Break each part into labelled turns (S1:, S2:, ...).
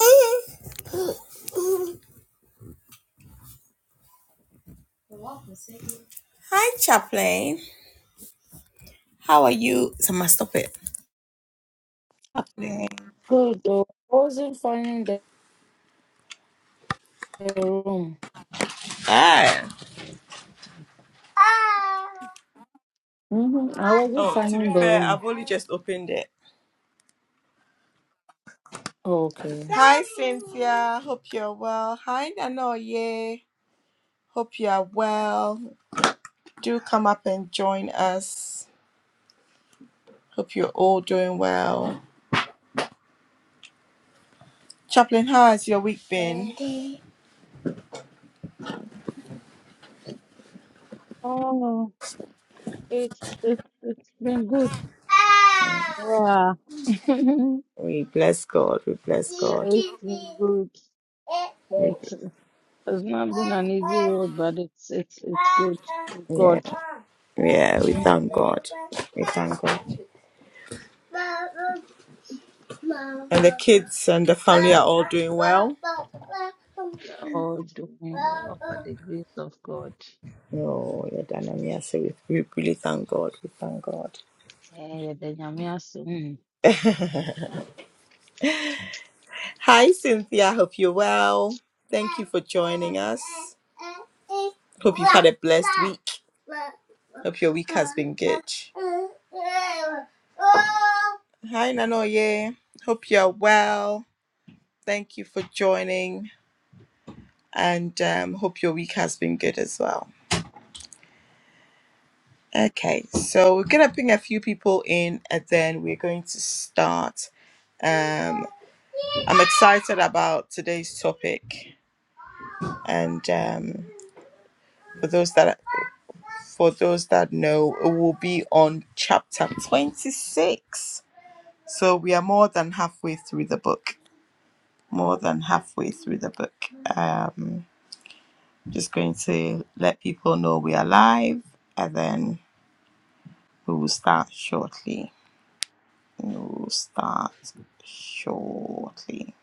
S1: Hey, Hi, Chaplain. How are you? Someone stop it. Hey.
S2: Good though. I wasn't finding the the room.
S1: Hi.
S2: Mm-hmm. I wasn't
S1: Oh, to be
S2: finding the
S1: fair,
S2: room.
S1: I've only just opened it.
S2: okay.
S1: Hi, Cynthia. Hope you're well. Hi, Nanoye. Hope you are well. Do come up and join us. Hope you're all doing well. Chaplain, how has your week been?
S2: Oh, it's it's it's been good. Yeah, it's
S1: We bless God. We bless God.
S2: been good.
S1: We-
S2: It's, it's not been an easy road, but it's it's it's good.
S1: Yeah.
S2: God,
S1: Yeah, we
S2: hmm
S1: thank God. We thank God. And the kids and the family are all doing well.
S2: are all doing well by the grace of God.
S1: Oh, yeah, Dana, yes, we, we really thank God. We thank God.
S2: Eh, the Nyame ase. Mm.
S1: Hi, Cynthia. I hope you're well. Thank you for joining us. Hope you've had a blessed week. Hope your week has been good. Hi, Nanoye. Hope you're well. Thank you for joining and um, hope your week has been good as well. Okay, so we're going to bring a few people in and then we're going to start. Um, I'm excited about today's topic. And um, for those that for those that know, it will be on chapter 26. So we are more than halfway through the book. More than halfway through the book. Um, just going to let people know we are live and then we will start shortly. We will start shortly.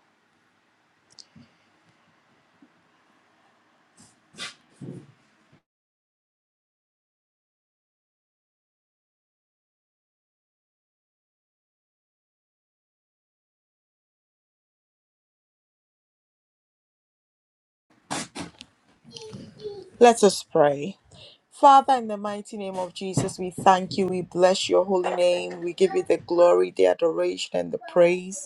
S1: Let us pray. Father, in the mighty name of Jesus, we thank you. We bless your holy name. We give you the glory, the adoration, and the praise.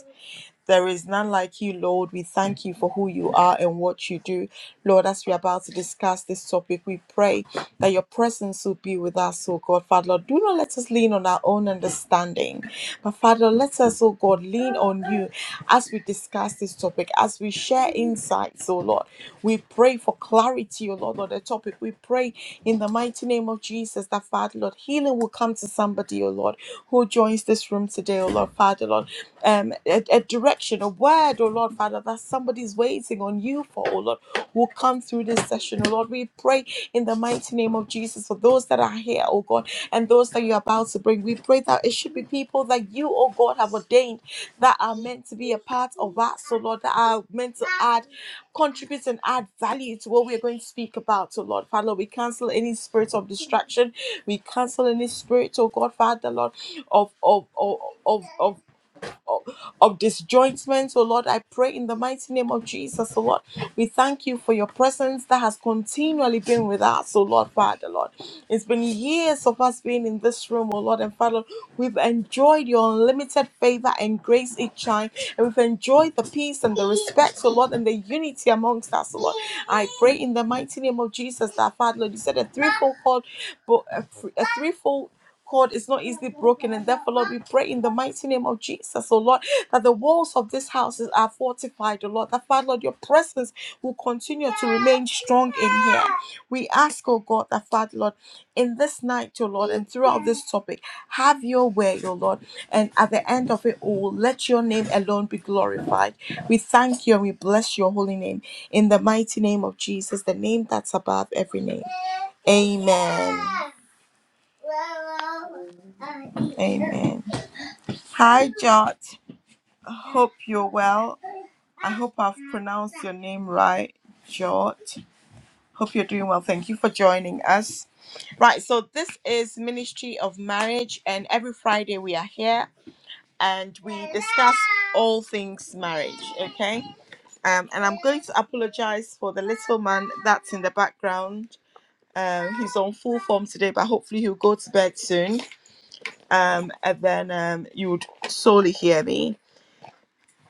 S1: There is none like you, Lord. We thank you for who you are and what you do. Lord, as we are about to discuss this topic, we pray that your presence will be with us, oh God. Father, Lord, do not let us lean on our own understanding, but Father, let us, oh God, lean on you as we discuss this topic, as we share insights, oh Lord. We pray for clarity, oh Lord, on the topic. We pray in the mighty name of Jesus, that Father Lord, healing will come to somebody, oh Lord, who joins this room today, oh Lord, Father Lord. Um, a, a direction, a word, oh Lord, Father, that somebody's waiting on you for, oh Lord, will come through this session, oh Lord. We pray in the mighty name of Jesus for those that are here, oh God, and those that you're about to bring. We pray that it should be people that you, oh God, have ordained that are meant to be a part of us, so Lord, that are meant to add contribute and add value to what we are going to speak about. So, Lord Father, Lord, we cancel any spirit of distraction. We cancel any spirit, oh God, Father, Lord, of of of of of, of, of disjointment. So, Lord, I pray in the mighty name of Jesus, oh Lord, we thank you for your presence that has continually been with us, oh Lord, Father, Lord. It's been years of us being in this room, oh Lord, and Father, we've enjoyed your unlimited favor and grace each time, and we've enjoyed the peace and the respect, oh Lord, and the unity amongst us, oh Lord. I pray in the mighty name of Jesus that, Father, Lord, you said a threefold cord, but a, a threefold cord is not easily broken. And therefore, Lord, we pray in the mighty name of Jesus, oh Lord, that the walls of this house is are fortified, oh Lord. That, Father, Lord, your presence will continue to remain strong in here. We ask, oh God, that, Father, Lord, in this night, oh Lord, and throughout this topic, have your way, oh Lord. And at the end of it all, let your name alone be glorified. We thank you and we bless your holy name in the mighty name of Jesus, the name that's above every name. Amen.
S2: Mm.
S1: Amen. Hi, Jot. Hope you're well. I hope I've pronounced your name right, Jot. Hope you're doing well. Thank you for joining us. Right, so this is Ministry of Marriage, and every Friday we are here and we discuss all things marriage, okay? Um, and I'm going to apologize for the little man that's in the background. Um, he's on full form today, but hopefully he'll go to bed soon. um, and then um, you would sorely hear me.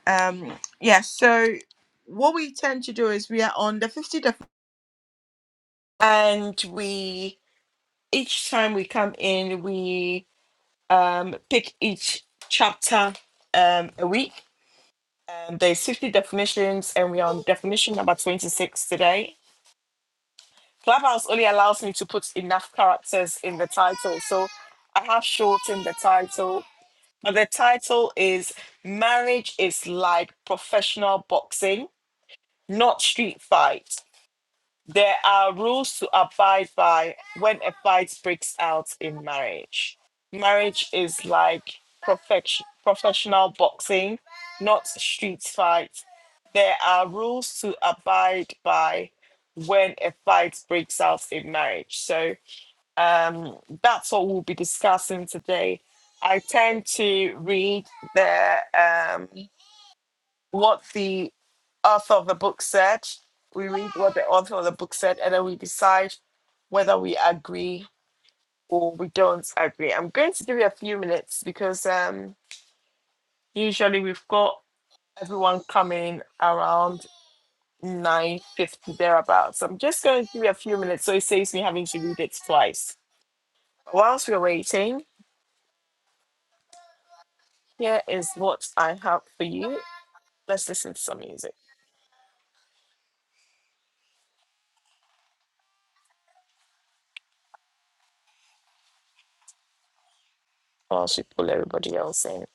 S1: Um, yeah, so what we tend to do is we are on the 50 def- and we each time we come in we um, pick each chapter um, a week. Um, there's 50 definitions and we're on definition number 26 today. Clubhouse only allows me to put enough characters in the title, so I have shortened the title And The title is Marriage is Like Professional Boxing, Not Street Fight. There are rules to abide by when a fight breaks out in marriage. Marriage is like perfection, professional boxing, not street fight. There are rules to abide by when a fight breaks out in marriage. So um, that's what we'll be discussing today. I tend to read the um, what the author of the book said. We read what the author of the book said, and then we decide whether we agree or we don't agree. I'm going to give you a few minutes because um, usually we've got everyone coming around 9.50 thereabouts. So I'm just going to give you a few minutes so it saves me having to read it twice. Whilst we're waiting, Here is what I have for you. Let's listen to some music while she pull everybody else in.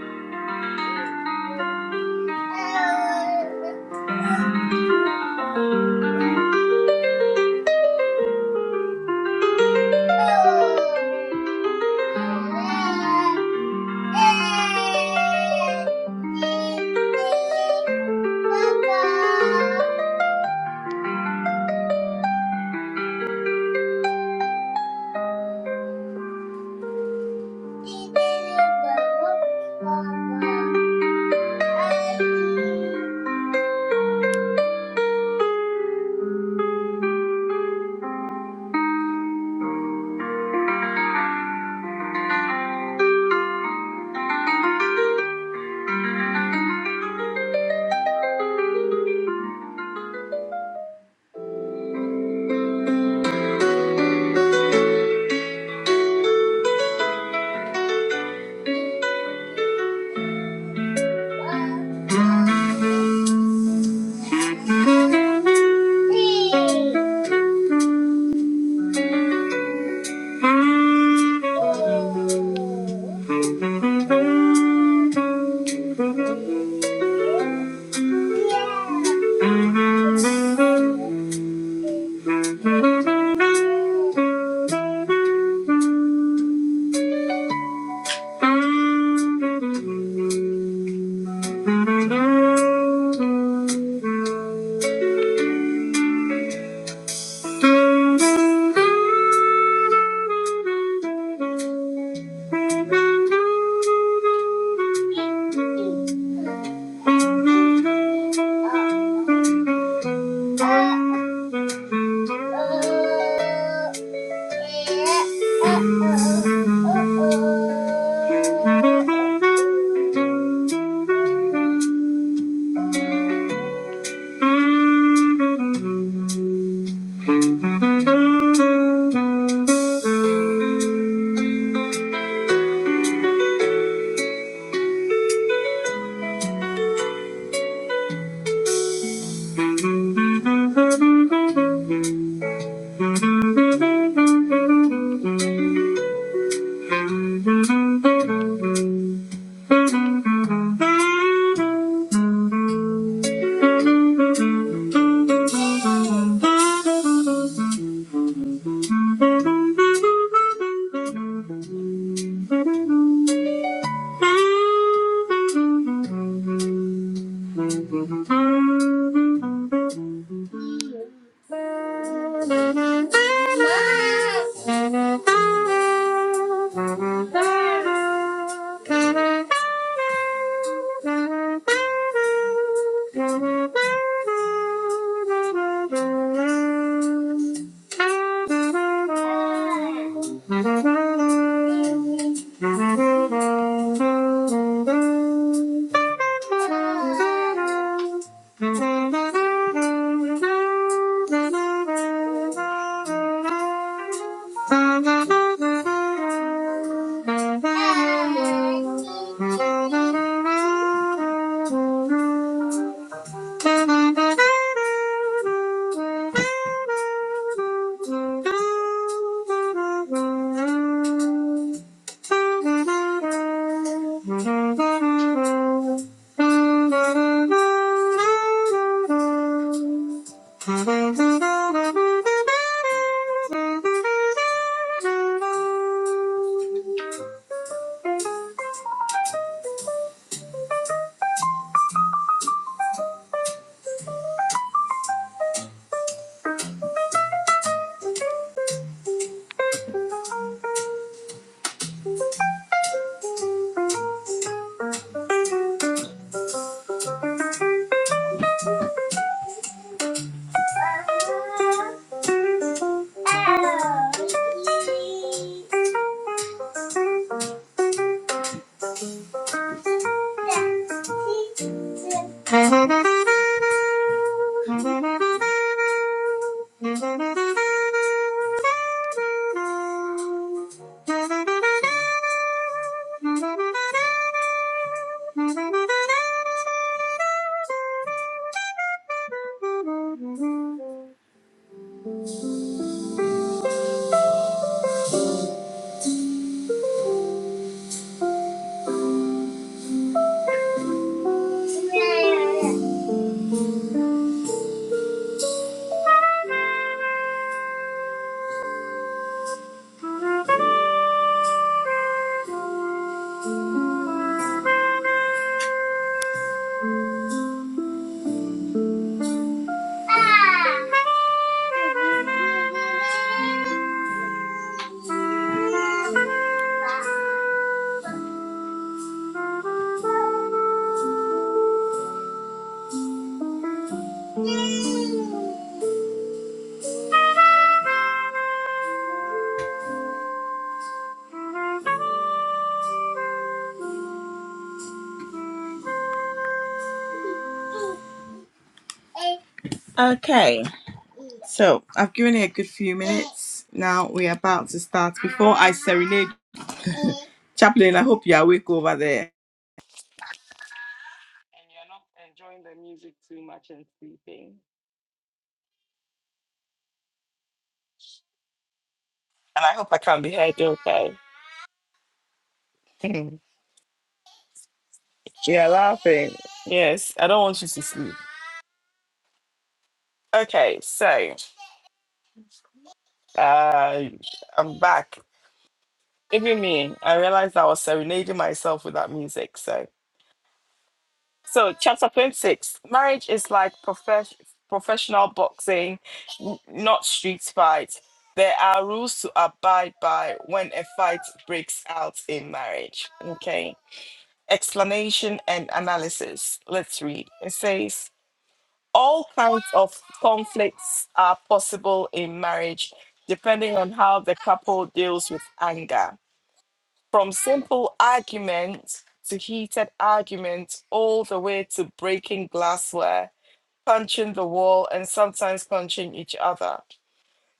S1: Bye. Thank you. Thank you. Thank you. Thank you. Thank you. Okay, so I've given it a good few minutes. Now we're about to start. Before I serenade Chaplain, I hope you're awake over there. enjoying the music too much and sleeping. And I hope I can be heard okay. You're laughing. Yes, I don't want you to sleep. Okay, so uh I'm back. Even me, I realized I was serenading myself with that music. So So, chapter 26 marriage is like profes- professional boxing, n- not street fight. There are rules to abide by when a fight breaks out in marriage. Okay. Explanation and analysis. Let's read. It says all kinds of conflicts are possible in marriage depending on how the couple deals with anger from simple arguments to heated arguments, all the way to breaking glassware, punching the wall, and sometimes punching each other.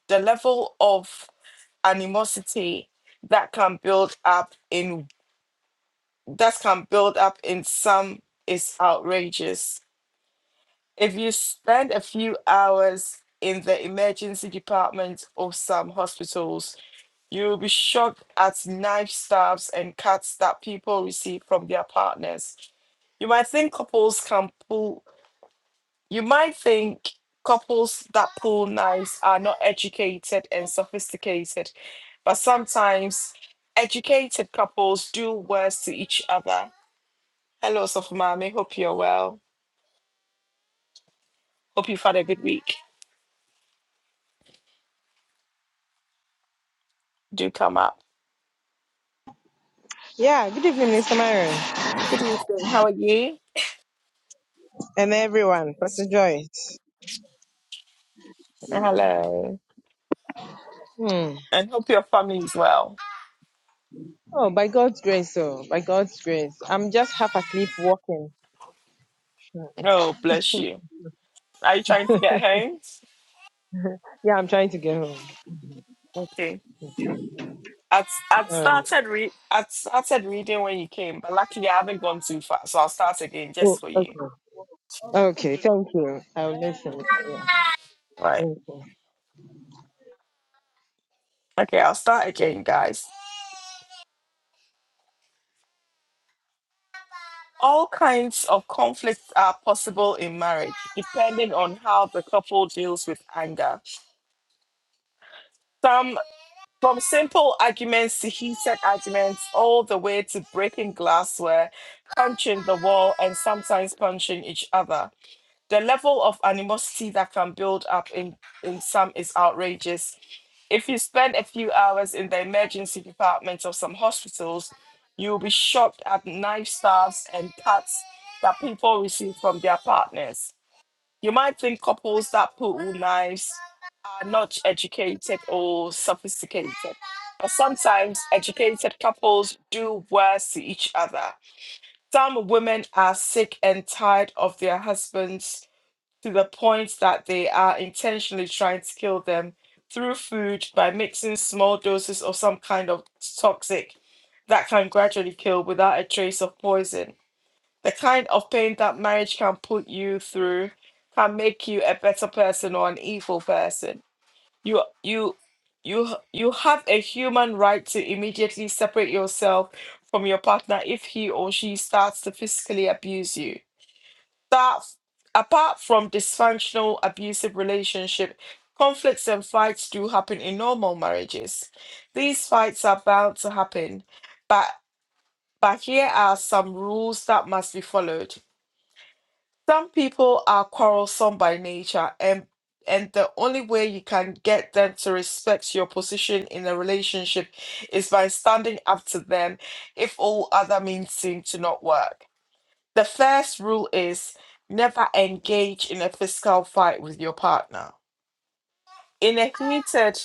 S1: The level of animosity that can build up in that can build up in some is outrageous. If you spend a few hours in the emergency department of some hospitals, You will be shocked at knife stabs and cuts that people receive from their partners. You might think couples can pull, you might think couples that pull knives are not educated and sophisticated, but sometimes educated couples do worse to each other. Hello, Sofumami. Hope you're well. Hope you've had a good week. Do come up.
S3: Yeah, good evening, Mr. Myron,
S1: Good evening. How are you?
S3: and everyone. Pastor Joyce.
S1: Hello.
S3: Hmm.
S1: And hope your family is well.
S3: Oh, by God's grace, oh, by God's grace. I'm just half asleep walking. Hmm.
S1: Oh, bless you. Are you trying to get home?
S3: Yeah, I'm trying to get home.
S1: Okay. I'd, I'd
S3: All right.
S1: started re- I'd started reading when you came, but luckily I haven't gone too far, so I'll start again
S3: Oh,
S1: just for you.
S3: okay. Okay, thank you. I'll listen. Yeah,
S1: Right.
S3: thank you.
S1: Okay, I'll start again, guys. All kinds of conflicts are possible in marriage, depending on how the couple deals with anger. Some from simple arguments to heated arguments, all the way to breaking glassware, punching the wall, and sometimes punching each other. The level of animosity that can build up in, in some is outrageous. If you spend a few hours in the emergency departments of some hospitals, you will be shocked at knife stabs and cuts that people receive from their partners. You might think couples that pull knives are not educated or sophisticated, but sometimes educated couples do worse to each other. Some women are sick and tired of their husbands to the point that they are intentionally trying to kill them through food by mixing small doses of some kind of toxic that can gradually kill without a trace of poison. The kind of pain that marriage can put you through can make you a better person or an evil person. You you you you have a human right to immediately separate yourself from your partner if he or she starts to physically abuse you that apart from dysfunctional abusive relationship conflicts and fights do happen in normal marriages these fights are bound to happen but but here are some rules that must be followed some people are quarrelsome by nature and and the only way you can get them to respect your position in a relationship is by standing up to them if all other means seem to not work the first rule is never engage in a physical fight with your partner. In a heated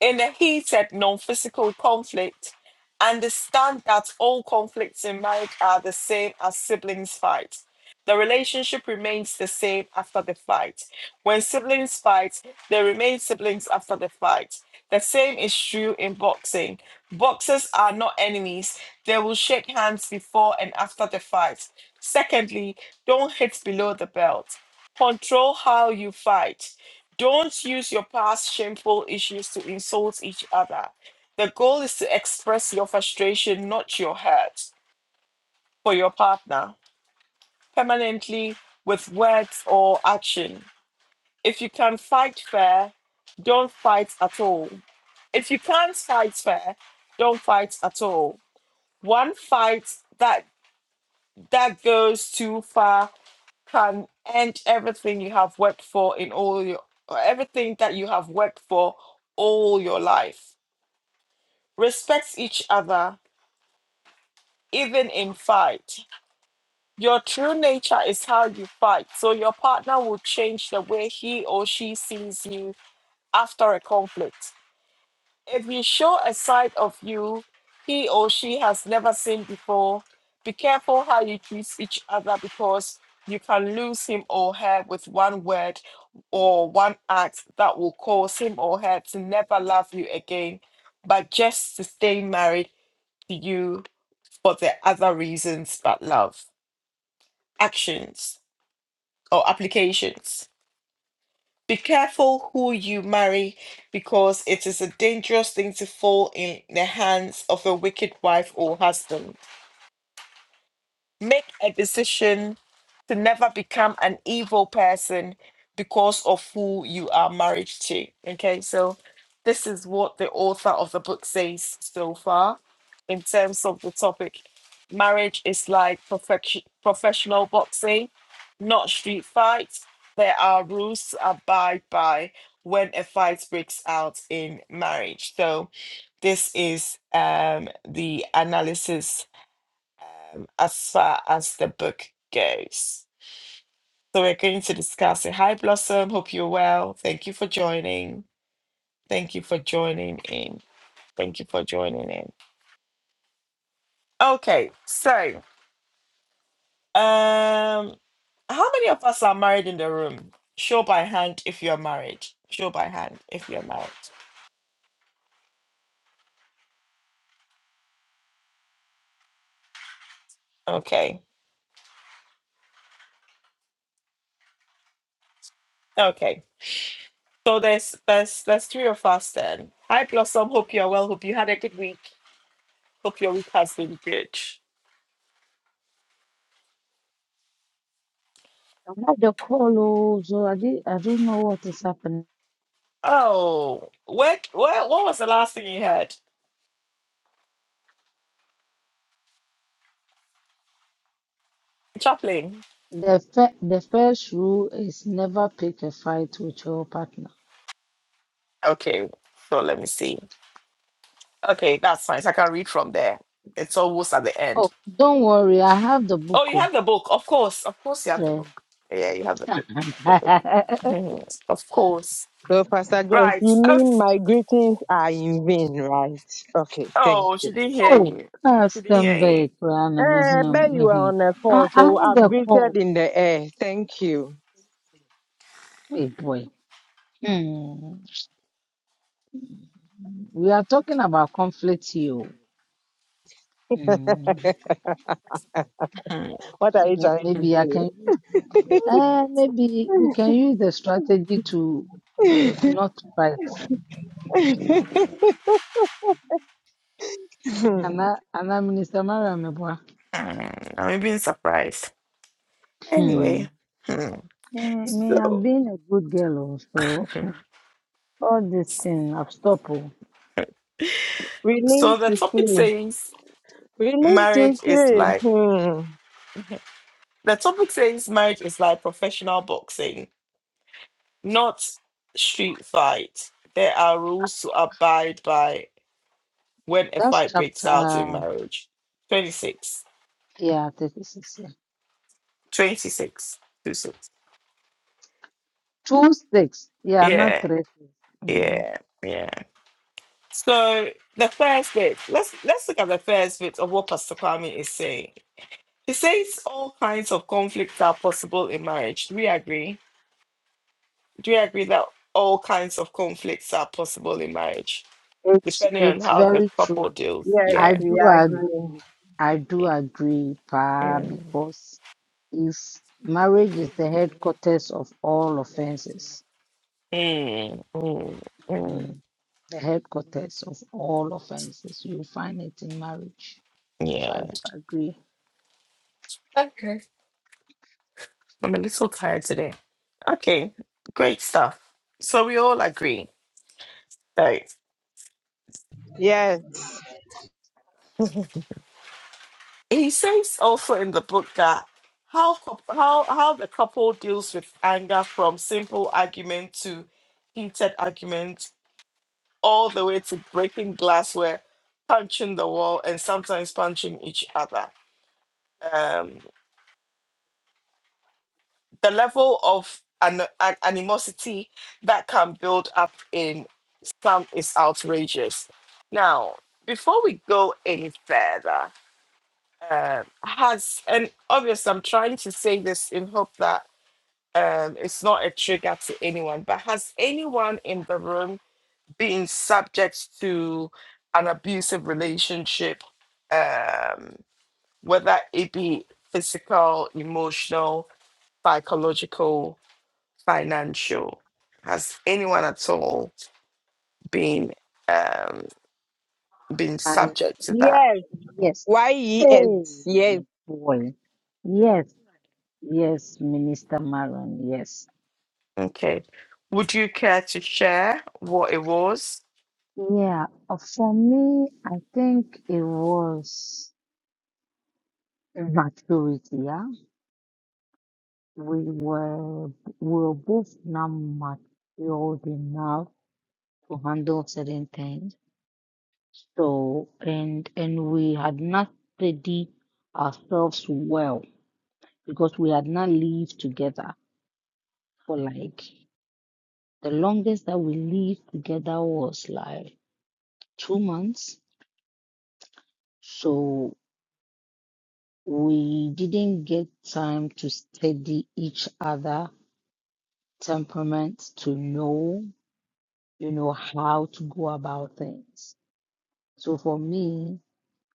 S1: In the heat of non-physical conflict, understand that all conflicts in marriage are the same as siblings fight. The relationship remains the same after the fight. When siblings fight, they remain siblings after the fight. The same is true in boxing. Boxers are not enemies. They will shake hands before and after the fight. Secondly, don't hit below the belt. Control how you fight. Don't use your past shameful issues to insult each other. The goal is to express your frustration, not your hurt, for your partner permanently with words or action. If you can fight fair, don't fight at all. If you can't fight fair, don't fight at all. One fight that that goes too far can end everything you have worked for in all your or everything that you have worked for all your life. Respect each other, even in fight. Your true nature is how you fight, so your partner will change the way he or she sees you after a conflict. If you show a side of you he or she has never seen before, be careful how you treat each other because you can lose him or her with one word or one act that will cause him or her to never love you again, but just to stay married to you for the other reasons but love. Actions or applications. Be careful who you marry because it is a dangerous thing to fall in the hands of a wicked wife or husband. Make a decision to never become an evil person because of who you are married to. Okay, so this is what the author of the book says so far in terms of the topic. Marriage is like perfection, professional boxing, not street fights. There are rules to abide by when a fight breaks out in marriage. So this is um, the analysis um, as far as the book goes. So we're going to discuss it. Hi, Blossom. Hope you're well. Thank you for joining. Thank you for joining in. Thank you for joining in. Okay, so um, how many of us are married in the room? Show by hand if you're married. Show by hand if you're married. Okay, okay. So there's there's there's three of us then. Hi, Blossom. Hope you're well. Hope you had a good week. Hope your week has been good.
S2: I'm not the call, oh, so I did, I don't know what is happening.
S1: Oh, where, where what was the last thing you heard? Chaplain.
S2: The fir- the first rule is never pick a fight with your partner.
S1: Okay, so let me see. Okay, that's fine. So I can read from there. It's almost at the end.
S2: Oh, don't worry, I have the
S1: Oh, you
S2: book.
S1: have the book. Of course. Of course you have the
S2: oh.
S1: book. Yeah, you have the book. The book.
S2: Eh.
S1: Mhm. of course.
S3: So, Pastor Joyce,
S1: Right.
S3: you
S1: Oh,
S3: mean my greetings are in vain, right? Okay, thank
S1: oh,
S3: you.
S1: she didn't hear
S2: Oh,
S1: you.
S2: I
S1: She didn't
S2: stand
S1: hear you.
S2: back, Rana
S3: Uh,
S2: Mehuna
S3: but you are
S2: Mehuni.
S3: on the
S2: I
S3: phone,
S2: I
S3: so
S2: had
S3: I'm
S2: a call.
S3: greeted in the air. Thank you.
S2: Hey boy. Hmm. We are talking about conflict here. oh. Hmm.
S1: Hmm.
S3: What are you
S2: May-
S3: trying to
S1: Hmm.
S2: Maybe I
S3: do?
S2: can use uh, maybe we can use the strategy to uh, not to fight. Ana Ana Minister Mariam
S1: I'm being surprised.
S2: Hmm.
S1: Anyway. hmm.
S2: Me, me, I've
S1: So
S2: been a good girl, also.
S1: Mhm.
S2: all this thing, I've stopped. oh.
S3: we need
S1: so the
S3: to
S1: topic
S3: see.
S1: says
S3: We need to
S1: marriage is
S3: see.
S1: like
S3: Hmm.
S1: the topic says marriage is like professional boxing. not street fights. There are rules to abide by when a
S2: That's
S1: fight breaks out in
S2: chapter,
S1: marriage. 26.
S2: yeah, 36. yeah.
S1: 26. 26.
S2: 2 6. Yeah, not
S1: Yeah,
S2: 3 6. Mm.
S1: yeah, yeah. So the first bit, let's let's look at the first bit of what Pastor Kwame is saying. He says all kinds of conflicts are possible in marriage. Do we agree? Do we agree that all kinds of conflicts are possible in marriage?
S2: It's,
S1: Depending on
S2: it's
S1: how the
S2: very
S1: couple
S2: true.
S1: deals.
S3: Yes,
S2: I
S1: Yeah.
S3: we
S2: do
S3: agree.
S2: agree. I do agree, Pa,
S1: yeah.
S2: because if marriage is the headquarters of all offenses,
S1: Mm, mm, mm.
S2: mm, the headquarters of all offenses, you find it in marriage. So
S1: Yeah.
S2: I do agree.
S1: Okay. I'm a little tired today. Okay, great stuff. So we all agree right?
S3: Yes.
S1: he says also in the book that how cou- how how the couple deals with anger from simple argument to heated argument, all the way to breaking glassware, punching the wall, and sometimes punching each other. Um, the level of an, an animosity that can build up in some is outrageous. Now, before we go any further, um, has and obviously I'm trying to say this in hope that um, it's not a trigger to anyone, but has anyone in the room been subject to an abusive relationship, um, whether it be physical, emotional, psychological? financial? Has anyone at all been um, been subject to that?
S3: Yes.
S2: Yes.
S3: Why
S2: Hey,
S3: yes? Yes.
S2: boy. Yes, yes, Minister Maron. Yes.
S1: Okay. Would you care to share what it was?
S2: Yeah. uh, For me, I think it was maturity. Yeah. We were, we were both not mature enough to handle certain things. So, and, and we had not studied ourselves well because we had not lived together for like The longest that we lived together was like two months. So we didn't get time to study each other temperament to know, you know, how to go about things. So for me,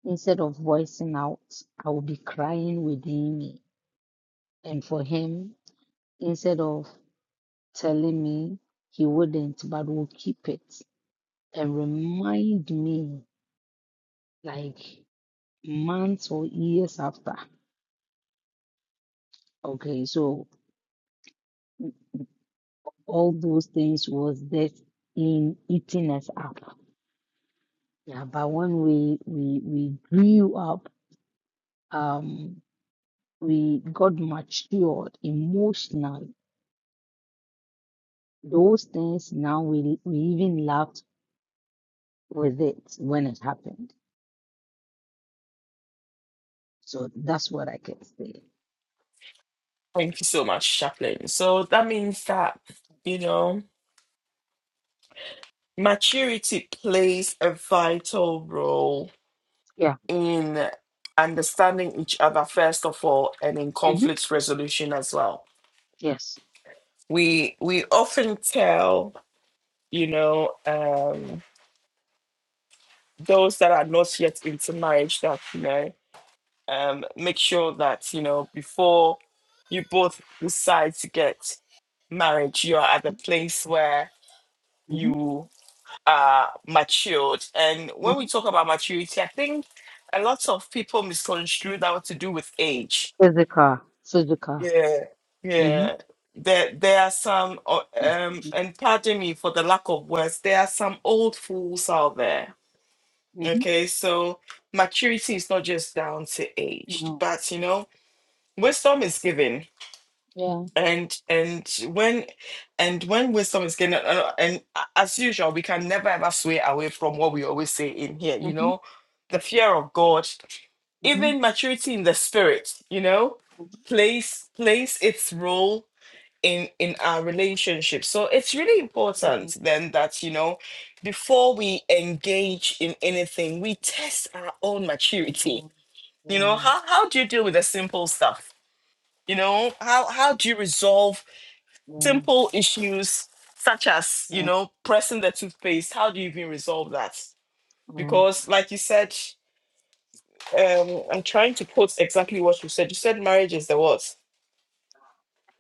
S2: instead of voicing out, I would be crying within me. And for him, instead of telling me, he wouldn't, but would keep it and remind me like months or years after. Okay, so all those things was just in eating us up. Yeah, but when we we we grew up, um, we got matured emotionally. Those things now we we even laughed with it when it happened. So that's what I can say.
S1: Thank you so much, Chaplain. So that means that, you know, maturity plays a vital role
S2: Yeah.
S1: in understanding each other first of all and in
S2: Mm-hmm.
S1: conflict resolution as well.
S2: Yes.
S1: We we often tell, you know, um, those that are not yet into marriage that you know um make sure that you know before you both decide to get married you are at the place where
S2: Mm-hmm.
S1: you are matured and when we
S2: Mm-hmm.
S1: talk about maturity i think a lot of people misconstrue that to do with age
S2: Physical. Physical.
S1: yeah yeah
S2: Mm-hmm.
S1: there there are some uh, um and pardon me for the lack of words there are some old fools out there
S2: Mm-hmm.
S1: Okay, so maturity is not just down to age,
S2: No.
S1: but you know, wisdom is given.
S2: Yeah.
S1: And and when and when wisdom is given, and, and and a- as usual, we can never ever sway away from what we always say in here, you
S2: Mm-hmm.
S1: know, the fear of God,
S2: Mm-hmm.
S1: even maturity in the spirit, you know, plays plays its role in in our relationship so it's really important then that you know before we engage in anything we test our own maturity you know how how do you deal with the simple stuff you know how how do you resolve simple issues such as you know pressing the toothpaste how do you even resolve that because like you said um i'm trying to quote exactly what you said you said marriage is the what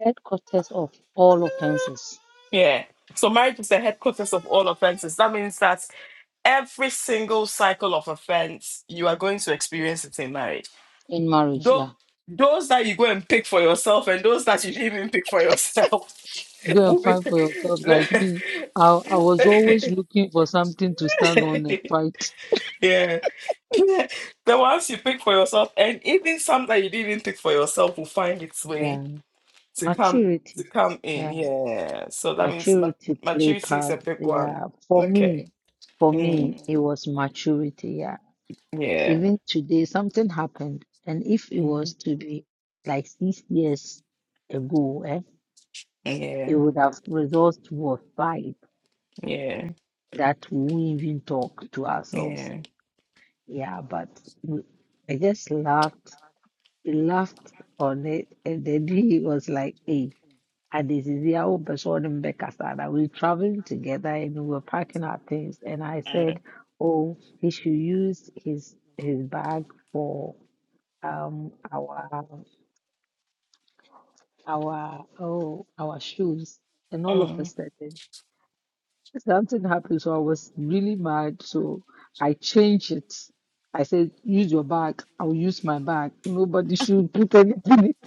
S2: Headquarters of all offenses
S1: yeah so marriage is the headquarters of all offenses. That means that every single cycle of offense you are going to experience it in marriage
S2: in marriage,
S1: though
S2: yeah.
S1: those that you go and pick for yourself and those that you didn't even pick for yourself
S2: Go and
S1: will be-
S2: find for yourself like me. I, I was always looking for something to stand on and fight.
S1: yeah Yeah. the ones you pick for yourself and even some that you didn't even pick for yourself will find its way
S2: Yeah,
S1: to come to
S2: maturity.
S1: come in
S2: Yeah,
S1: yeah so that means mat-
S2: maturity play
S1: maturity is
S2: part.
S1: a big one
S2: Yeah, for me,
S1: okay
S2: for me,
S1: Mm,
S2: it was maturity. Yeah,
S1: yeah
S2: even today, something happened, and if it was
S1: Mhm.
S2: to be like six years ago, eh.
S1: yeah
S2: it would have resulted to a fight
S1: yeah
S2: that we wouldn't even talk to ourselves.
S1: yeah
S2: Yeah, but we, I just laughed, He laughed on it, and then he was like, "Hey, and this is the old person in Bekasana. We're traveling together and we were packing our things." And I said,
S1: Mm,
S2: "Oh, he should use his his bag for um our our oh our shoes." And all of a
S1: mm.
S2: sudden. Something happened, so I was really mad. So I changed it. I said, use your bag. I'll use my bag. Nobody should put anything in it.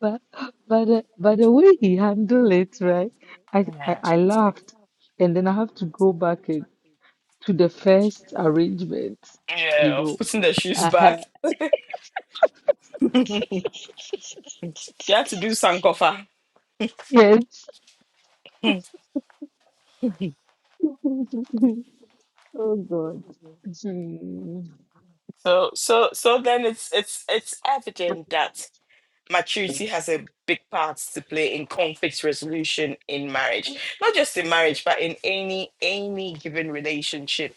S2: But but the, but the way he handled it, right? I, I I laughed, and then I have to go back and, to the first arrangement. You
S1: Yeah, of
S2: know,
S1: putting the shoes
S2: I had
S1: back. You have to do sankofa.
S2: yes. Oh God. Hmm.
S1: So so so then it's it's it's evident that maturity has a big part to play in conflict resolution in marriage. Not just in
S2: Yeah.
S1: marriage, but in any any given relationship,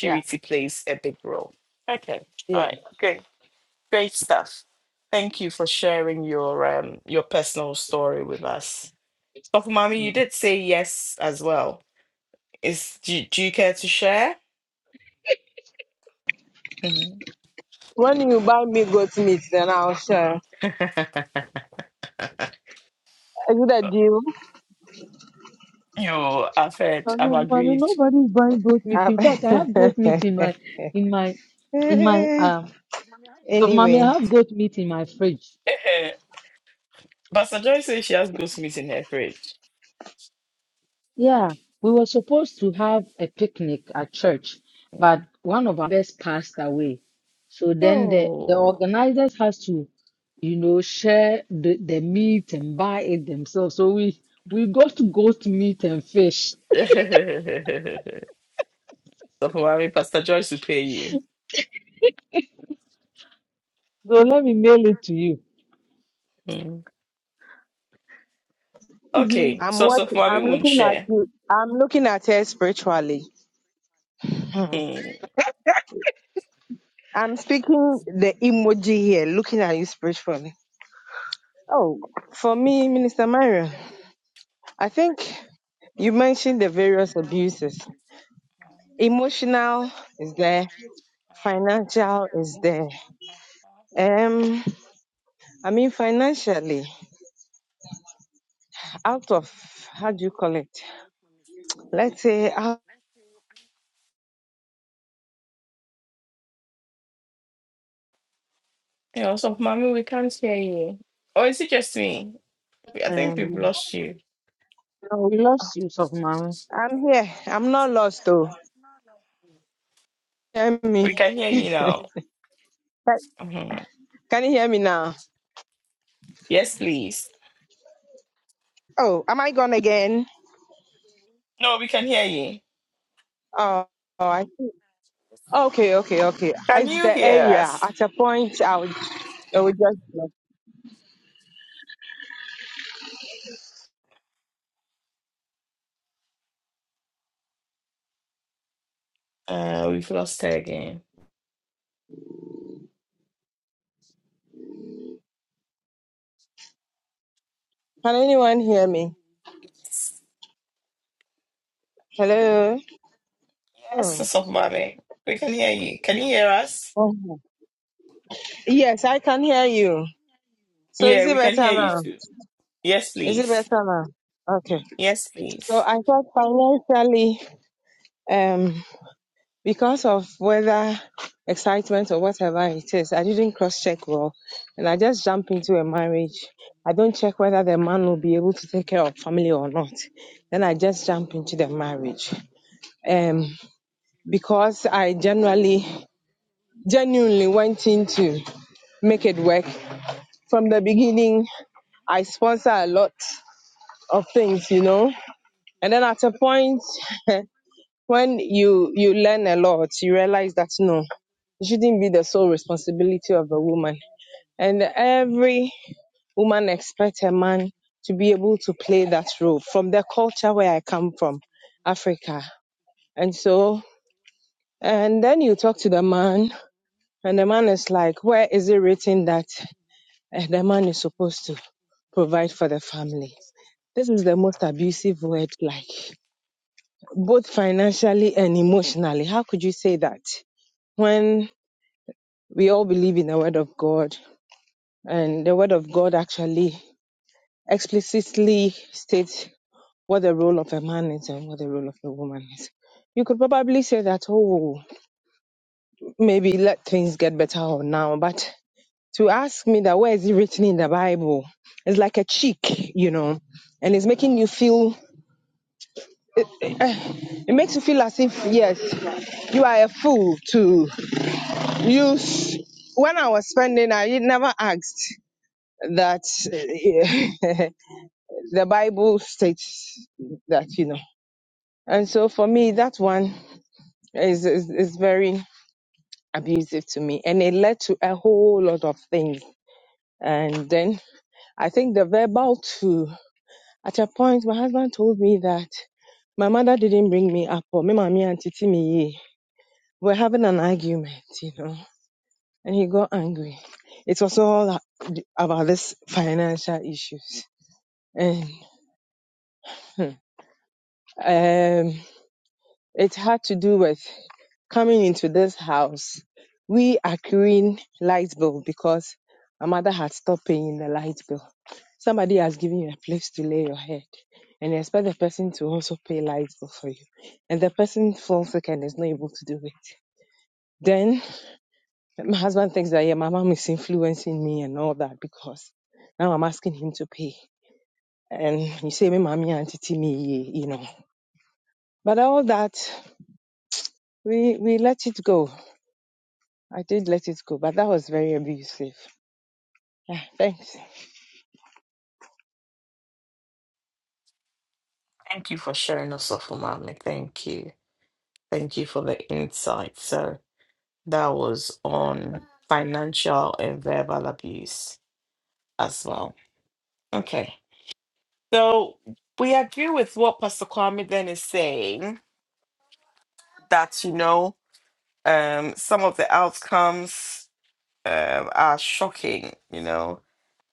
S2: Yeah.
S1: plays a big role. Okay. All right. Great. Great stuff. Thank you for sharing your um your personal story with us. Dr. Mommy,
S2: yeah.
S1: you did say yes as well. Is do you, do you care to share? Mhm.
S3: When you buy me goat meat, then I'll share. Is it a deal?
S1: you, I've heard,
S2: I
S1: I've
S2: don't know,
S1: agreed.
S2: nobody's buying goat meat.
S3: Uh,
S2: In fact, I have goat meat in my in my in my um so mommy,
S3: anyway,
S2: I have goat meat in my fridge.
S1: Eh, Pastor Joy says she has ghost meat in her fridge.
S2: Yeah. We were supposed to have a picnic at church,
S1: Mm.
S2: but one of our best passed away. So then the the
S1: Oh.
S2: organizers has to, you know, share the, the meat and buy it themselves. So we we got goat meat and fish.
S1: so for mommy, Pastor Joyce will pay you.
S2: So let me mail it to you.
S1: Mm.
S2: Mhm.
S1: Okay,
S3: I'm
S1: so
S3: what
S1: so for mommy
S3: I'm
S1: won't
S3: looking at
S1: share.
S3: you. I'm looking at her spiritually.
S1: Mm.
S3: I'm speaking the emoji here, looking at you spiritually. Oh, for me, Minister Marion, I think you mentioned the various abuses. Emotional is there, financial is there. Um, I mean, financially, out of how do you call it? Let's say, out-
S1: Yeah, so for mommy, we can't hear you. Or is it just me? I think we've
S3: um,
S1: lost you.
S2: Oh, we lost use of mommy.
S3: I'm here. I'm not lost, though. Hear
S1: We
S3: me?
S1: can hear you now.
S3: Like,
S1: Mhm.
S3: Can you hear me now?
S1: Yes, please.
S3: Oh, am I gone again?
S1: No, we can hear you.
S3: Oh, oh, I see. Okay, okay, okay.
S1: Can
S3: It's
S1: you
S3: the
S1: hear
S3: area.
S1: us?
S3: At a point, I would, I would just.
S1: Uh, we've lost her again.
S3: Can anyone hear me? Hello.
S1: Yes,
S3: Oh.
S1: Sister of Mommy. We can hear you. Can you hear us?
S3: oh. Yes, I can hear you. So is
S1: Yeah,
S3: it
S1: we can
S3: better
S1: hear you
S3: now?
S1: too. Yes,
S3: Is it better
S1: please.
S3: now? Okay.
S1: Yes,
S3: So
S1: please.
S3: I thought financially, um, because of whether excitement or whatever it is, I didn't cross check well. And I just jump into a marriage. I don't check whether the man will be able to take care of family or not. Then I just jump into the marriage. Um, because I generally, genuinely went in to make it work. From the beginning, I sponsor a lot of things, you know. And then at a point, when you you learn a lot you realize that no it shouldn't be the sole responsibility of a woman and every woman expects a man to be able to play that role from the culture where i come from africa and so and then you talk to the man and the man is like where is it written that eh, the man is supposed to provide for the family this is the most abusive word like both financially and emotionally how could you say that when we all believe in the word of God, and the word of God actually explicitly states what the role of a man is and what the role of a woman is. You could probably say that, oh, maybe let things get better now, but to ask me that where is it written in the Bible, it's like a cheek, you know, and it's making you feel, it makes you feel as if, yes, you are a fool to use. When I was spending, I never asked that the Bible states that, you know. And so for me, that one is, is, is very abusive to me. And it led to a whole lot of things. And then I think the verbal too, at a point, my husband told me that my mother didn't bring me up or me mommy and titi me ye. We're having an argument, you know. And he got angry. It was all about this financial issues. And um, It had to do with coming into this house, we accruing light bill because my mother had stopped paying the light bill. Somebody has given you a place to lay your head and you expect the person to also pay light bill for you. And the person falls sick and is not able to do it. Then my husband thinks that yeah, my mom is influencing me and all that because now I'm asking him to pay. And you say me mommy auntie me, you know. But all that we we let it go I did let it go, but that was very abusive. Ah, Thanks.
S1: Thank you for sharing us off, Mommy. Thank you. Thank you for the insight. So that was on financial and verbal abuse as well. Okay. So we agree with what Pastor Kwame then is saying that, you know, um, some of the outcomes um, are shocking. You know,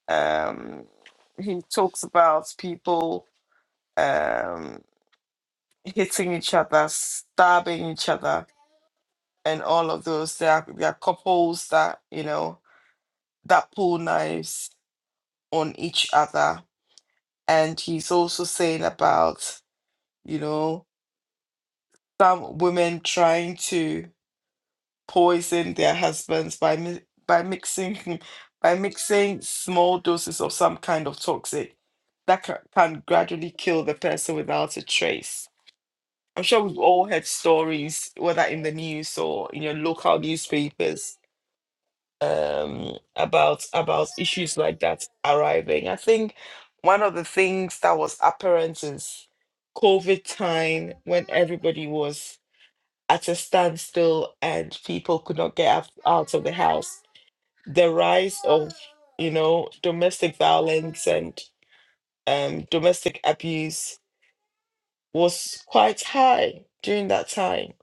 S1: um, he talks about people um, hitting each other, stabbing each other, and all of those. There are, there are couples that you know that pull knives on each other, and he's also saying about you know some women trying to poison their husbands by mi- by mixing by mixing small doses of some kind of toxic that ca- can gradually kill the person without a trace. I'm sure we've all heard stories, whether in the news or in your local newspapers, um, about about issues like that arriving. I think one of the things that was apparent is COVID time when everybody was at a standstill and people could not get out out of the house. The rise of, you know, domestic violence and um, domestic abuse was quite high during that time.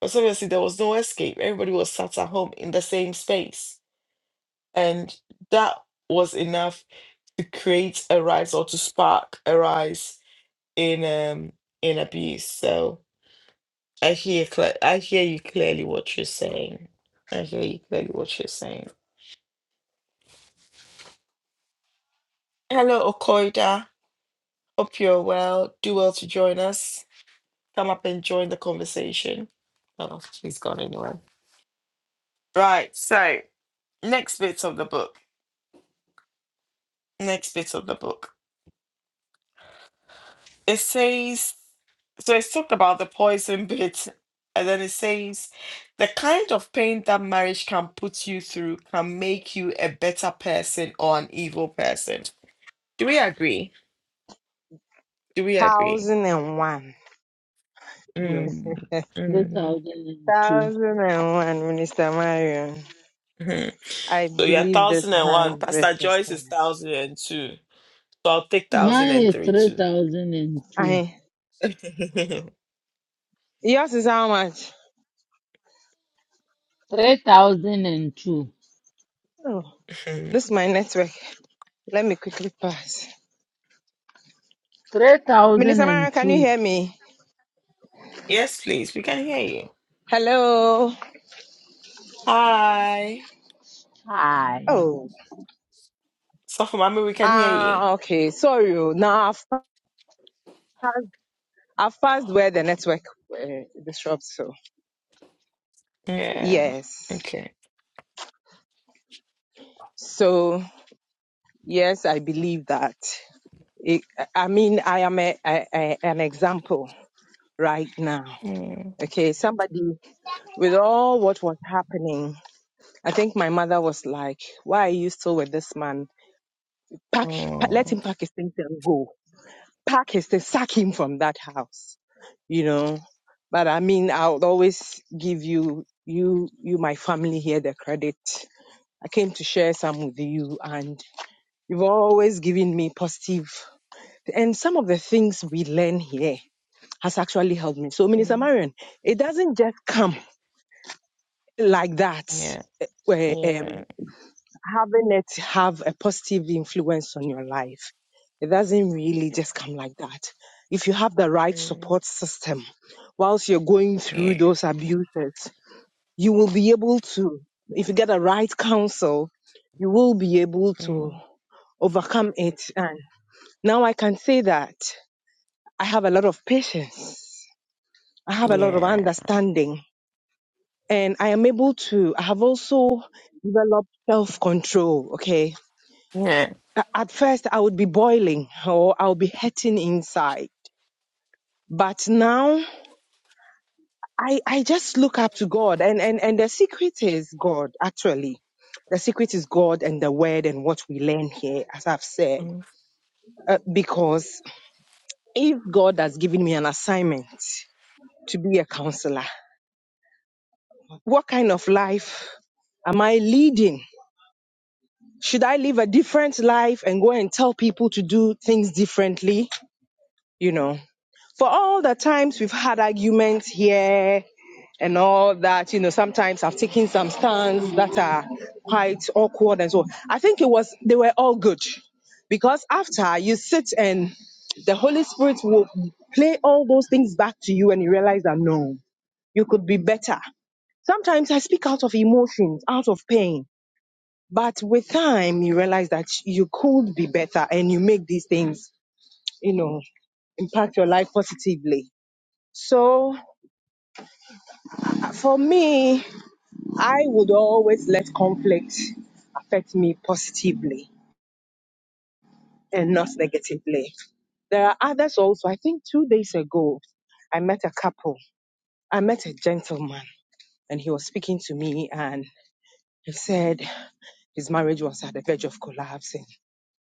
S1: Because obviously there was no escape. Everybody was sat at home in the same space. And that was enough to create a rise or to spark a rise in um in abuse. So I hear cle- I hear you clearly what you're saying. I hear you clearly what you're saying. Hello, Okoida. Hope you're well. Do well to join us. Come up and join the conversation. Oh, she's gone anyway. Right. So next bit of the book. Next bit of the book. It says so. It's talked about the poison bit, and then it says the kind of pain that marriage can put you through can make you a better person or an evil person. Do we agree? Do we agree?
S3: Thousand and one.
S2: Yes.
S1: Mm, mm,
S2: 3002.
S3: Thousand and one, Minister Marion.
S1: mhm.
S3: I
S1: So you're
S3: believe this
S1: thousand and one.
S3: hundred
S1: Pastor Joyce is
S3: percent.
S1: thousand and two. So I'll take thousand
S2: Mine
S1: and
S2: is
S1: three too.
S2: 3002.
S3: I yours is how much?
S2: 3002.
S3: Oh, this is my network. Let me quickly pass. Minister Marion, can you
S2: 3002.
S3: hear me?
S1: yes, please. We can hear you.
S3: Hello.
S1: Hi.
S2: Hi.
S3: Oh.
S1: So for mommy, we can hear
S3: Ah,
S1: you.
S3: okay. Sorry. oh. Now I've, I've passed where the network uh, disrupts. So
S1: Yeah.
S3: yes.
S1: Okay.
S3: So yes, I believe that. It, I mean, I am a, a, a, an example right now.
S1: Mm,
S3: Okay, somebody with all what was happening, I think my mother was like, "Why are you still with this man? Pack, pa- let
S1: mm,
S3: him pack his things and go. Pack his things, sack him from that house." You know, but I mean, I'll always give you, you, you, my family here, the credit. I came to share some with you, and you've always given me positive. And some of the things we learn here has actually helped me. So, Minister
S1: mm.
S3: Marion, it doesn't just come like that,
S1: Yeah.
S3: eh, where um,
S1: Yeah.
S3: having it have a positive influence on your life. It doesn't really just come like that. If you have the right
S1: Mm,
S3: support system whilst you're going through
S1: yeah.
S3: those abuses, you will be able to, if you get the right counsel, you will be able to
S1: Mm,
S3: overcome it. And now I can say that I have a lot of patience. I have a lot of
S1: yeah.
S3: understanding and I am able to, I have also developed self control. Okay.
S1: Yeah.
S3: A- At first, I would be boiling or I'll be hurting inside. But now I, I just look up to God and, and, and the secret is God, actually. The secret is God and the word and what we learn here, as I've said. Uh, because if God has given me an assignment to be a counselor, what kind of life am I leading? Should I live a different life and go and tell people to do things differently? You know, for all the times we've had arguments here and all that, you know, sometimes I've taken some stands that are quite awkward and so on. I think it was, they were all good because after you sit and the Holy Spirit will play all those things back to you and you realize that no, you could be better. Sometimes I speak out of emotions, out of pain but with time, you realize that you could be better and you make these things, you know, impact your life positively. So uh, for me, I would always let conflict affect me positively and not negatively. There are others also. I think two days ago, I met a couple. I met a gentleman and he was speaking to me and he said his marriage was at the verge of collapse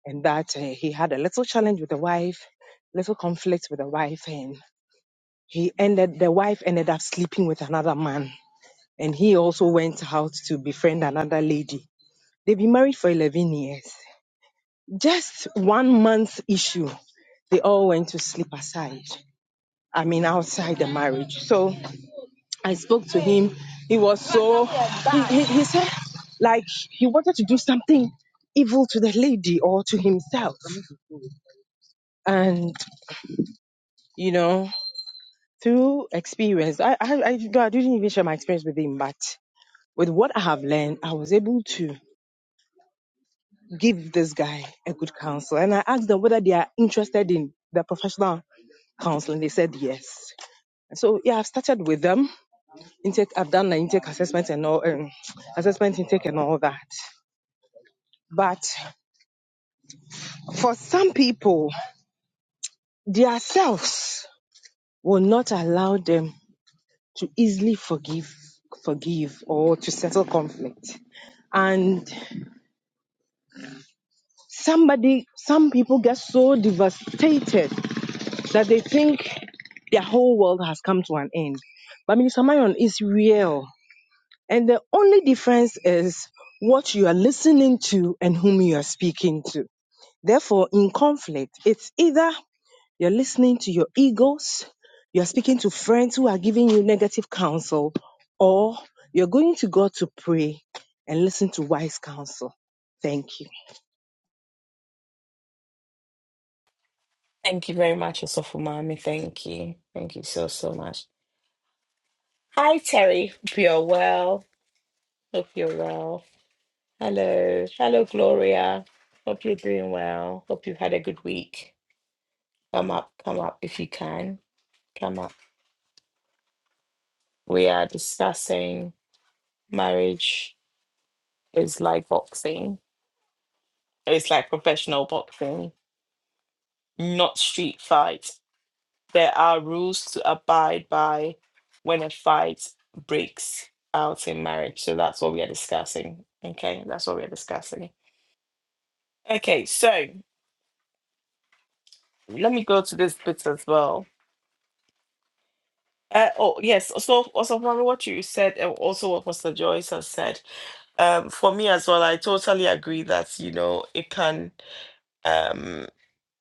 S3: and that uh, he had a little challenge with the wife, little conflict with the wife, and he ended the wife ended up sleeping with another man, and he also went out to befriend another lady. They've been married for 11 years. Just one month issue, they all went to sleep aside. I mean, outside the marriage. So I spoke to him. He was so, he, he, he said, like, he wanted to do something evil to the lady or to himself. And, you know, through experience, I, I, I, no, I didn't even share my experience with him, but with what I have learned, I was able to give this guy a good counsel. And I asked them whether they are interested in the professional counseling. They said yes. And so, yeah, I've started with them. Intake, I've done the intake assessment and all, um, assessment intake and all that. But for some people, their selves will not allow them to easily forgive, forgive or to settle conflict. And Somebody, some people get so devastated that they think their whole world has come to an end. But Minister Marion is real. And the only difference is what you are listening to and whom you are speaking to. Therefore, in conflict, it's either you're listening to your egos, you're speaking to friends who are giving you negative counsel, or you're going to God to pray and listen to wise counsel. Thank you.
S1: Thank you very much, Osofu Mami. Thank you. Thank you so, so much. Hi, Terry. Hope you're well. Hope you're well. Hello. Hello, Gloria. Hope you're doing well. Hope you've had a good week. Come up, come up if you can. Come up. We are discussing marriage is like boxing, it's like professional boxing, not street fight. There are rules to abide by when a fight breaks out in marriage. So that's what we are discussing. Okay, that's what we are discussing. Okay, so. Let me go to this bit as well. Uh, oh yes, so also from what you said, and also what Mr. Joyce has said, um, for me as well, I totally agree that you know it can, um,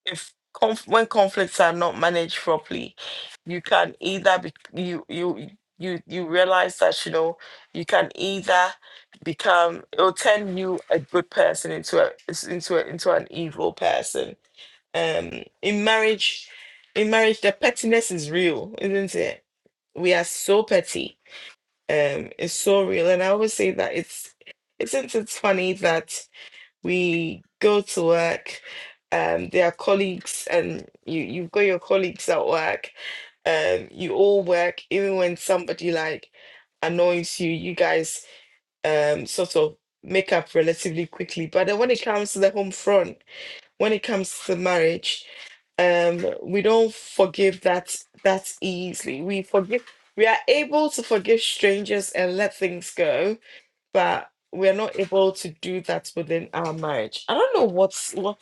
S1: if conf- when conflicts are not managed properly, you can either be you you you you realize that you know you can either become it'll turn you a good person into a into a, into an evil person um in marriage in marriage the pettiness is real isn't it we are so petty um it's so real and i always say that it's isn't it funny that we go to work um there are colleagues and you you've got your colleagues at work um you all work even when somebody like annoys you you guys um sort of make up relatively quickly but then when it comes to the home front when it comes to marriage um we don't forgive that that easily we forgive we are able to forgive strangers and let things go but we are not able to do that within our marriage i don't know what's what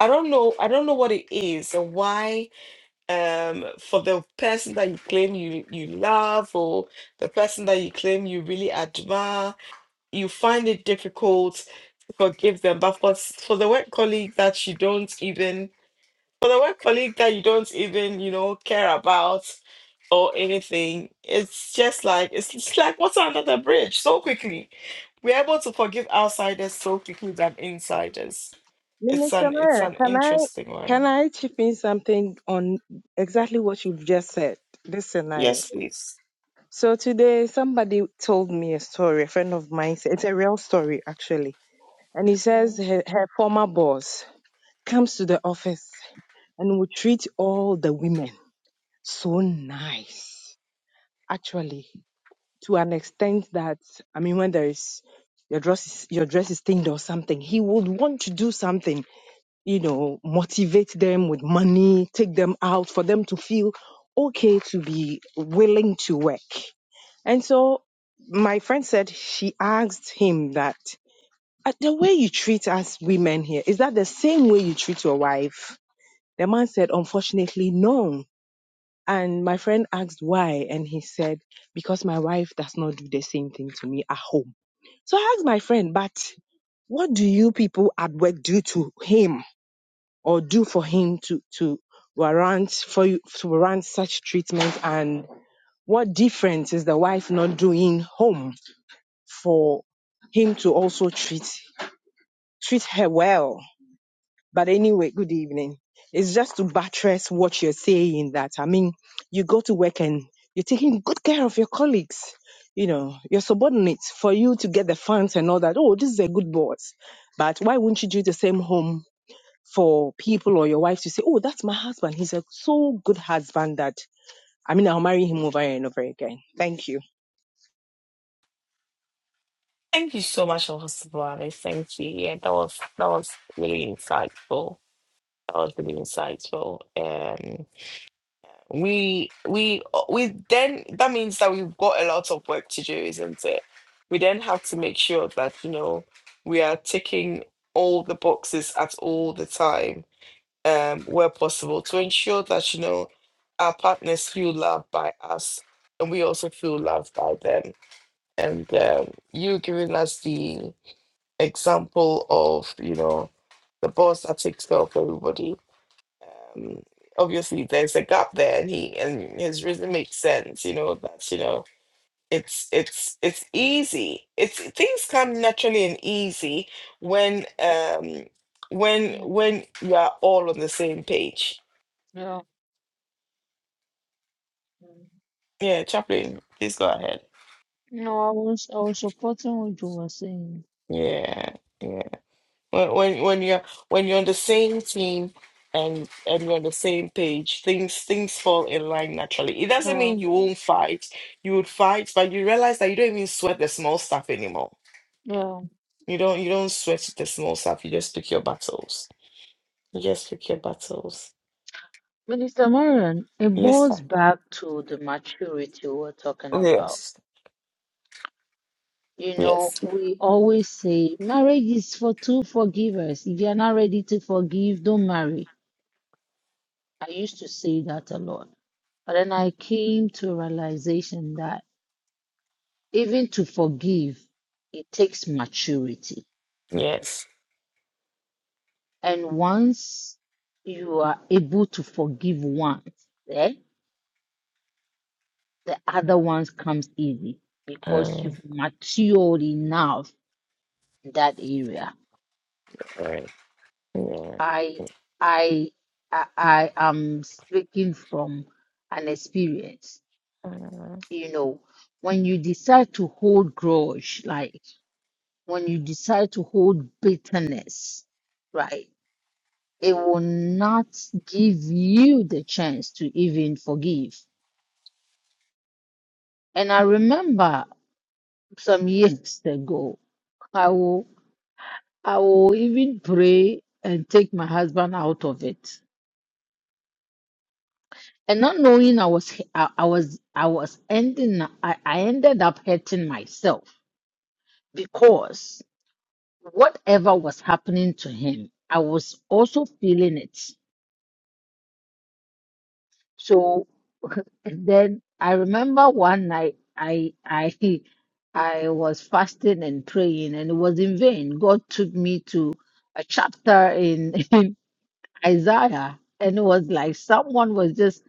S1: i don't know i don't know what it is and why um for the person that you claim you you love or the person that you claim you really admire you find it difficult to forgive them but for s- for the work colleague that you don't even for the work colleague that you don't even you know care about or anything it's just like it's, it's like what's under the bridge so quickly we're able to forgive outsiders so quickly than insiders it's
S3: Minister
S1: an it's
S3: Mayor,
S1: an
S3: can I
S1: interesting
S3: can
S1: one
S3: I chip in something on exactly what you've just said, this scenario?
S1: yes please
S3: So today somebody told me a story, a friend of mine said it's a real story actually. And he says her, her former boss comes to the office and will treat all the women so nice. Actually, to an extent that I mean when there is your dress is your dress is stained or something, he would want to do something you know, motivate them with money, take them out for them to feel okay to be willing to work. And so my friend said she asked him that "Uh, the way you treat us women here, is that the same way you treat your wife? The man said, unfortunately, no. And my friend asked why, and he said, because my wife does not do the same thing to me at home. So I asked my friend, but what do you people at work do to him? or do for him to to warrant for you to warrant such treatment and what difference is the wife not doing home for him to also treat treat her well but anyway good evening it's just to buttress what you're saying that i mean you go to work and you're taking good care of your colleagues you know your subordinates for you to get the funds and all that oh this is a good boss but why wouldn't you do the same home for people or your wife to say, Oh, that's my husband. He's a so good husband that I mean, I'll marry him over and over again. Thank you.
S1: Thank you so much, Officer Buhari. Thank you. Yeah, that was that was really insightful. That was really insightful. Um. we we we then that means that we've got a lot of work to do isn't it we then have to make sure that you know we are ticking all the boxes at all the time um where possible to ensure that you know our partners feel loved by us and we also feel loved by them and um, you giving us the example of you know the boss that takes care of everybody um, obviously, there's a gap there, and he and his rhythm makes sense. You know that's you know it's it's it's easy. It's things come naturally and easy when um when
S2: Yeah.
S1: when you are all on the same page.
S2: yeah.
S1: Yeah, Chaplain, please go ahead.
S2: No, I was, I was supporting what you were saying.
S1: Yeah, yeah. When when when you're when you're on the same team and and you're on the same page, things things fall in line naturally. It doesn't
S2: Yeah.
S1: mean you won't fight. You would fight, but you realize that you don't even sweat the small stuff anymore.
S2: Yeah.
S1: You don't you don't sweat the small stuff. You just pick your battles. You just pick your battles.
S2: Minister Marion, it
S1: Yes,
S2: boils
S1: sir.
S2: back to the maturity we're talking about.
S1: Yes.
S2: You know,
S1: Yes.
S2: we always say marriage is for two forgivers. If you're not ready to forgive, don't marry. I used to say that a lot. But then I came to a realization that even to forgive, it takes maturity.
S1: Yes.
S2: And once you are able to forgive one, eh, the other ones comes easy because
S1: Um,
S2: you've matured enough in that area.
S1: all right. Yeah.
S2: I I I, I am speaking from an experience,
S1: Uh,
S2: you know, when you decide to hold grudge, like when you decide to hold bitterness, right, it will not give you the chance to even forgive. And I remember some years ago, I will, I will even pray and take my husband out of it. And not knowing I was, I, I was, I was ending, I, I ended up hurting myself because whatever was happening to him, I was also feeling it So then I remember one night I I I was fasting and praying and it was in vain. God took me to a chapter in, in Isaiah and it was like someone was just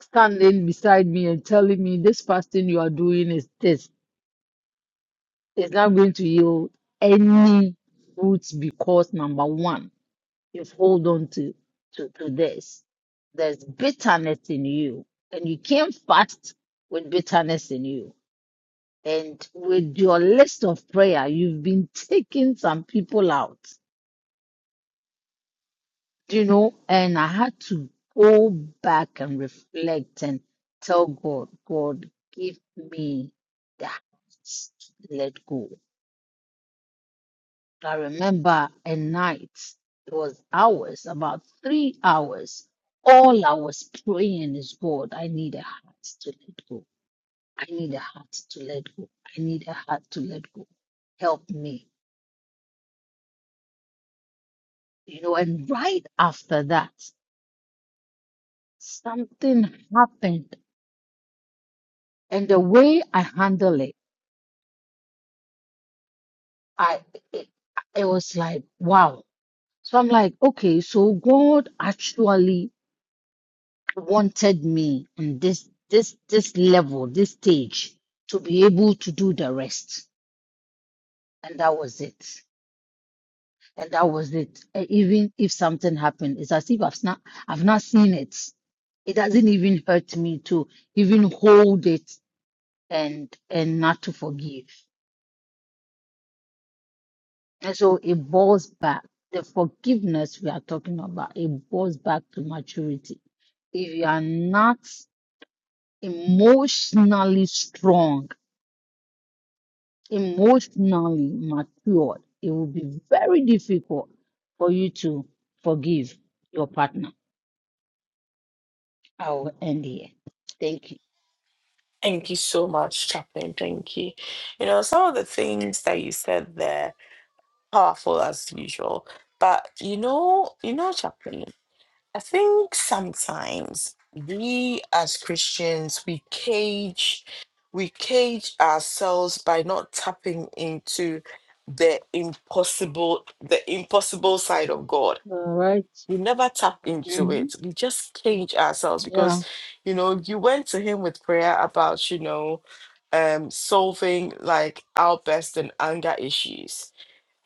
S2: standing beside me and telling me this fasting you are doing is this. It's not going to yield any fruits because number one you have hold on to, to, to this. There's bitterness in you, and you came not fast with bitterness in you. And with your list of prayer, you've been taking some people out, you know. And I had to go back and reflect and tell God, God, give me that. Let go. I remember a night, it was hours, about three hours. All I was praying is, God, I need a heart to let go. I need a heart to let go. I need a heart to let go. Help me. You know, and right after that, something happened. And the way I handle it, I it, it was like, wow. So I'm like, okay, so God actually wanted me on this this this level, this stage, to be able to do the rest. And that was it. And that was it. And even if something happened, it's as if I've not I've not seen it. It doesn't even hurt me to even hold it and and not to forgive. And so it boils back. The forgiveness we are talking about, it boils back to maturity. If you are not emotionally strong emotionally matured, it will be very difficult for you to forgive your partner. I will end here. Thank you.
S1: thank you so much, Chaplain. Thank you. You know, some of the things that you said there. powerful as usual. But you know, you know, Chaplain, I think sometimes we as Christians we cage we cage ourselves by not tapping into the impossible the impossible side of God.
S2: All right.
S1: We never tap into
S2: hmm
S1: it. We just cage ourselves
S2: Yeah.
S1: because you know you went to him with prayer about, you know, um solving like our best and anger issues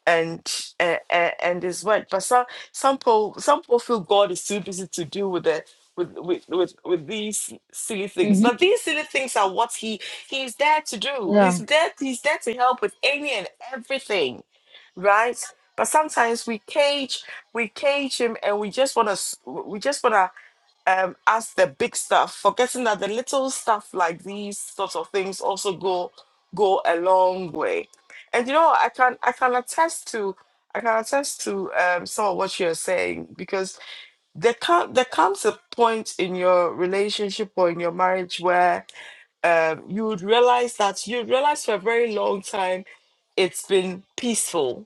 S1: and and, and his word. But some some people some people feel God is too busy to deal with the with with with, with these silly things.
S2: hmm
S1: But these silly things are what he he's there to do. He's
S2: Yeah.
S1: there he's there to help with any and everything, right? But sometimes we cage we cage him and we just want to we just want to um, as the big stuff, forgetting that the little stuff like these sorts of things also go go a long way. And you know, I can I can attest to I can attest to um, some of what you're saying because there can there comes a point in your relationship or in your marriage where um, you would realize that you realize for a very long time it's been peaceful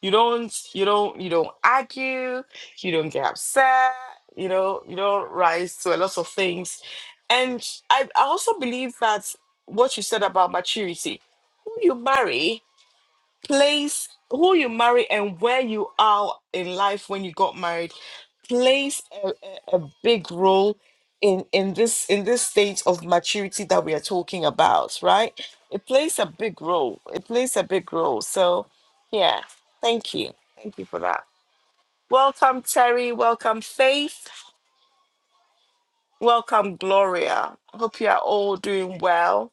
S1: you don't you don't you don't argue, you don't get upset, you know, you don't rise to a lot of things. And I, I also believe that what you said about maturity, who you marry place who you marry and where you are in life when you got married plays a, a, a big role in in this in this stage of maturity that we are talking about right it plays a big role it plays a big role so yeah thank you thank you for that welcome terry welcome faith welcome gloria hope you are all doing well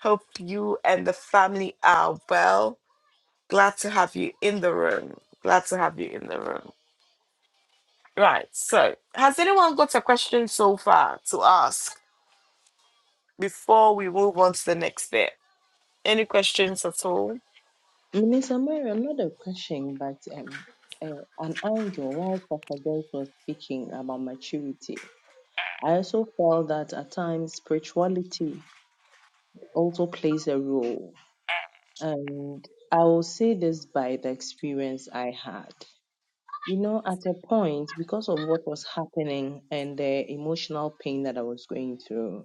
S1: hope you and the family are well Glad to have you in the room. Glad to have you in the room. Right. So, has anyone got a question so far to ask before we move on to the next bit? Any questions at all?
S3: Minister Mariam, Another question, but um, uh, an angle while Pastor Joyce was speaking about maturity. I also felt that at times spirituality also plays a role. And I will say this by the experience I had. You know, at a point, because of what was happening and the emotional pain that I was going through,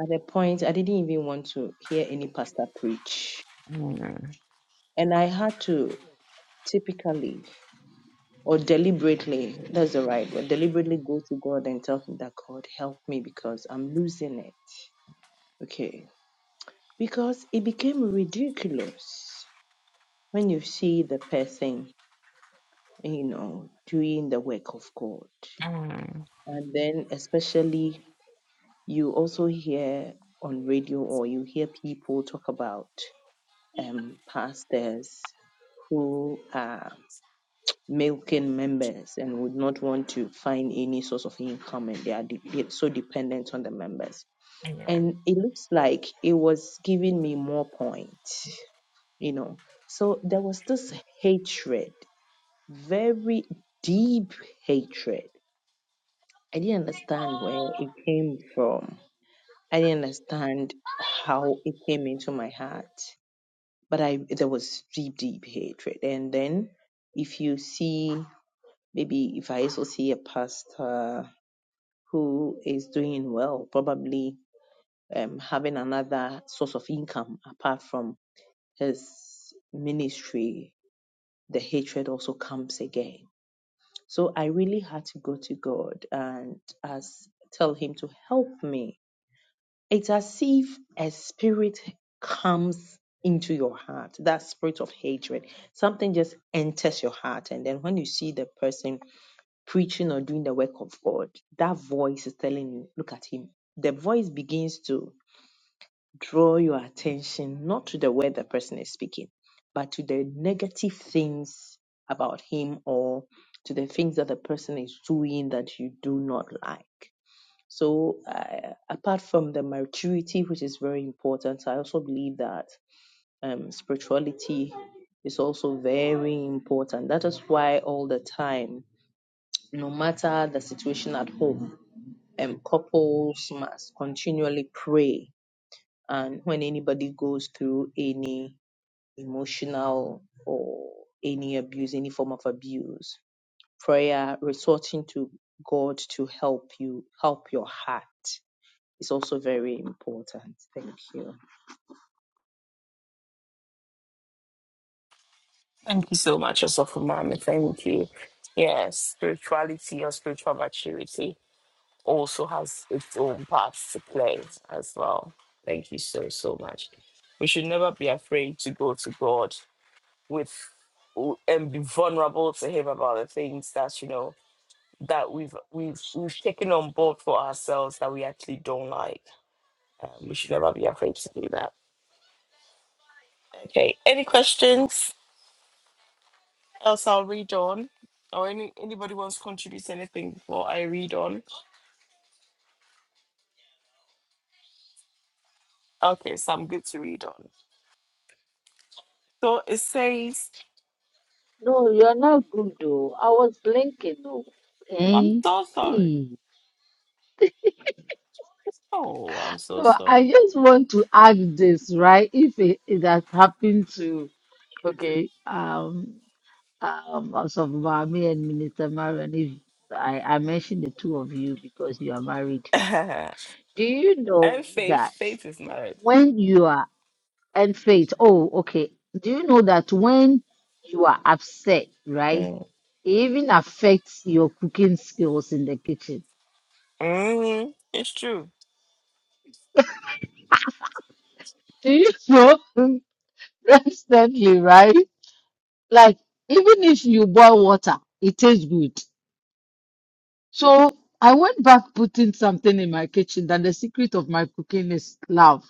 S3: At a point, I didn't even want to hear any pastor preach. And I had to typically or deliberately, that's the right word, deliberately go to God and tell him that God help me because I'm losing it. Okay. Because it became ridiculous when you see the person, you know, doing the work of God. And then, especially, you also hear on radio or you hear people talk about um, pastors who are milking members and would not want to find any source of income and they are de- de- so dependent on the members. And it looks like it was giving me more points, you know. So there was this hatred, very deep hatred. I didn't understand where it came from. I didn't understand how it came into my heart, but I there was deep, deep hatred. And then if you see Maybe if I also see a pastor who is doing well, probably um, having another source of income apart from his ministry, the hatred also comes again. So I really had to go to God and as tell him to help me. It's as if a spirit comes into your heart, that spirit of hatred. Something just enters your heart. And then when you see the person preaching or doing the work of God, that voice is telling you, look at him. The voice begins to draw your attention not to the word the person is speaking, but to the negative things about him or to the things that the person is doing that you do not like. So, uh, apart from the maturity, which is very important, I also believe that um, spirituality is also very important. That is why all the time no matter the situation at home, um, couples must continually pray. And when anybody goes through any emotional or any abuse, any form of abuse, prayer, resorting to God to help you, help your heart is also very important. Thank you.
S1: Thank you so much, Osofu Mami. Thank you. Yes, spirituality or spiritual maturity also has its own parts to play as well. Thank you so, so much. We should never be afraid to go to God with and be vulnerable to Him about the things that, you know, that we've we've we've taken on board for ourselves that we actually don't like. Um, we should never be afraid to do that. Okay. Any questions? Else I'll read on. Or any anybody wants to contribute anything before I read on. Okay, so I'm good to read on. So it says,
S2: No, you're not good though. I was blinking though.
S1: I'm
S2: Hey.
S1: so sorry.
S2: Hey.
S1: Oh, I'm so
S2: So
S1: sorry.
S2: I just want to ask this, right? If it, it has happened to okay, um Um, also, Mami and Minister Marion, if I, I mentioned the two of you because you are married.
S1: and
S2: Do you know
S1: faith,
S2: that
S1: faith is married.
S2: when you are and faith, oh, okay. Do you know that when you are upset, right?
S1: Mm.
S2: It even affects your cooking skills in the kitchen.
S1: Mm, it's true.
S2: Do you know? That's definitely right. Like, even if you boil water, it tastes good. So I went back putting something in my kitchen that the secret of my cooking is love.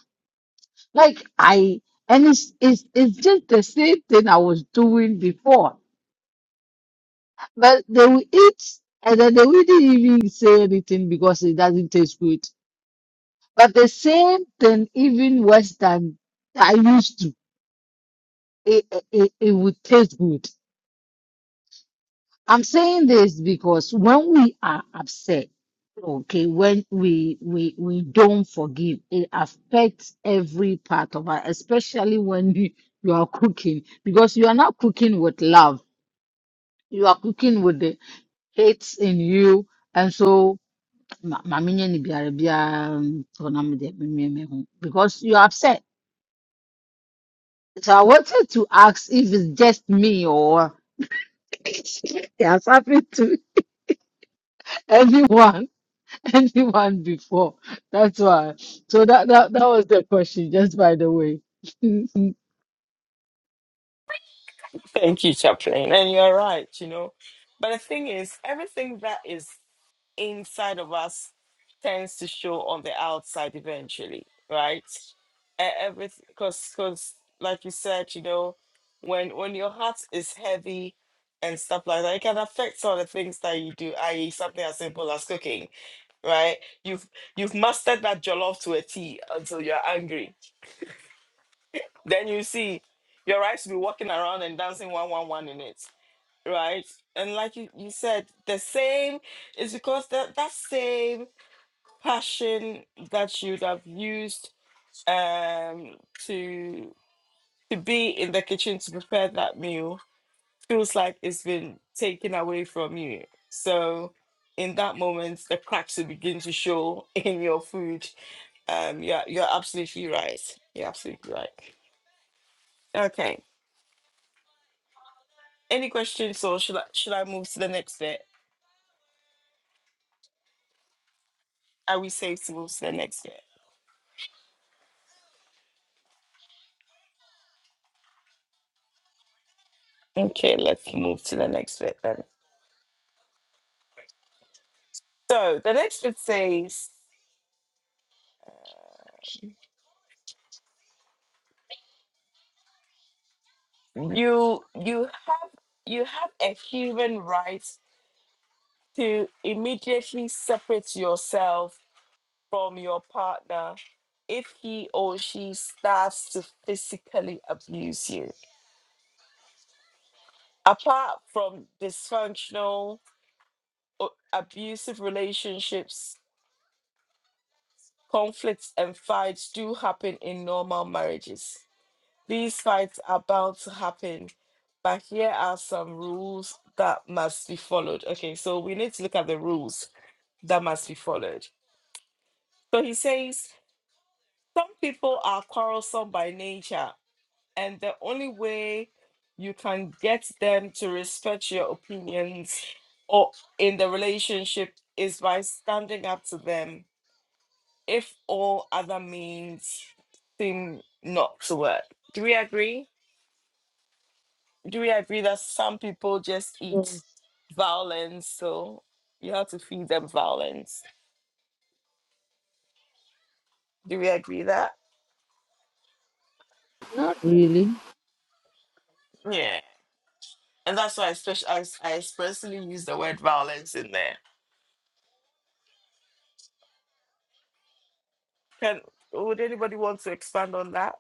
S2: Like I and it's it's it's just the same thing I was doing before. But they will eat and then they wouldn't even say anything because it doesn't taste good. But the same thing even worse than I used to. It, it, it would taste good. I'm saying this because when we are upset, okay, when we we we don't forgive, it affects every part of us, especially when you, you are cooking, because you are not cooking with love. You are cooking with the hate in you. And so ma- ma me nyɛ ne biara biara, mm, so na me deɛ me- me- me ho, because you are upset. So I wanted to ask if it's just me or it has happened to everyone. anyone before. That's why. So that that that was the question, just by the way.
S1: Thank you, Chaplain. And you're right, you know. But the thing is, everything that is inside of us tends to show on the outside eventually, right? E- Everything, because because like you said, you know, when when your heart is heavy and stuff like that, it can affect all the things that you do, i.e., something as simple as cooking, right? You've you've mastered that jollof to a T until you're angry. Then you see your rice will be walking around and dancing one one one in it, right? And like you, you said, the same is because that that same passion that you'd have used um to to be in the kitchen to prepare that meal feels like it's been taken away from you so in that moment the cracks will begin to show in your food um yeah you're absolutely right you're absolutely right okay any questions or should i should i move to the next bit are we safe to move to the next bit okay let's move to the next bit then so the next bit says you you have you have a human right to immediately separate yourself from your partner if he or she starts to physically abuse you apart from dysfunctional o- abusive relationships conflicts and fights do happen in normal marriages these fights are bound to happen but here are some rules that must be followed okay so we need to look at the rules that must be followed. So he says some people are quarrelsome by nature, and the only way you can get them to respect your opinions or in the relationship is by standing up to them if all other means seem not to work. Do we agree? Do we agree that some people just eat
S2: Yes,
S1: violence, so you have to feed them violence? Do we agree that?
S2: not really.
S1: Yeah. And that's why I, spec- I I expressly use the word violence in there. Can would anybody want to expand on that?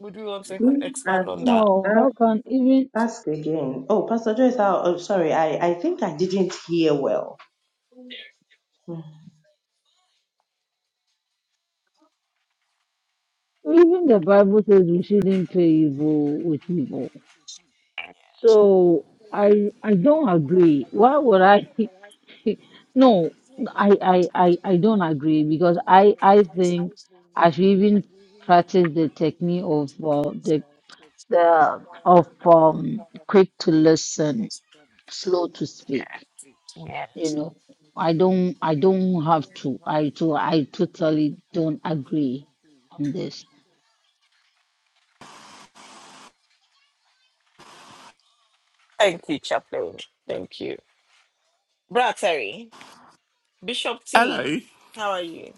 S1: Would we want to ex-
S3: Ask,
S1: expand on that?
S2: No,
S3: ask,
S2: how can even
S3: ask again. Oh, Pastor Joyce, I, oh, sorry, I, I think I didn't hear well. Mm.
S2: even the Bible says we shouldn't pay evil with evil. So I I don't agree. Why would I? no, I, I I I don't agree because I I think I should even practice the technique of uh, the the of um quick to listen slow to speak you know i don't i don't have to i to i totally don't agree on this
S1: Thank you, Chaplain. Thank you, Brother Terry. Bishop T.
S4: Hello,
S1: How are you?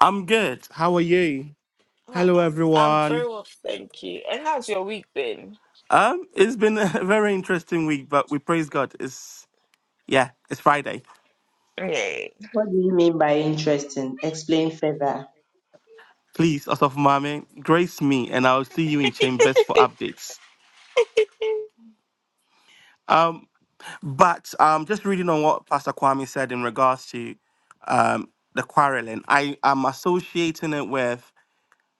S4: I'm good. How are you?
S1: Hi-
S4: Hello,
S1: I'm
S4: everyone.
S1: very well, thank you. And how's your week been?
S4: Um, it's been a very interesting week, but we praise God. It's yeah, it's Friday.
S1: Yay.
S3: What do you mean by interesting? Explain further.
S4: Please, us Mame, grace me, and I'll see you in chambers for updates. Um, but um, just reading on what Pastor Kwame said in regards to um the quarreling, I am associating it with.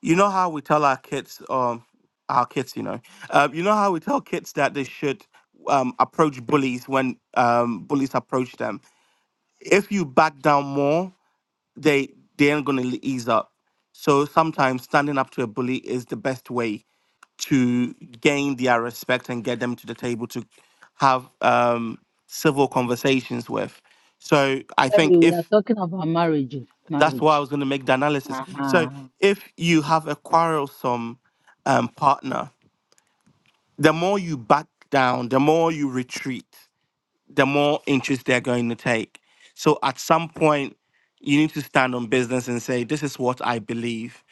S4: you know how we tell our kids, um, our kids, you know, uh, you know how we tell kids that they should um, approach bullies when um, bullies approach them. If you back down more, they they ain't gonna le- ease up. So sometimes standing up to a bully is the best way to gain their respect and get them to the table to have um, civil conversations with. So I
S2: Sorry,
S4: think
S2: we
S4: if
S2: are talking about marriage oh,
S4: that's why I
S2: marriage
S4: was going to make the analysis. So
S2: uh-huh.
S4: if you have a quarrelsome um, partner, the more you back down, the more you retreat, the more interest they're going to take. So at some point, you need to stand on business and say, "This is what I believe,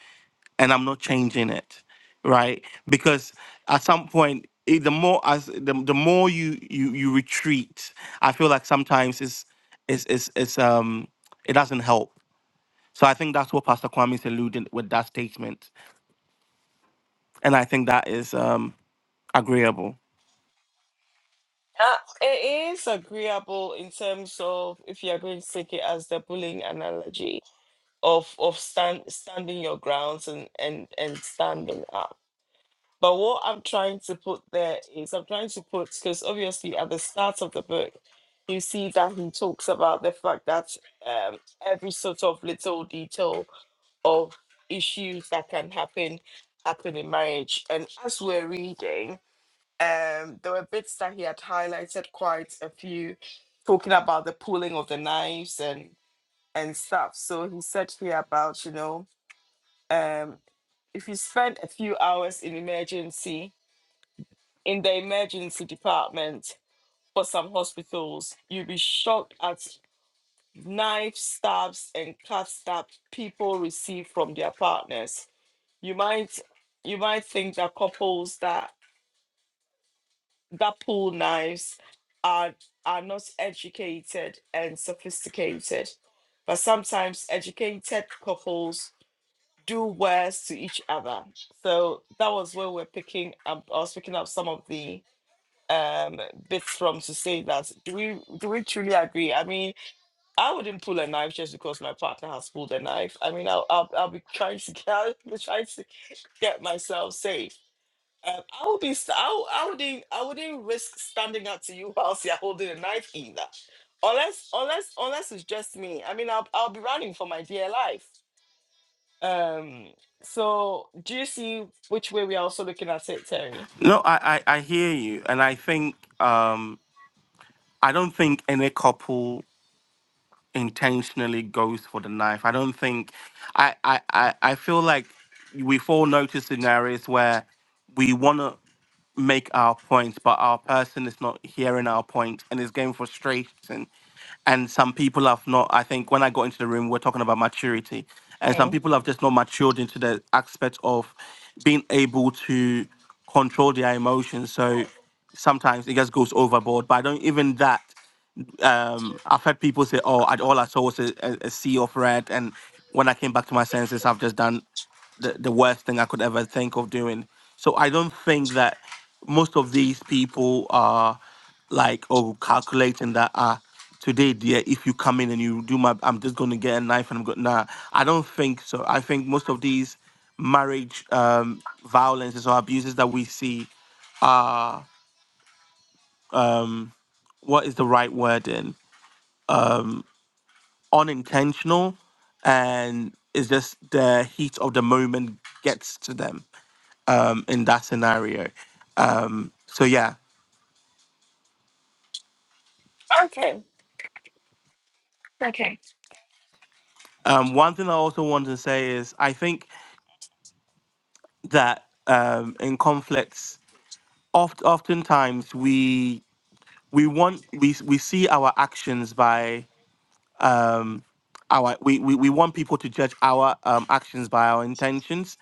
S4: and I'm not changing it." Right? Because at some point, eh, the more as the, the more you you you retreat, I feel like sometimes it's it's it's, it's um it doesn't help so I think that's what Pastor Kwame is alluding with that statement, and I think that is um, agreeable.
S1: Uh, it is agreeable in terms of if you are going to take it as the bullying analogy of of stand, standing your grounds and and and standing up. But what I'm trying to put there is I'm trying to put because obviously at the start of the book, you see that he talks about the fact that um, every sort of little detail of issues that can happen happen in marriage. And as we're reading, um, there were bits that he had highlighted quite a few, talking about the pulling of the knives and and stuff. So he said here about you know um, if you spend a few hours in emergency in the emergency department for some hospitals. You'll be shocked at knife stabs and cut stabs people receive from their partners. You might you might think that couples that that pull knives are are not educated and sophisticated. But sometimes educated couples do worse to each other. So that was where we're picking up I was picking up some of the um bit from to say that do we do we truly agree i mean i wouldn't pull a knife just because my partner has pulled a knife i mean i'll i'll, I'll be trying to get I'll be trying to get myself safe um, i would be st- I, w- I wouldn't i wouldn't risk standing up to you whilst you're holding a knife either unless unless unless it's just me i mean i'll, I'll be running for my dear life um so do you see which way we're also looking at it terry
S4: No, I, I I hear you, and I think um, I don't think any couple. intentionally goes for the knife. I don't think I I I, I feel like we've all noticed scenarios where we want to make our points, but our person is not hearing our point and is getting frustrated. And some people have not. I think when I got into the room, we we're talking about maturity, and some
S1: Oh.
S4: people have just not matured into the aspect of being able to control their emotions. So sometimes it just goes overboard. But I don't even that um, I've heard people say, "Oh, I, all I saw was a, a, a sea of red," and when I came back to my senses, I've just done the, the worst thing I could ever think of doing. So I don't think that most of these people are like oh calculating that uh today dear if you come in and you do my I'm just gonna get a knife and I'm going nah I don't think so. I think most of these marriage um violences or abuses that we see are um what is the right word in? unintentional and it's just the heat of the moment gets to them um, in that scenario. Um, so yeah,
S1: okay
S4: um, one thing I also want to say is I think that um, in conflicts, oft oftentimes we we want we we see our actions by um, our we, we we want people to judge our um, actions by our intentions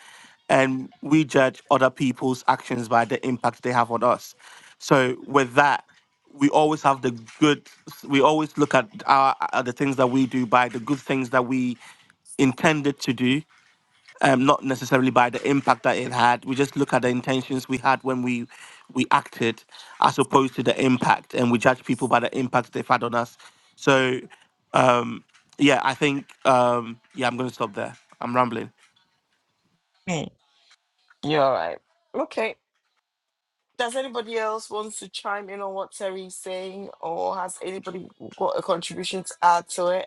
S4: and we judge other people's actions by the impact they have on us so with that we always have the good we always look at our at the things that we do by the good things that we intended to do um, not necessarily by the impact that it had. We just look at the intentions we had when we we acted, as opposed to the impact, and we judge people by the impact they've had on us. So, um, yeah, I think um, yeah, I'm going to stop there. I'm rambling.
S1: you're all right okay Does anybody else wants to chime in on what Terry's saying, or has anybody got a contribution to add to it?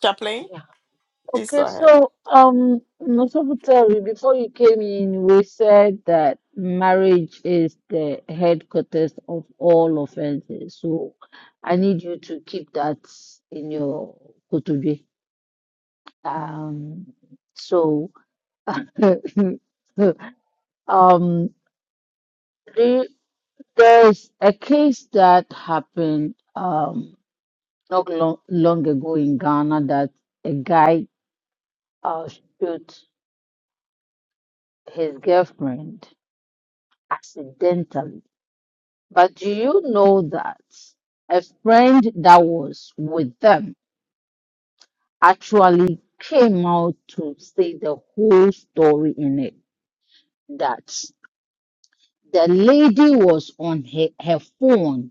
S1: Chaplain,
S2: Yeah.
S1: please go
S2: Okay,
S1: ahead.
S2: so um, Nosabutari, before you came in, we said that marriage is the headquarters of all offenses so i need you to keep that in your kutube um so um, the- there's a case that happened um, not long, long ago in Ghana that a guy uh, shot his girlfriend accidentally. But do you know that a friend that was with them actually came out to say the whole story in it? That the lady was on her, her phone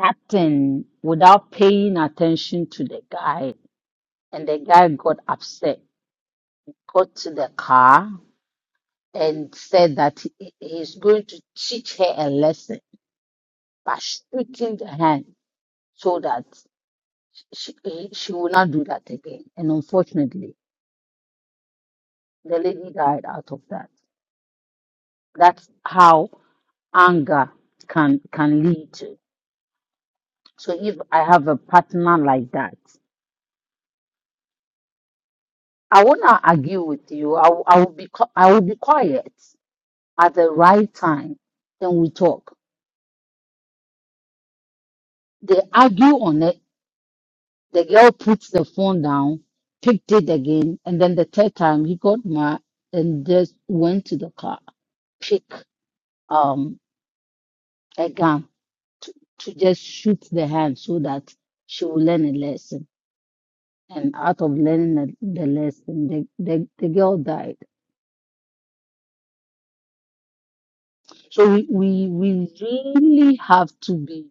S2: acting without paying attention to the guy. And the guy got upset, got to the car, and said that he he is going to teach her a lesson by shooting the hand so that she, he- she will not do that again. And unfortunately, the lady died out of that. That's how anger can can lead to. So if I have a partner like that, I will not argue with you. I, will- I will be qui- I will be quiet. at the right time, then we talk. They argue on it. The girl puts the phone down, picked it again, and then the third time he got mad and just went to the car, pick um a gun to, to just shoot the hand so that she will learn a lesson. And out of learning the, the lesson, the, the, the girl died. So we, we we really have to be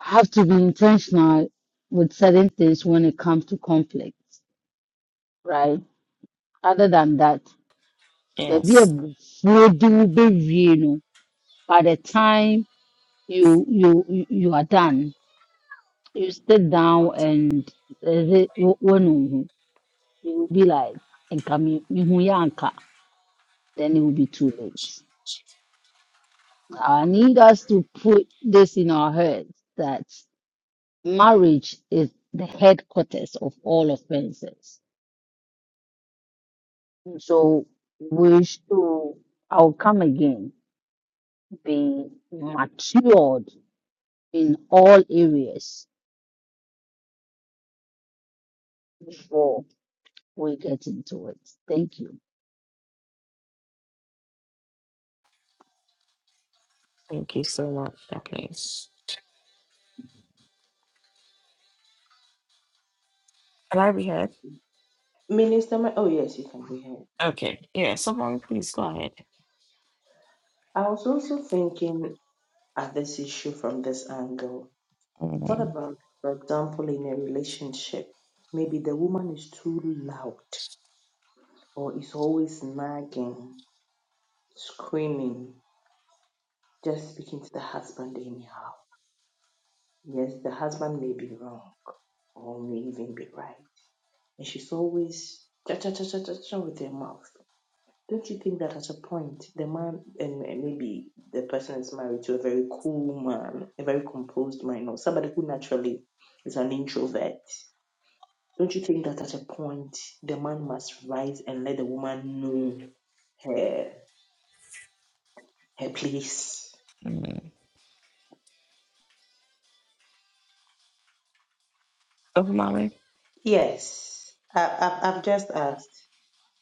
S2: have to be intentional with certain things when it comes to conflict. right? Other than that, there be a
S1: Yes.
S2: do be know, By the time you you you you are done, you sit down and when you will be like and come yanka, then it will be too late. I need us to put this in our heads that marriage is the headquarters of all offenses. So we should, I'll come again, be matured in all areas before we get into it. Thank you.
S1: Can I be heard?
S3: Minister, Ma- oh yes, you can go ahead.
S1: Okay. Yeah, someone please go ahead.
S3: I was also thinking at this issue from this angle. What
S1: Mm,
S3: about, for example, in a relationship, maybe the woman is too loud or is always nagging, screaming, just speaking to the husband anyhow. Yes, the husband may be wrong or may even be right, and she's always cha cha cha cha cha cha with her mouth. Don't you think that at a point the man and, and maybe the person is married to a very cool man, a very composed man, or somebody who naturally is an introvert? Don't you think that at a point the man must rise and let the woman know her her place?
S1: mm. Dr. Mami,
S3: Yes, I, I, I've just asked.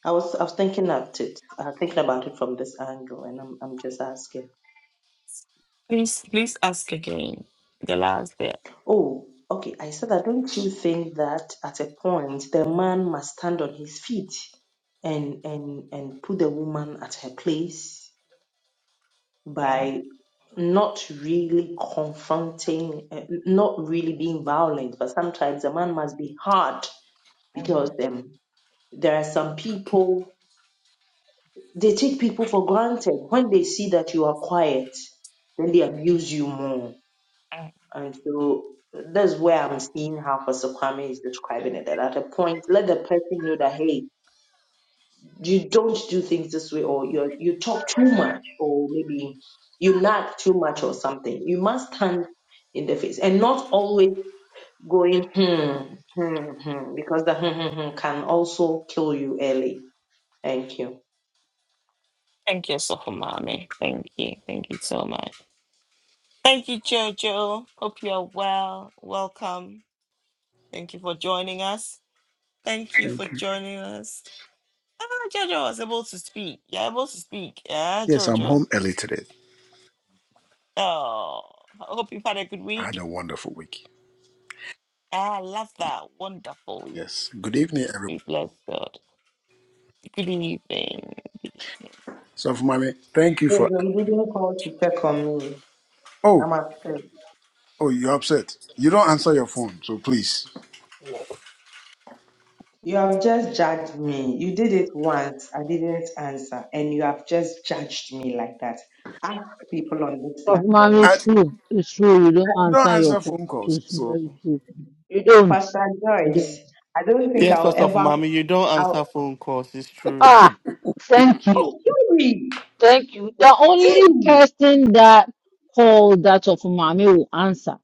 S3: I was I was thinking about it. I was thinking about it from this angle, and I'm I'm just asking.
S1: please please ask again. The last bit.
S3: Oh, okay. I said that. Don't you think that at a point the man must stand on his feet and and and put the woman at her place
S1: Mm,
S3: by not really confronting, uh, not really being violent, but sometimes a man must be hard
S1: mm,
S3: because um, there are some people they take people for granted. When they see that you are quiet, then they abuse you more
S1: mm.
S3: And so that's where I'm seeing how Pastor Kwame is describing it. That at a point, let the person know that hey, you don't do things this way, or you you talk too much, or maybe you nag too much, or something. You must stand in the face and not always going hmm hmm hmm because the hmm hmm, hmm can also kill you early. Thank you.
S1: Thank you, Sofa Mommy. Thank you. Thank you so much. Thank you, Jojo. Hope you're well. Welcome. Thank you for joining us. Thank you
S5: Thank
S1: for
S5: you.
S1: joining us. Ah, Jojo was able to speak. You're able to speak. Yeah,
S5: Yes, I'm
S1: Jojo.
S5: home early today.
S1: Oh, I hope you've had a good
S5: I had
S1: week.
S5: a wonderful week.
S1: I love that. Wonderful week.
S5: Yes. Good evening, everyone.
S1: We bless God. Good evening.
S5: So, for mommy, thank you for.
S3: Jojo, you didn't call to check on me.
S5: Oh,
S3: I'm upset.
S5: oh, you're upset. You don't answer your phone, so please.
S3: You have just judged me. You did it once. I didn't answer. And you have just judged me like that. Ask people on this
S2: Of
S3: platform.
S2: man,
S5: I
S2: it's true. It's true. You don't
S5: don't
S2: answer your
S5: answer
S2: call.
S5: phone calls.
S2: It's
S5: So,
S2: very true. You don't.
S3: Pastor
S2: You
S3: Joyce,
S2: don't.
S3: I don't think
S4: Yes,
S3: I'll
S4: Osofo
S3: ever.
S4: Mami, you don't
S3: I'll,
S4: answer phone calls. It's true.
S2: Ah, thank you.
S3: oh, Yuri!
S2: Thank you. The only
S3: Tim!
S2: person that called that of mommy will answer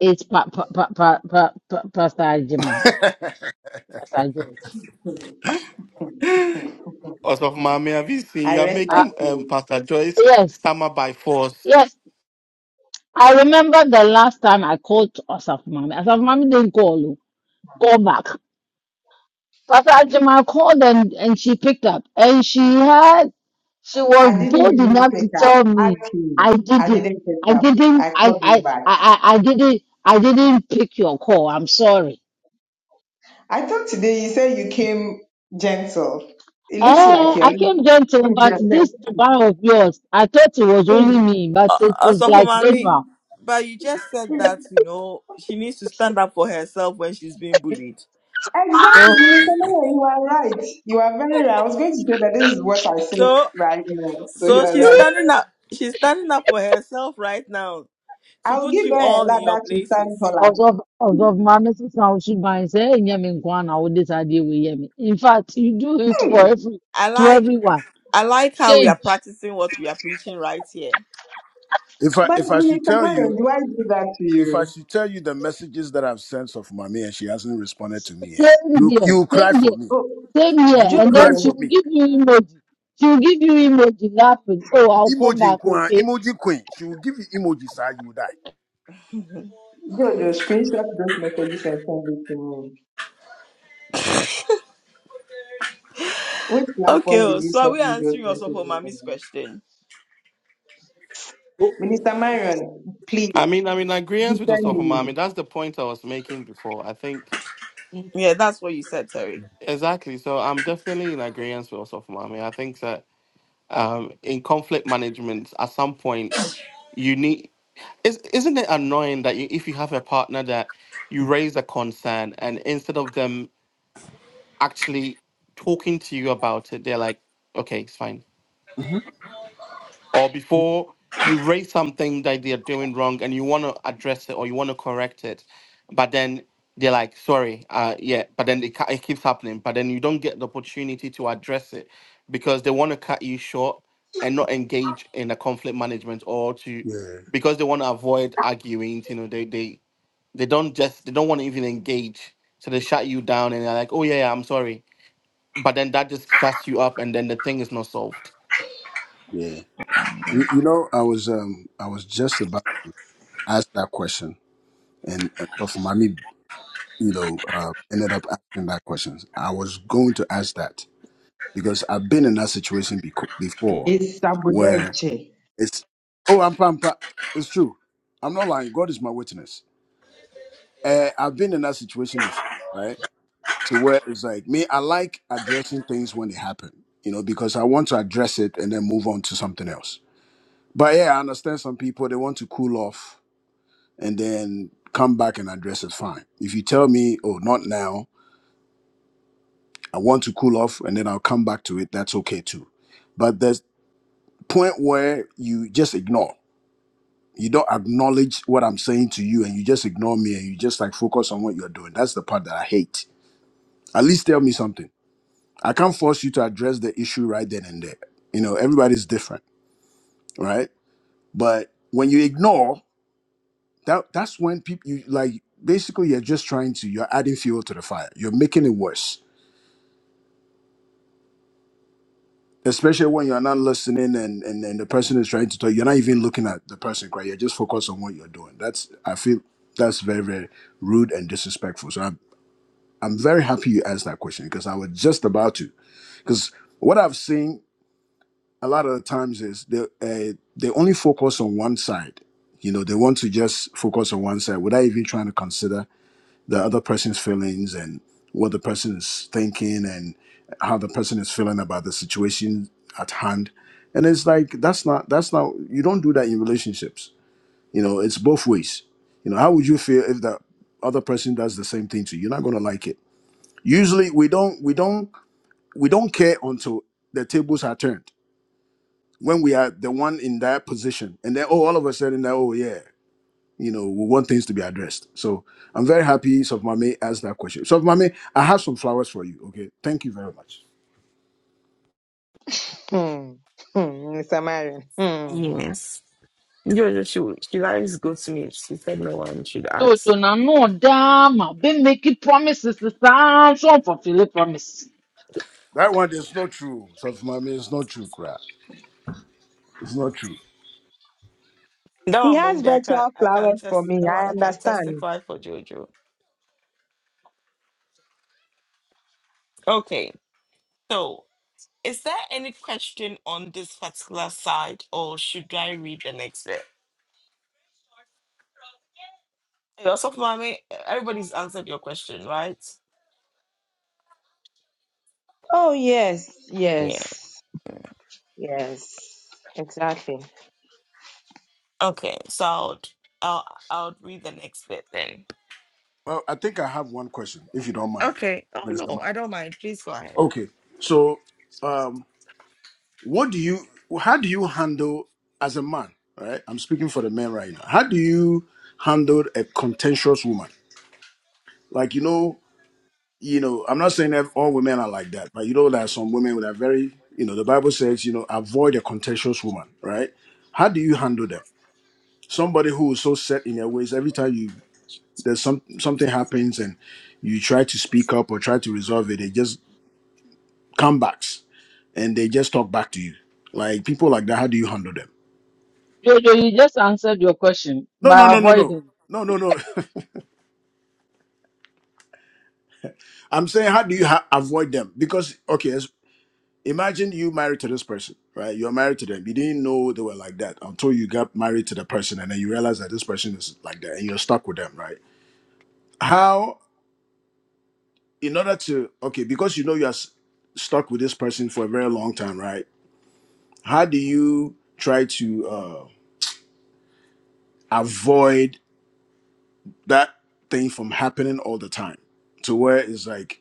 S2: is pa- pa- pa- pa- pa- pa- Pastor Jimmy,
S5: if
S2: Pastor George.
S4: Osofo Mami, have you seen?
S3: I
S4: You're
S3: rest my
S2: Ah,
S4: making um,
S3: case.
S4: Pastor Joyce
S2: yes,
S4: stammer by force.
S2: yes. I remember the last time I called Asaf Mami. Asaf Mami didn't call you. Call back. Pastor Jamal called and, and she picked up. And she had, she was
S3: I didn't
S2: bold
S3: even
S2: enough
S3: pick
S2: to
S3: up.
S2: tell me,
S3: Ask
S2: I
S3: him. I
S2: didn't,
S3: didn't
S2: I
S3: pick up.
S2: didn't,
S3: I
S2: I,
S3: called
S2: I,
S3: him
S2: I,
S3: back.
S2: I I didn't, I didn't pick your call. I'm sorry.
S3: I thought today you said you came gentle. It looks
S2: Eh,
S3: like you're
S2: I
S3: losing.
S2: came gentle, but
S3: yourself.
S2: this bar of yours, I thought it was only
S3: Mm,
S2: me, but it
S1: Uh,
S2: is
S1: so for
S2: like
S1: mommy,
S3: mm,
S2: general.
S1: but you just said
S3: mm.
S1: that you know she needs to stand up for herself when she's being bullied.
S3: Exactly,
S1: So
S3: Minister Miller, you are right. You are very right. I was going to say that this is what I said
S1: so
S3: right now. So you
S1: so
S3: are
S1: she's
S3: right.
S1: standing up. She's standing up for herself right now to
S3: I'll
S1: put
S3: give
S1: you
S3: her a
S1: all in your
S3: ladder to stand
S1: places.
S3: taller.
S2: as of as of my message now she buy say hey nyẹ mi nkwa na o this idea wey yẹ mi. In fact you do it for
S3: Hey,
S2: every
S1: I
S2: to
S1: like
S2: everyone.
S1: I like how we are
S2: Change.
S1: practicing what we are preaching right here.
S5: I
S3: but
S5: if I should
S3: Minister
S5: tell you,
S3: Marion, do I do that to
S5: if I
S3: you?
S5: should tell you the messages that I've sent of mommy and she hasn't responded to me, eh,
S2: Same
S5: you
S2: here,
S5: you will cry
S2: same
S5: for
S2: here,
S5: me.
S3: Oh,
S2: same
S5: You
S2: here.
S5: will
S2: And
S5: cry
S2: then she
S5: for
S3: Jojo,
S2: will
S5: me.
S2: give you emoji. She will give you emoji laughing. Oh, I'll come
S5: Emoji
S2: back,
S5: queen,
S2: okay?
S5: emoji queen. She will give you emoji, sir. You will die.
S3: Jojo, screenshot those messages and send it to me. Which
S1: Okay,
S3: platform did
S1: oh,
S3: you
S1: so are
S3: send
S1: we
S3: me those
S1: answering also for
S3: messages
S1: Mommy's
S3: on?
S1: question?
S5: Oh,
S3: Minister Marion,
S4: I
S3: please,
S4: mean, I'm in agreement with Osofo
S3: defend
S4: Mami. That's the point I was making before. I think
S1: Yeah, that's what you said, Terry.
S4: Exactly. So I'm definitely in agreement with yourself, Mami. I think that um, in conflict management, at some point, you need. Is, isn't it annoying that you, if you have a partner that you raise a concern and instead of them actually talking to you about it, they're like, okay, it's fine.
S5: hmm
S4: or before you raise something that they're doing wrong and you want to address it or you want to correct it, but then they're like, sorry, uh, yeah, but then it, ca- it keeps happening, but then you don't get the opportunity to address it because they want to cut you short and not engage in a conflict management or to
S5: Yeah,
S4: because they want to avoid arguing, you know, they, they they don't just they don't want to even engage so they shut you down and they're like oh yeah, yeah i'm sorry but then that just shuts you up and then the thing is not solved
S5: yeah. You, you know, I was um, I was just about to ask that question, and uh, so for mommy, you know, uh, ended up asking that question. I was going to ask that because I've been in that situation beco-
S3: me.
S5: before,
S3: It's
S5: where
S3: Sabudeche.
S5: it's oh, I'm pampa. It's true. I'm not lying. God is my witness. Uh, I've been in that situation before, right? To where it's like me, I like addressing things when they happen, you know, because I want to address it and then move on to something else But yeah, I understand some people they want to cool off and then come back and address it fine. If you tell me, oh, not now, I want to cool off and then I'll come back to it, that's okay too. But there's point where you just ignore. You don't acknowledge what I'm saying to you and you just ignore me and you just like focus on what you're doing. That's the part that I hate. At least tell me something. I can't force you to address the issue right then and there. You know, everybody's different, right? But when you ignore that that's when people you like basically you're just trying to you're adding fuel to the fire you're making it worse especially when you're not listening and and then the person is trying to talk you're not even looking at the person right you're just focused on what you're doing that's i feel that's very very rude and disrespectful so i'm i'm very happy you asked that question because i was just about to because what i've seen a lot of the times is they uh, they only focus on one side you know they want to just focus on one side without even trying to consider the other person's feelings and what the person is thinking and how the person is feeling about the situation at hand and it's like that's not that's not you don't do that in relationships you know it's both ways you know how would you feel if that other person does the same thing to you you're not going to like it usually we don't we don't we don't care until the tables are turned when we are the one in that position and then oh all of a sudden oh yeah you know, we want things to be addressed. So I'm very happy Sofmame asked that question. Sofmame, I have some flowers for you. Okay. Thank you very much.
S3: Hmm. Hmm. Mr. Marion. Hmm.
S1: Yes. Jojo, she, she always go to me. She said no one should
S2: So,
S1: ask.
S2: so now, no, damn, I've been making promises to sound so fulfill promise.
S5: That one is not true. Sofmame, it's not true, Kra. It's not true.
S1: That
S3: He
S1: one,
S3: has
S1: Mom, I can
S3: virtual
S1: I can
S3: flowers for
S1: test
S3: me.
S1: that
S3: I
S1: one. I can
S3: understand.
S1: testify for Jojo. Okay, so is there any question on this particular side, or should I read the next bit? Hey, Also, Mommy, everybody's answered your question, right?
S3: Oh, yes.
S1: Yeah.
S3: Yes. Yes. Exactly.
S1: Okay, so I'll I'll, I'll read the next bit then.
S5: Well, I think I have one question, if you don't mind,
S1: Okay. Oh no,
S5: Minister Man.
S1: I don't mind. Please go ahead.
S5: Okay. So um what do you how do you handle as a man? All right. I'm speaking for the men right now. How do you handle a contentious woman? Like you know, you know, I'm not saying that all women are like that, but you know, there are some women that are very, you know, the Bible says, you know, avoid a contentious woman, right? How do you handle them? Somebody who is so set in their ways, every time you there's some something happens and you try to speak up or try to resolve it, they just come back and they just talk back to you. Like people like that, how do you handle them?
S2: Jojo, you just answered your question
S5: No, no,
S2: by
S5: no, no, no.
S2: avoiding.
S5: No, no, no. I'm saying, how do you ha- avoid them? Because, okay, imagine you married to this person, right? You're married to them. You didn't know they were like that until you got married to the person and then you realize that this person is like that and you're stuck with them, right? How, in order to, okay, because you know you're s- stuck with this person for a very long time, right? How do you try to uh, avoid that thing from happening all the time to where it's like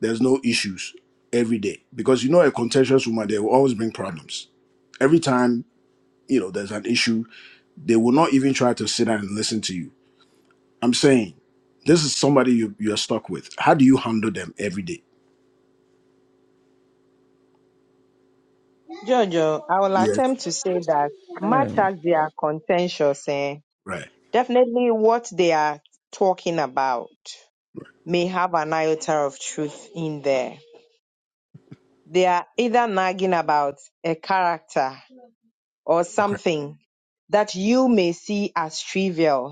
S5: there's no issues every day? Because you know, a contentious woman, they will always bring problems. Every time, you know, there's an issue They will not even try to sit down and listen to you. I'm saying this is somebody you, you're stuck with. How do you handle them every day?
S3: Jojo, I will
S5: Yes.
S3: attempt to say that much as they are contentious, eh,
S5: Right.
S3: definitely what they are talking about may have an iota of truth in there. They are either nagging about a character or
S5: Okay.
S3: something that you may see as trivial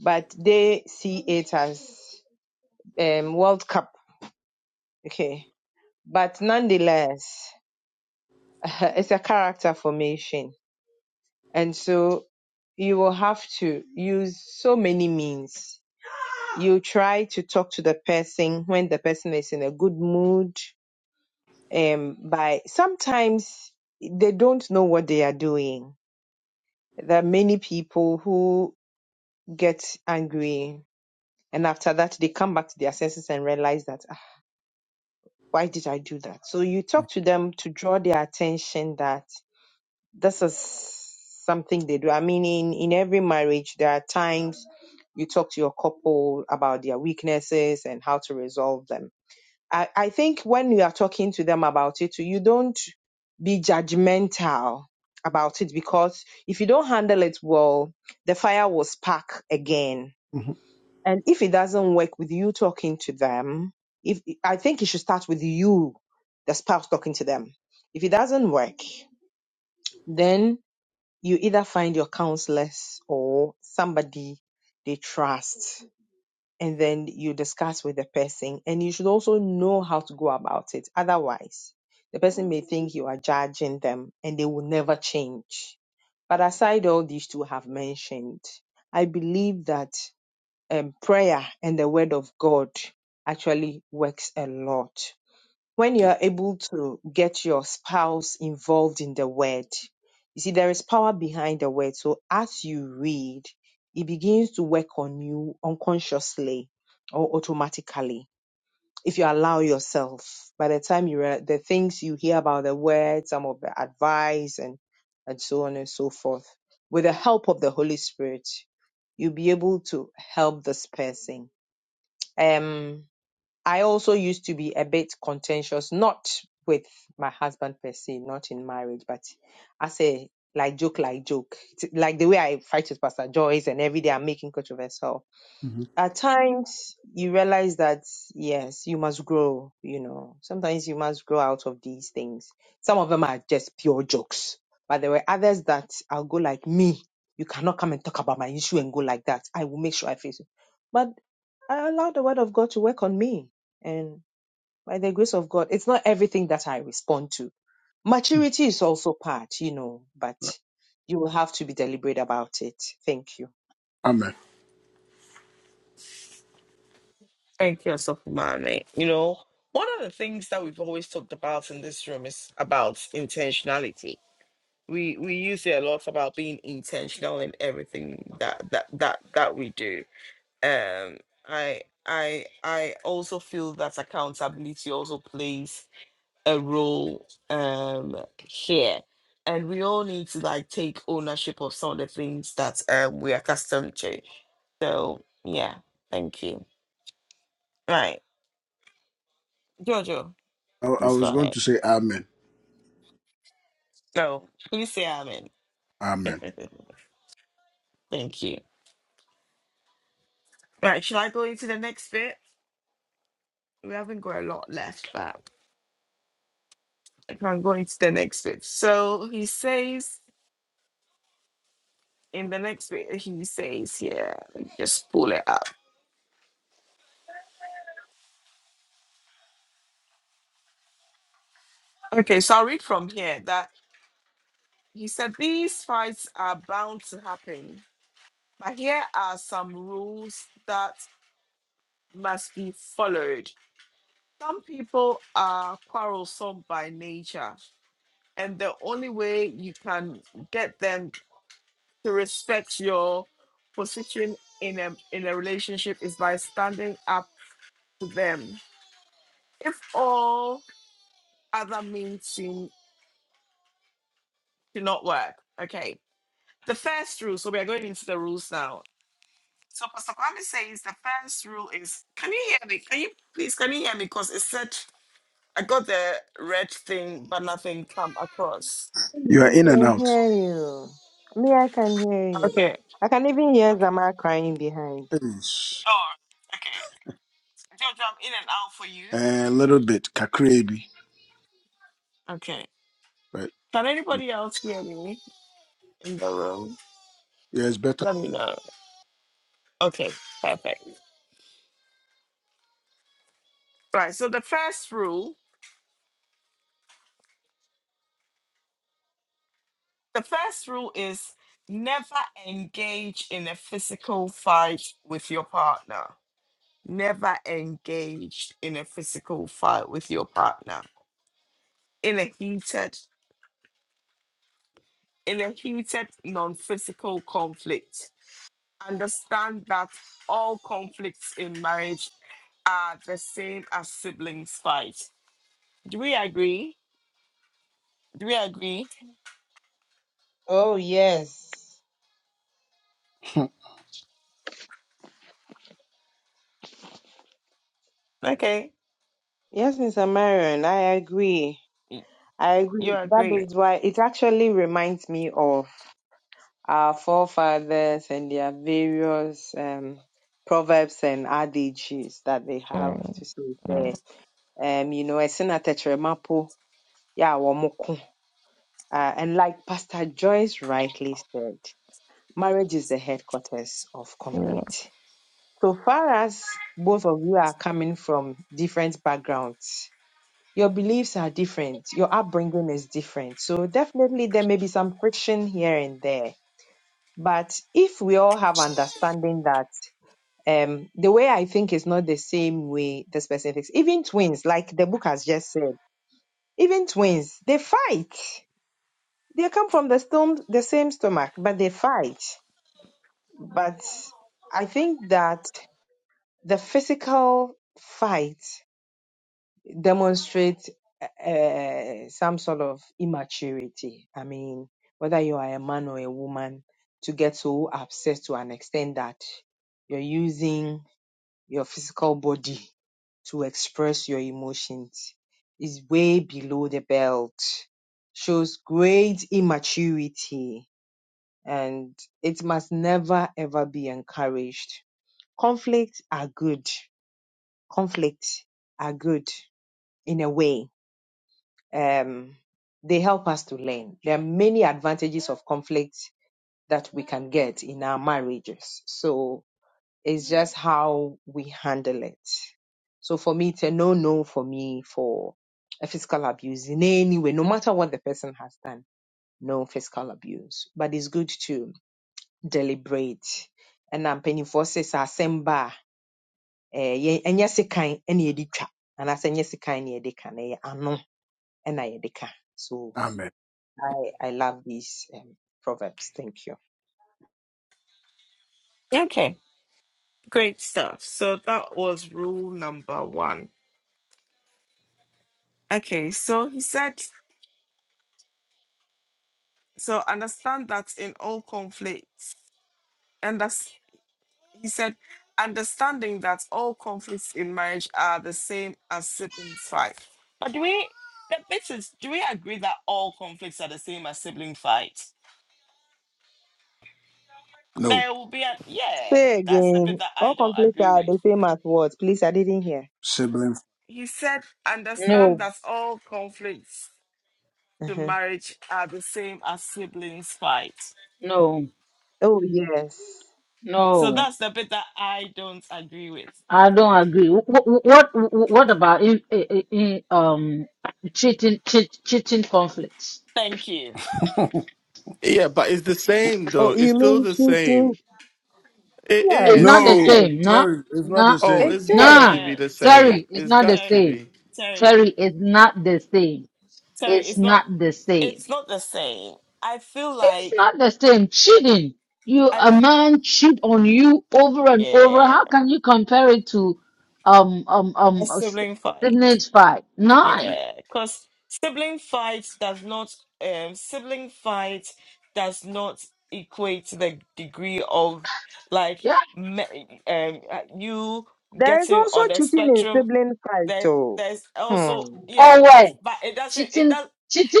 S3: but they see it as um, World Cup. Okay. But nonetheless, it's a character formation. And so you will have to use so many means. You try to talk to the person when the person is in a good mood. Um, by sometimes they don't know what they are doing. There are many people who get angry and after that they come back to their senses and realize that why did I do that? So you talk to them to draw their attention that this is something they do. I mean, in, in every marriage, there are times you talk to your couple about their weaknesses and how to resolve them. I, I think when you are talking to them about it, too, you don't be judgmental about it because if you don't handle it well, the fire will spark again
S5: hmm
S3: and if it doesn't work with you talking to them, if I think it should start with you, the spouse talking to them. If it doesn't work, then you either find your counselors or somebody they trust, and then you discuss with the person. And you should also know how to go about it. Otherwise, the person may think you are judging them and they will never change. But aside all these two have mentioned, I believe that um, prayer and the word of God actually works a lot. When you are able to get your spouse involved in the word, you see, there is power behind the word. So as you read, it begins to work on you unconsciously or automatically if you allow yourself by the time you read the things you hear about the word some of the advice and and so on and so forth with the help of the holy spirit you'll be able to help this person um i also used to be a bit contentious not with my husband per se not in marriage but i say like joke like joke It's like the way i fight with pastor joyce and every day i'm making controversy
S5: hmm
S3: at times you realize that yes you must grow you know sometimes you must grow out of these things some of them are just pure jokes but there were others that i'll go like me you cannot come and talk about my issue and go like that i will make sure i face it but i allow the word of god to work on me and by the grace of god it's not everything that i respond to maturity is also part you know but you will have to be deliberate about it thank you
S5: Amen.
S1: Thank you, so Mame. You know, one of the things that we've always talked about in this room is about intentionality. We we use it a lot about being intentional in everything that that that that we do. Um, I I I also feel that accountability also plays a role um here. And we all need to like take ownership of some of the things that um, we're accustomed to So yeah, thank you. Right, Jojo,
S5: I, I
S1: please go
S5: was going to
S1: ahead.
S5: say amen.
S1: So please say amen.
S5: Amen.
S1: thank you. Right, shall I go into the next bit? We haven't got a lot left, but I can go into the next bit. So he says in the next bit, he says here, let me just pull it up. Okay, so I'll read from here that he said these fights are bound to happen. But here are
S5: You are
S3: You
S5: in and
S3: can
S5: out.
S3: hear you. Me, I can hear you. I can even hear Zama crying behind.
S5: Yes. A little bit. Kakrebi. But
S1: can
S5: yeah,
S1: anybody else hear me in the room?
S5: it's better.
S1: Let me know. Okay, perfect. Right. So the first rule, the first rule is never engage in a physical fight with your partner. Never engage in a physical fight with your partner. In a heated, in a heated non-physical conflict. Understand that all conflicts in marriage are the same as siblings fight. Do we agree? Do we agree?
S3: Oh, yes.
S1: Okay.
S3: Yes, Mr. Marion, I agree.
S1: y-
S3: I
S1: You
S3: agree. That
S1: agree.
S3: is why it actually reminds me of our forefathers and their various um, proverbs and adages that they have
S1: Mm,
S3: to say there.
S1: mm,
S3: Um, you know, Esina Tetremapo, yeah, Womoko. Uh, and like Pastor Joyce rightly said, marriage is the headquarters of
S1: mm.
S3: conflict. So far as both of you are coming from different backgrounds, your beliefs are different, your upbringing is different. So definitely there may be some friction here and there. But if we all have understanding that um, the way I think is not the same way this person thinks, even twins, like the book has just said, even twins, they fight. They come from the, stom- the same stomach, but they fight. But I think that The physical fight demonstrates uh, some sort of immaturity. I mean, whether you are a man or a woman, to get so obsessed to an extent that you're using your physical body to express your emotions is way below the belt, shows great immaturity, and it must never ever be encouraged. Conflicts are good conflicts are good in a way. Um, they help us to learn. There are many advantages of conflict that we can get in our marriages. So it's just how we handle it. So for me, it's a no no for me for a physical abuse in any way, no matter what the person has done. No physical abuse, but it's good to deliberate. And I'm penny forces are eh, yɛ- ɛnyɛ sekan na yɛde and anaasɛ ɛnyɛ sekan na yɛde ka na ɛyɛ ano na yɛde ka so
S5: amen.
S3: i i love these um, proverbs thank you
S1: Okay. Great stuff. So that was rule number one. But do we, the business, do we agree?
S5: No.
S1: there?
S3: say again all complete are the same as what please i didn't hear
S5: Sibling.
S1: And
S2: No,
S1: the
S3: huh.
S1: marriage are the same as siblings fight.
S2: no,
S3: oh yes
S1: So
S2: no.
S1: that's the bit that I don't agree with.
S2: I don't agree. What what, what about in, in, in um cheating cheat, cheating conflicts?
S1: Thank you.
S4: Yeah, but it's the same though.
S3: oh you
S4: It's still
S3: mean
S4: the
S3: cheating
S4: same. It
S2: It's not
S3: yes
S2: the
S3: it
S4: is.
S5: no.
S3: is
S2: same. No,
S5: Terry, it's not
S2: no,
S5: the
S4: Oh,
S5: same.
S3: it
S4: it's got
S3: is
S2: no.
S4: to
S1: Yeah,
S4: be the
S1: sorry,
S2: Terry,
S4: same.
S2: it's
S4: It's
S2: not the
S4: got to
S1: sorry,
S2: same.
S4: be.
S1: sorry,
S2: Terry, it's not the same.
S1: sorry.
S2: It's
S1: It's not,
S2: not the same.
S1: it's not the same. I feel
S2: It's
S1: like
S2: not the same. Cheating. You,
S1: I, f-
S2: a man cheat on you over and over.
S1: yeah,
S2: How can you compare it to, um, um,
S1: a
S2: um, uh, s-
S1: sibling fight.
S2: Sydney's fight? Nine.
S1: Yeah, because sibling fight does not um sibling fight does not equate to the degree of like
S2: Yeah.
S1: me- um uh, you
S3: there is
S1: getting
S3: also
S1: on the
S3: cheating in
S1: spectrum.
S3: sibling fight
S1: There,
S3: oh
S1: there's also
S3: hmm.
S1: yeah,
S2: Or
S1: but
S2: when
S1: but it doesn't it
S2: cheating,
S1: does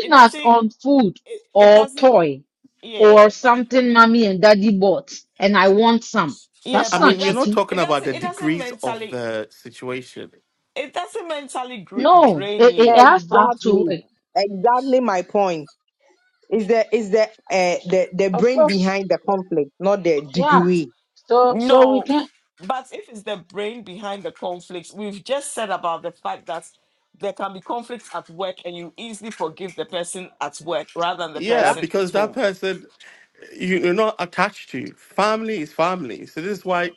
S1: it
S2: us
S1: doesn't
S2: on
S1: it,
S2: food
S1: it
S2: or
S1: doesn't
S2: toy or
S1: yeah but
S2: something mommy and daddy bought and I want some.
S1: yeah
S2: That's
S4: I
S1: but it
S2: not
S4: mean, we're
S1: doesn't
S2: cheating.
S4: not talking
S1: it
S4: about
S1: doesn't
S4: the
S1: it doesn't
S4: degrees of
S1: mentally
S4: the situation.
S1: it doesn't mentally gr-
S2: No,
S1: drain
S2: it, it
S1: you
S2: has to have two
S3: exactly
S2: way.
S3: exactly my point Is the is the uh, the the
S2: Of
S3: brain
S2: course.
S3: behind the conflict, not the
S2: Yeah.
S3: degree.
S2: So so we
S1: No,
S2: can
S1: but if it's the brain behind the conflicts, we've just said about the fact that there can be conflicts at work and you easily forgive the person at work rather than the
S4: Yeah,
S2: yeah.
S1: person at
S4: because that
S1: home.
S4: person you- you're not attached to. Family is family. So this is why.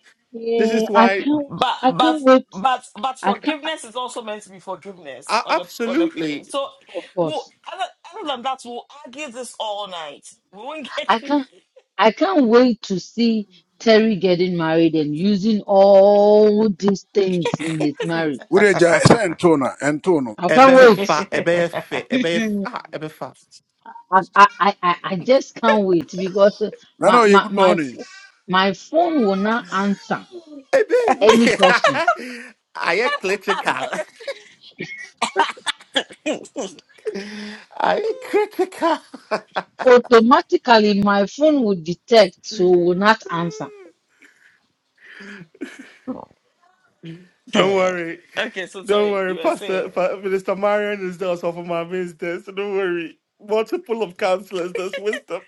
S4: This
S2: Yeah,
S4: is
S2: I
S4: why.
S2: can't
S1: But
S2: I
S1: but
S2: can't wait.
S1: but but
S2: I can't
S1: forgiveness is also meant to be forgiveness
S4: a-
S1: on a on a plane.
S4: Absolutely.
S1: So
S2: of
S1: we'll,
S2: course.
S1: other, other than that, we'll argue this all night. We won't
S2: I
S1: get
S2: can't I can't wait to see Terry getting married and using all these things in his marriage.
S5: Ureja, it's Antona. Antono.
S2: I can't
S4: Ebe
S5: Nti na ọ-
S4: fa.
S2: wait.
S4: Ebe fit. Ebe fa. Ebe fa.
S2: I, I, I, I I just can't wait because uh,
S5: Nana,
S2: my
S5: Oye,
S2: my
S5: good
S2: my
S5: morning.
S2: ph- my phone will not answer
S4: Ebe.
S2: any questions.
S4: Are you critical? Are you critical?
S2: automatically my phone will detect so will not answer
S4: Don't worry.
S1: Okay, so
S4: Don't
S1: sorry,
S4: worry.
S1: you were
S4: Pastor,
S1: saying
S4: Pa- Minister Marion is there also for my there, so don't worry. Multiple of counselors, there's wisdom.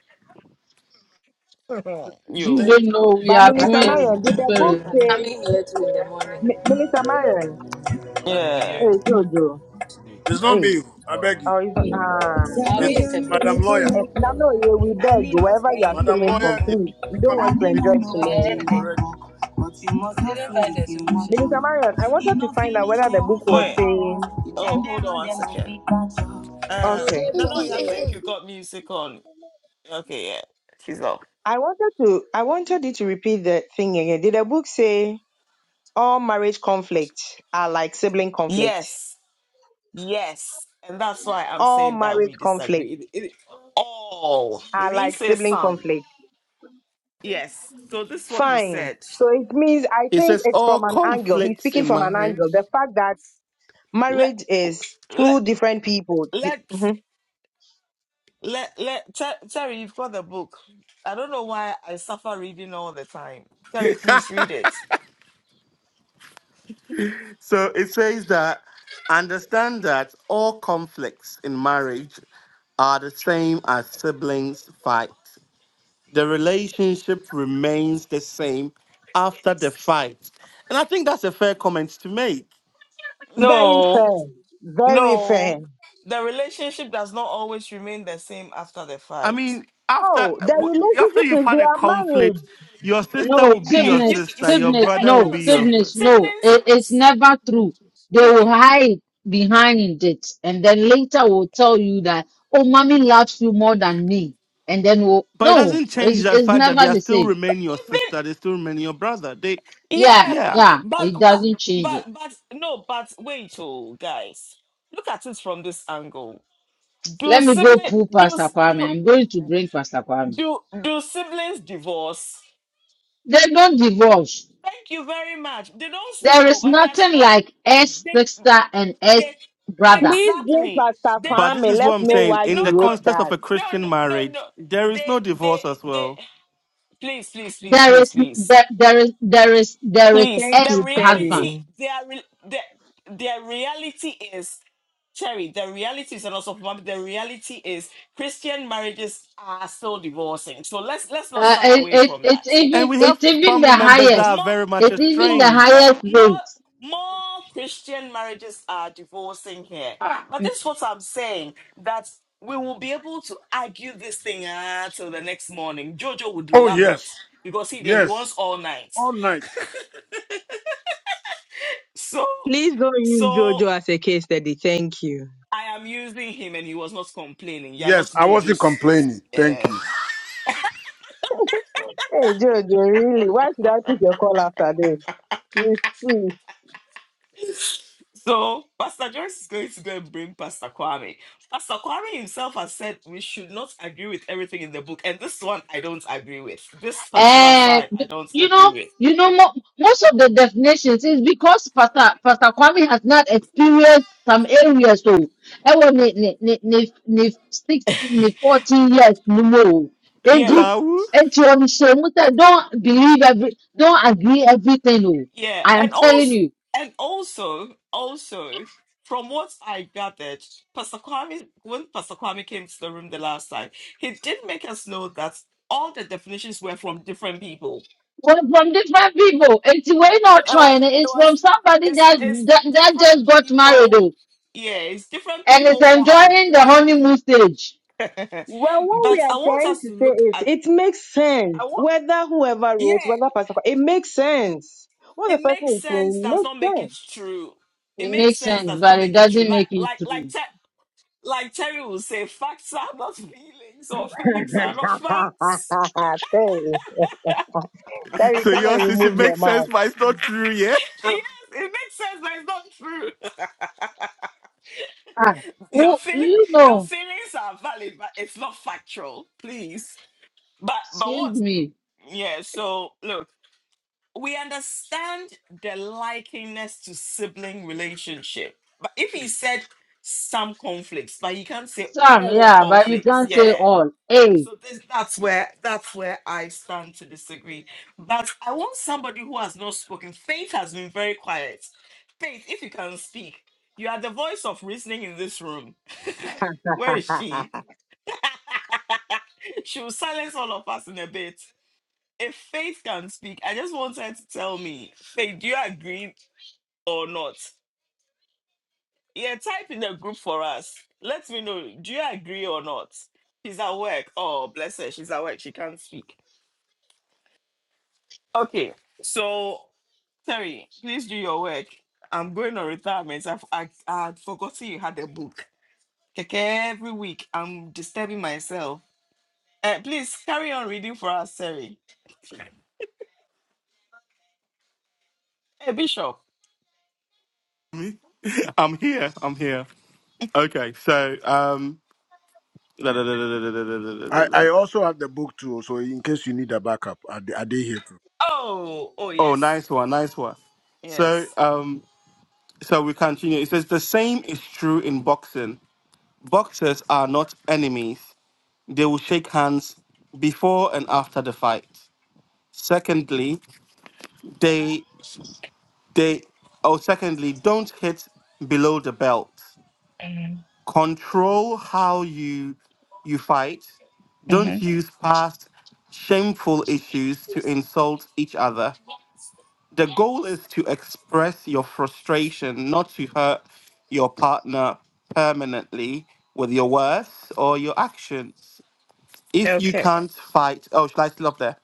S5: I
S2: you
S5: think,
S1: you
S2: don't know no, we
S3: But
S5: I
S2: are
S6: You
S5: think.
S3: Minister
S2: twins in
S3: Marion,
S6: be
S3: did the book
S2: spirit
S3: say Mi- Minister Marion?
S5: uh,
S1: yeah.
S3: Hey Jojo,
S6: Yeah,
S5: It's not
S3: hey,
S5: me. oh, I
S6: tomorrow
S5: beg
S6: morning.
S5: you.
S3: or is ah sorry.
S5: It's Madam Lawyer.
S3: Eh, No, no, yeah, we
S6: I
S3: beg
S6: need no
S3: wherever you are
S6: staying here,
S5: Madam
S3: chilling
S6: my
S3: from,
S5: Lawyer is
S3: please.
S6: phone.
S3: We don't
S5: coming
S6: I
S3: want to enjoy
S5: making
S6: demand
S5: noise
S3: chilling
S6: nobody
S3: here.
S6: like
S5: already.
S6: work, but you must not feel if you
S3: Minister Marion,
S6: to.
S3: I
S6: If
S3: wanted to
S6: no
S3: find out
S6: finish,
S3: whether
S6: they
S3: the book
S6: won't
S3: was
S6: fight
S1: Wait,
S6: us.
S3: saying
S6: If
S1: oh
S6: them they
S1: hold on
S6: run,
S1: one
S6: them no
S1: second.
S6: fit catch us.
S1: Uh,
S3: okay.
S1: no, no, I think you got music on. Okay, yeah, she's off.
S3: I wanted to I wanted you to repeat the thing again. Did the book say all marriage conflicts are like sibling conflict?
S1: Yes, yes, and that's why I'm
S3: All
S1: saying that we
S3: marriage conflict
S1: disagree. It, it, all he
S3: are
S1: didn't
S3: like
S1: say
S3: sibling
S1: some.
S3: conflict.
S1: Yes, so this is what he
S3: Fine.
S1: said.
S3: So it means I
S4: It
S3: think
S4: says
S3: it's
S4: all
S3: from an angle. He's
S4: conflicts
S3: speaking
S4: in
S3: from an angle.
S4: marriage.
S3: The fact that
S1: Let
S3: marriage is
S1: let
S3: two different people. The-
S1: let
S3: mhm.
S1: let let Ter- Terry, you've got the book. I don't know why I suffer reading all the time. Terry, please read it.
S4: So it says that understand that all conflicts in marriage are the same as siblings fight. The relationship remains the same after the fight. And I think that's a fair comment to make.
S3: Very
S1: No,
S3: fair. Very fair.
S1: no, the relationship does not always remain the same after the
S4: I
S1: fight.
S4: mean, after
S3: Oh, the
S4: w- after
S3: relationship
S4: you've
S3: is
S4: had
S3: they
S4: a
S3: are married.
S4: conflict, your sister
S2: no
S4: will be
S1: Hey,
S4: your
S1: you
S2: sickness
S4: sister, your
S2: sickness
S4: brother
S1: hey,
S4: will
S2: no
S4: be
S1: look, si-
S4: your brother.
S2: sickness no
S1: siblings.
S2: it, it's never true they
S1: you-
S2: will
S1: you-
S2: hide behind it and then later will tell you that oh mommy loves you more than me and then will
S4: But it
S2: no
S4: doesn't change
S2: it's,
S4: the
S2: it's
S4: fact that they
S2: never
S4: are
S2: the
S4: still
S2: same
S4: remain your
S1: Even
S4: sister, they still remain your brother. They
S2: yeah
S1: yeah,
S4: yeah.
S1: but
S2: yeah
S1: but
S2: it
S1: but
S2: doesn't change
S1: but
S2: it
S1: but no, but wait, oh guys, look at it from this angle. Do
S2: let me go
S1: sibling
S2: pull
S1: do
S2: pastor
S1: s- do
S2: kwame i'm going to bring pastor kwame
S1: do, do siblings divorce?
S2: they don't divorce
S1: Thank you very much. They don't speak,
S2: There
S1: oh,
S2: is
S1: but they are
S2: nothing
S1: so
S2: like S
S1: they
S2: sister and S
S1: they
S2: brother.
S3: Please give
S1: exactly
S3: Pastor
S1: they
S4: But
S1: don't
S4: this
S3: Kwame.
S4: is what
S3: Let's
S4: I'm
S3: know
S1: they
S4: saying.
S3: why
S1: no
S4: In
S3: he
S4: the
S1: no
S3: wrote
S4: context of
S3: that.
S4: a
S1: no no
S4: Christian
S1: no
S4: marriage,
S1: no
S4: there is
S1: they
S4: no
S1: they
S4: divorce as
S1: they
S4: well.
S1: please please please
S2: There
S1: please
S2: is
S1: please
S2: there, there is there is there is
S1: please
S3: Thank
S1: the
S2: S
S3: you,
S2: husband.
S1: reality
S3: Terry.
S1: their re- their, their reality is cherry the reality is and also for mom, the reality is christian marriages are still divorcing so let's let's not
S2: Uh,
S1: shy
S2: it,
S1: away
S2: it
S1: from
S2: it's
S1: that
S4: And
S2: even
S4: we have
S2: it's even
S4: family
S2: the
S4: members that
S2: highest.
S1: more
S4: are
S1: more
S4: very much
S2: It's even
S1: more
S2: the
S4: estranged.
S1: more
S2: highest
S1: more
S2: rate.
S1: more christian marriages are divorcing here but this is what i'm saying that we will be able to argue this thing ah, till the next morning jojo would
S5: Oh
S1: love it
S5: yes,
S1: because he there he wants
S5: yes,
S1: all night
S5: all night.
S1: so
S3: Please don't use
S1: so
S3: Jojo as a case study. Thank you.
S1: I am using him and he was not complaining. You're not
S5: Yes, I wasn't
S1: Jojo's.
S5: complaining. Thank you.
S1: Um,
S3: Hey, Jojo, really? Why should I pick your call after this? You see.
S1: so Pastor Joyce is going to go and bring Pastor Kwame. Pastor Kwame himself has said we should not agree with everything in the book.
S2: And y- you know, you know, mo- most of the definitions is because Pastor Pastor Kwame has not experienced some areas. So, I was ni ni ni ni ni sixteen, ni fourteen years no more. And you,
S4: Lau,
S2: and you, I'm sure, Musa, don't believe every, don't agree everything. Oh, I am telling you. Well, from different people, and we're not trying. it. It's from somebody that, that that just got married, oh, and is enjoying the honeymoon stage.
S3: Well, what we are trying to say is it makes sense. Whether whoever wrote, whether Pastor, it makes sense. What the person is saying makes sense.
S2: It makes sense, but it doesn't make it true.
S3: Thanks. Terry,
S4: so
S3: come and
S4: yours is
S3: remove
S4: it
S3: your
S4: makes
S3: mouth.
S4: sense, but it's not true, yeah?
S2: Ah, oh, you know, excuse me, some, yeah, but you can't say all. Hey,
S3: yeah.
S4: I'm here. I'm here. Okay, so um
S5: I, I
S4: Oh,
S5: also have the book too, so in case you need a backup, I they, are they here too?
S4: nice one, nice one. So, um, so we continue. It says the same is true in boxing. Boxers are not enemies. They will shake hands before and after the fight. Secondly, they they oh, secondly, don't hit below the belt. Control how you you fight. Don't
S1: Mhm.
S4: use past shameful issues to insult each other. the goal is to express your frustration, not to hurt your partner permanently with your words or your actions. If you can't fight, oh, should I stop there?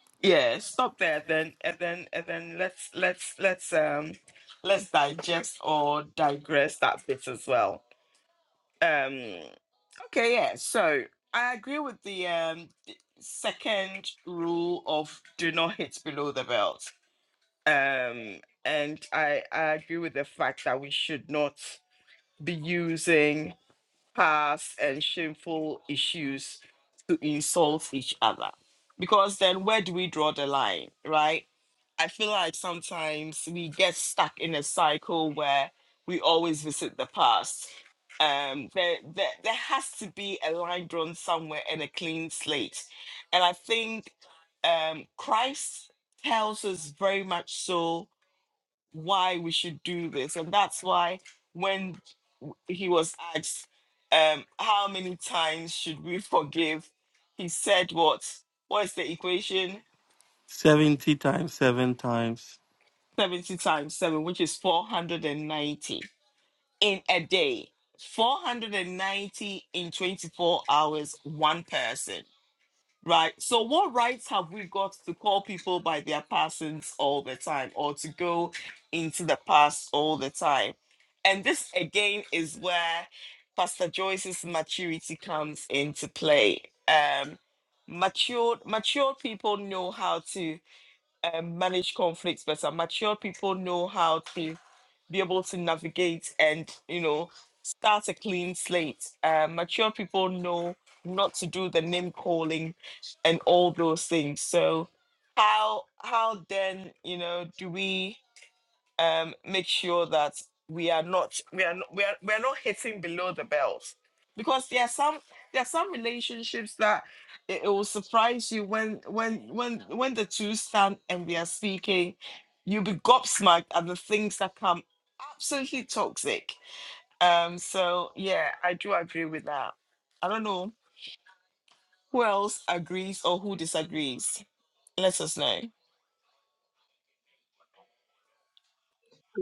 S4: 70 times, seven times.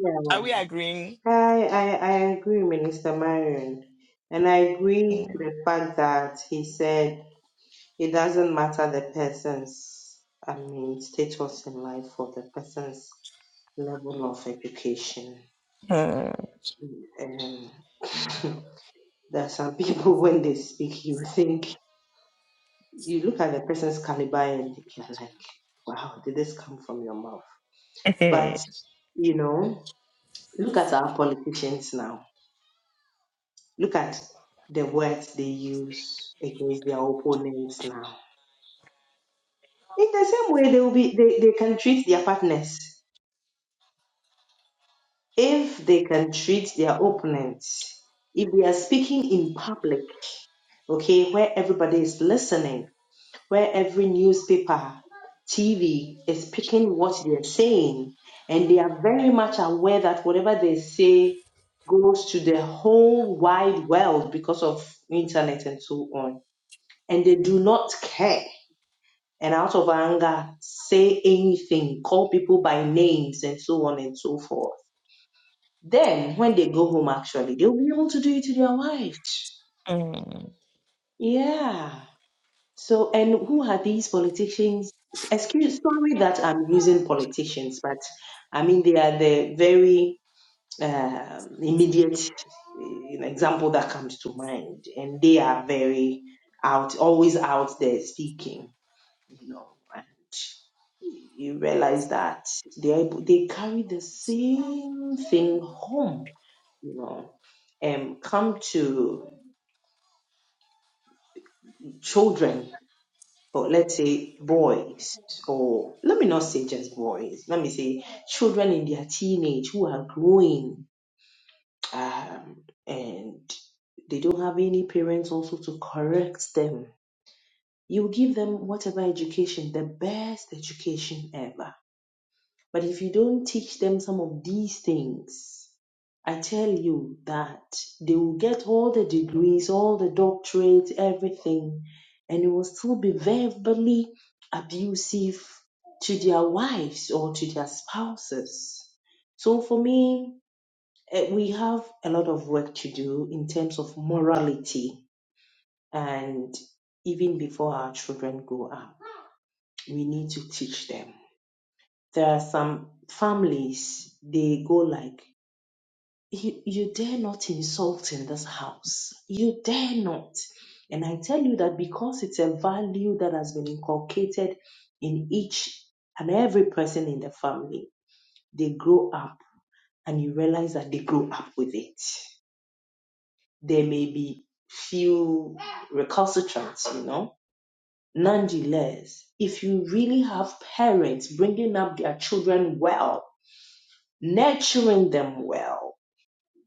S3: man. I, I, I agree, Minister Marion. And I agree to the fact that he said it doesn't matter the person's, I mean, status in life or the person's level of education. Um, there are some people when they speak, you think you look at the person's caliber and you're like, wow, did this come from your mouth? But you know, look at our politicians now. Look at the words they use against their opponents now. In the same way, they will be they, they can treat their partners if they can treat their opponents. If they are speaking in public, okay, where everybody is listening where every newspaper, TV is picking what they're saying, and they are very much aware that whatever they say goes to the whole wide world because of internet and so on. And they do not care, and out of anger, say anything, call people by names, and so on and so forth. Then, when they go home, actually, they'll be able to do it to their wives.
S1: Mm,
S3: Yeah. So, and who are these politicians? Excuse, sorry that I'm using politicians, but I mean they are the very uh, immediate uh, example that comes to mind, and they are very out, always out there speaking, you know, and you realize that they are able, they carry the same thing home, you know, and come to children but let's say boys, or let me not say just boys, let me say children in their teenage who are growing um, and they don't have any parents also to correct them. You give them whatever education, the best education ever but if you don't teach them some of these things, I tell you that they will get all the degrees, all the doctorates, everything, and they will still be verbally abusive to their wives or to their spouses. So for me, eh, we have a lot of work to do in terms of morality and even before our children grow up, we need to teach them. There are some families, they go like, you, you dare not insult in this house. You dare not. And I tell you that because it's a value that has been inculcated in each and every person in the family, they grow up and you realize that they grow up with it. There may be few recalcitrants, you know. Nonetheless, if you really have parents bringing up their children well, nurturing them well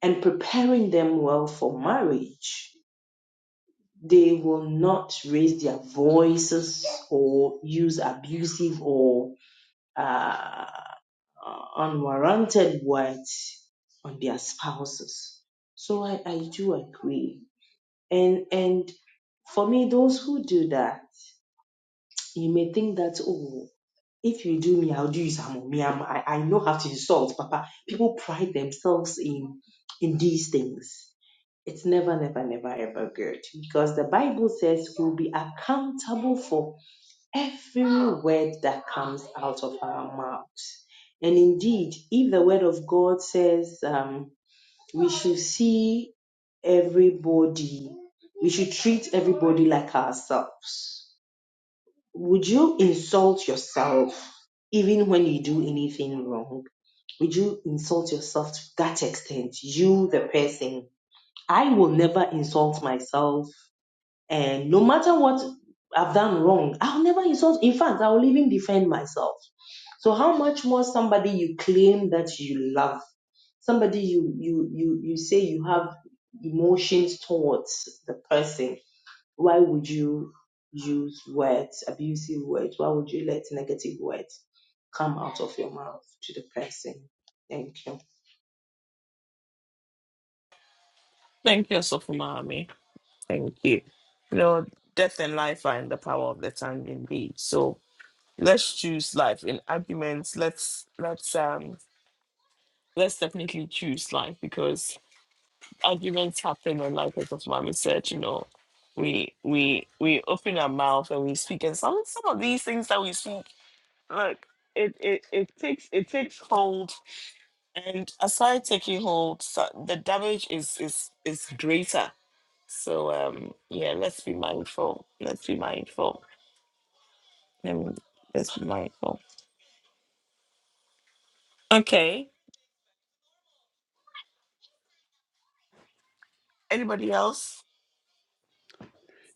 S3: and preparing them well for marriage, they will not raise their voices or use abusive or uh, unwarranted words on their spouses. So I, I do agree. And and for me, those who do that, you may think that oh, if you do me, I'll do you some me. I'm, I I know how to insult, Papa. People pride themselves in in these things It's never, never, never ever good because the Bible says we'll be accountable for every word that comes out of our mouths. And indeed, if the word of God says um, we should see everybody, we should treat everybody like ourselves, would you insult yourself even when you do anything wrong? Would you insult yourself to that extent? You, the person, I will never insult myself and no matter what I've done wrong, I'll never insult. In fact, I'll even defend myself. So how much more somebody you claim that you love, somebody you you you you say you have emotions towards the person. Why would you use words, abusive words? Why would you let negative words come out of your mouth to the person? Thank you.
S1: Thank you. Lord, death and life are in the power of the tongue indeed. So let's choose life in arguments. Let's let's um let's definitely choose life because arguments happen online because of mommy said, you know, we we we open our mouth and we speak and some some of these things that we speak, look, it it, it takes it takes hold and aside taking hold so the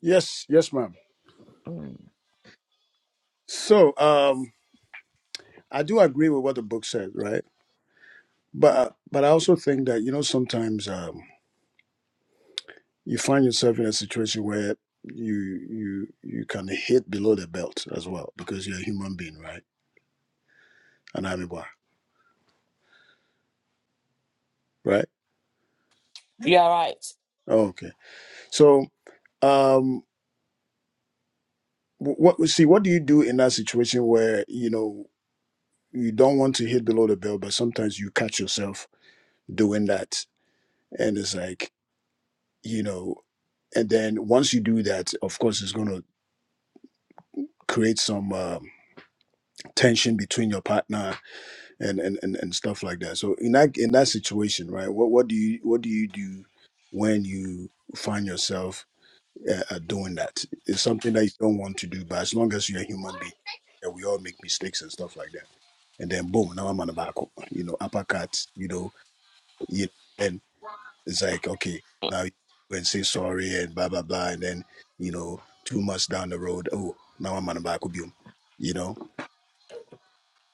S5: Yes, yes, ma'am. So um, I do agree with what the book says, right? But uh, but I also think that you know sometimes um, you find yourself in a situation where you you you can hit below the belt as well because you're a human being, right? an army bar, right? Okay. So, um, wh- what see? What do you do in that situation where you know you don't want to hit below the belt, but sometimes you catch yourself doing that, and it's like you know, and then once you do that, of course, it's going to create some um, tension between your partner and, and and and stuff like that. So in that in that situation, right? What what do you what do you do when you find yourself uh, at doing that. It's something that you don't want to do, but as long as you're a human being, yeah, we all make mistakes and stuff like that. And then boom, now I'm on the back, you know, uppercut, you know, you know, and it's like okay, now you go and say sorry and blah blah blah, and then you know, two months down the road, oh, now I'm on the back, boom, you know,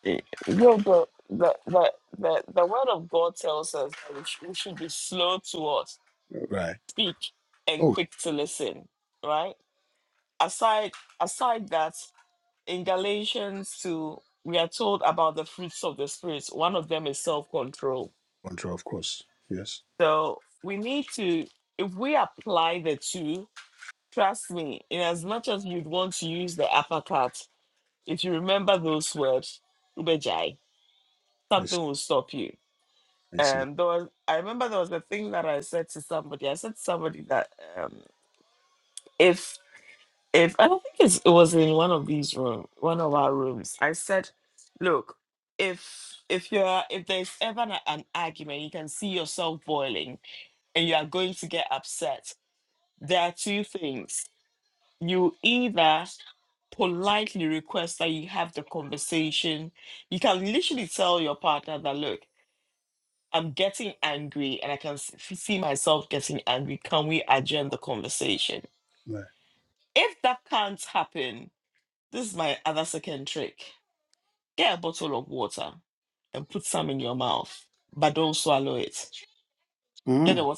S1: eh, yo, the the the the the word of God tells us that we, sh- we should be slow to what
S5: right?
S1: speak and
S5: Oh,
S1: quick to listen.
S5: control, of course, yes, I see, I see, right. Mm.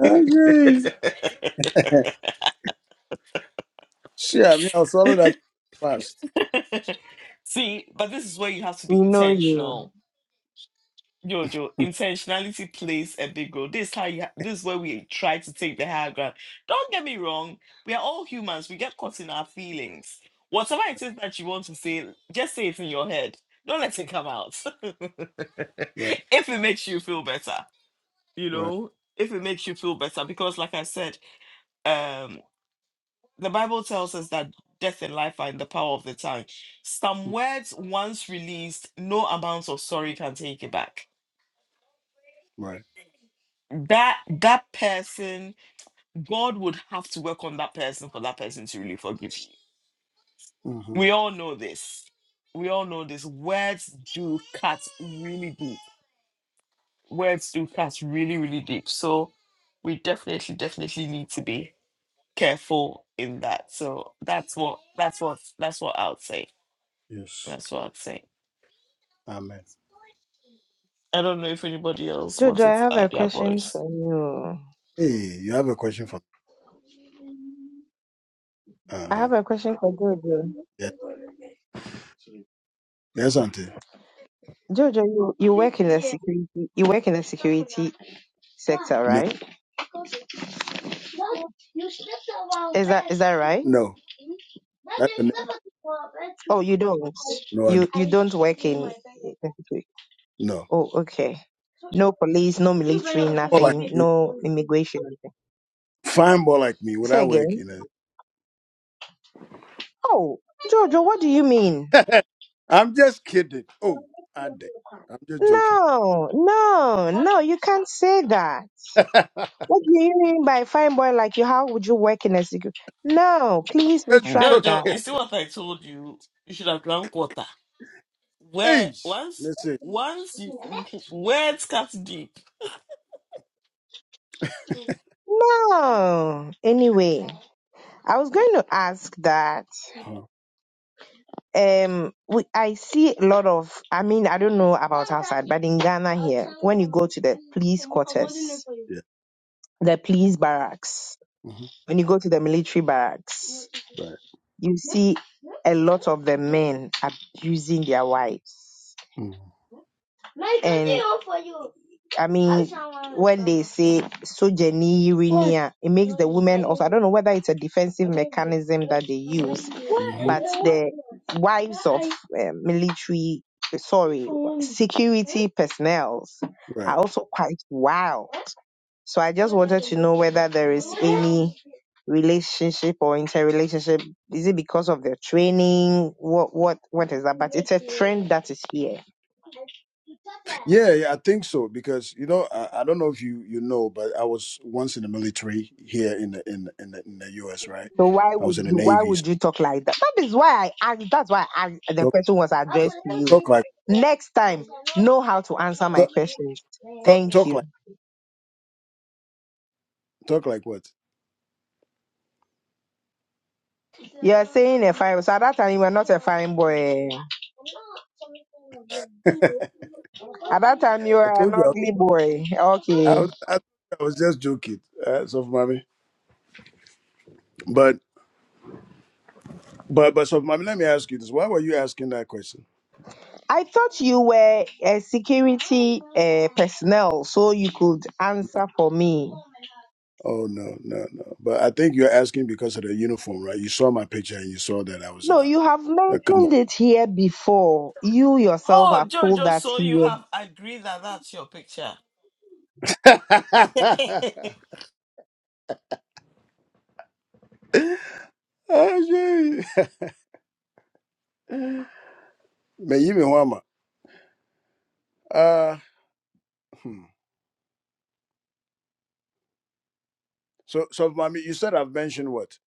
S5: Okay, shit, I mean, I'll follow that fast,
S3: We know you.
S5: right, right, Mm, right. Mm-hmm. Yes. Amen.
S3: Jojo, I have a question for you.
S5: Hey, you have a question for me?
S3: I
S5: Uh-huh.
S3: have a question for Jojo.
S5: Yes. Yes, Auntie.
S3: Jojo, you, you work in the security you work in the security sector,
S5: No.
S3: right? Is that is that right?
S5: No. That's a no.
S3: Oh, you don't.
S5: No, I
S3: You
S5: don't.
S3: you don't work in.
S5: No.
S3: Oh, okay. No police, no military,
S5: More like
S3: nothing.
S5: me.
S3: No immigration. nothing.
S5: Fine boy like me. Would
S3: Say
S5: I work
S3: again.
S5: in
S3: Oh, Jojo, what do you mean?
S5: a I'm just kidding. Oh, I dare. I'm just joking.
S3: No, no, no. You can't say that.
S5: just
S3: What do you mean by fine boy like you? How would you work in a security? No, please retract that.
S5: joking. Hey. Let's see.
S3: No. Anyway, I was going to ask that
S5: Uh-huh.
S3: um we I see a lot of I mean I don't know about outside, but in Ghana here, when you go to the police quarters,
S5: Yeah.
S3: the police barracks,
S5: Mm-hmm.
S3: when you go to the military barracks,
S5: Right.
S3: you see a lot of the men abusing their wives.
S5: Mm-hmm.
S3: And I mean, when they say sojeniirinia, it makes the women also. I don't know whether it's a defensive mechanism that they use,
S5: Mm-hmm.
S3: but the wives of uh, military, sorry, security personnel
S5: Right.
S3: are also quite wild. So I just wanted to know whether there is any relationship or interrelationship. Is it because of their training? What what what is that? But it's a trend that is here.
S5: Yeah, yeah, I think so because you know I, I don't know if you you know, but I was once in the military here in the in the- in the, in the U.S. Right,
S3: So why
S5: I
S3: would
S5: was in the
S3: you why
S5: Navy. So
S3: would you talk like that? That is why I asked that's why I asked the
S5: talk,
S3: question was addressed to you.
S5: talk like
S3: Next time, know how to answer my
S5: talk,
S3: questions.
S5: talk
S3: Thank
S5: talk
S3: you.
S5: like talk like what?
S3: You're saying a fine so at that time you were not a fine boy. At that time you
S5: I
S3: were an
S5: told you
S3: ugly boy.
S5: I, I
S3: Okay.
S5: was I, I was just joking, uh, so mommy. But but but so mommy, let me ask you this: Why were you asking that question?
S3: I thought you were a security uh, personnel, so you could answer for me.
S5: Oh no no no! But I think you're asking because of the uniform, right? You saw my picture and you saw that I was in
S3: No, you
S5: a,
S3: have
S5: a come
S3: mentioned it here before. You yourself have told us here
S5: on. oh, shit. Me yibi hwama. Uh, hmm. So, so mommy, you said I've mentioned what?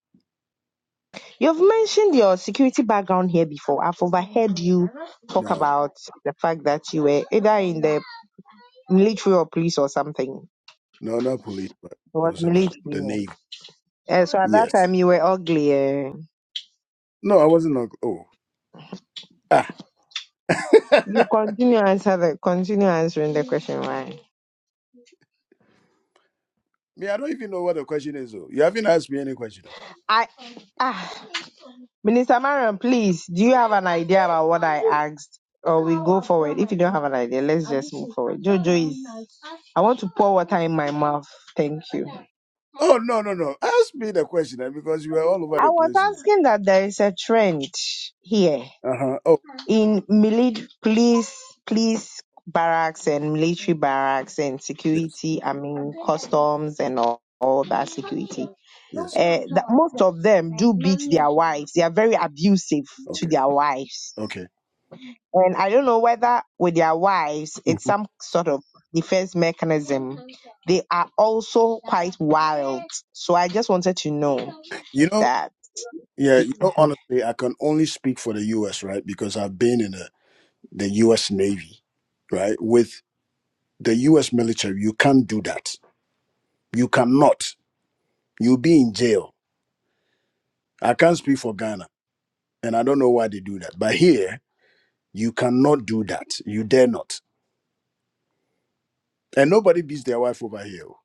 S3: You've mentioned your security background here before. I've overheard you talk
S5: No,
S3: about the fact that you were either in the military or police or something.
S5: no, not police, but
S3: It
S5: it
S3: was
S5: was in uh, the
S3: military.
S5: navy.
S3: Uh, so at that
S5: Yes.
S3: time you were ugly. eh.
S5: No, I wasn't. on- Oh, ah.
S3: You continue answer the continue answering the question, why?
S5: me, I don't even know what the question is. Oh, you haven't asked me any question. Oh,
S3: I ah Minister Marion, please, do you have an idea about what I asked? Or we go forward. If you don't have an idea, let's just move forward. Jojo is, I want to pour water in my mouth. Thank you. I
S5: Oh, no, no, no. Ask me the question eh, because you were all over the
S3: was
S5: place. Oh.
S3: asking that there is a trend here
S5: Uh huh. Oh,
S3: in mili- police, police barracks and military barracks and
S5: yes,
S3: security, I mean, customs and all, all that security.
S5: yes.
S3: Uh, that most of them do beat their wives. They are very abusive to
S5: Okay,
S3: their wives
S5: okay.
S3: And I don't know whether with their wives, it's
S5: Mhm.
S3: some sort of defense mechanism. They are also quite wild. So I just wanted to know
S5: You know,
S3: that.
S5: yeah. You know,
S3: Mhm.
S5: honestly, I can only speak for the U.S. right because I've been in the the U.S. Navy, right with the US military, you can't do that. You cannot. You'll be in jail. I can't speak for Ghana, and I don't know why they do that. But here, you cannot do that. You dare not. And nobody beats their wife over here. oh.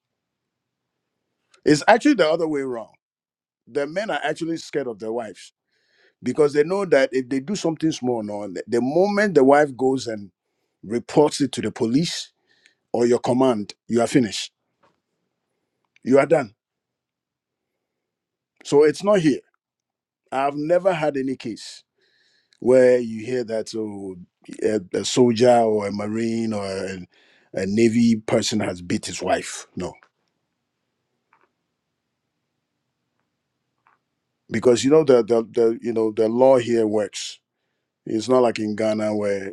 S5: It's actually the other way around. The men are actually scared of their wives because they know that if they do something small, no, the the moment the wife goes and reports it to the police or your command, you are finished. You are done. So it's not here. I've never had any case. where you hear that oh, a, a soldier or a marine or a, a navy person has beat his wife. No, because you know the, the the you know the law here works. It's not like in Ghana where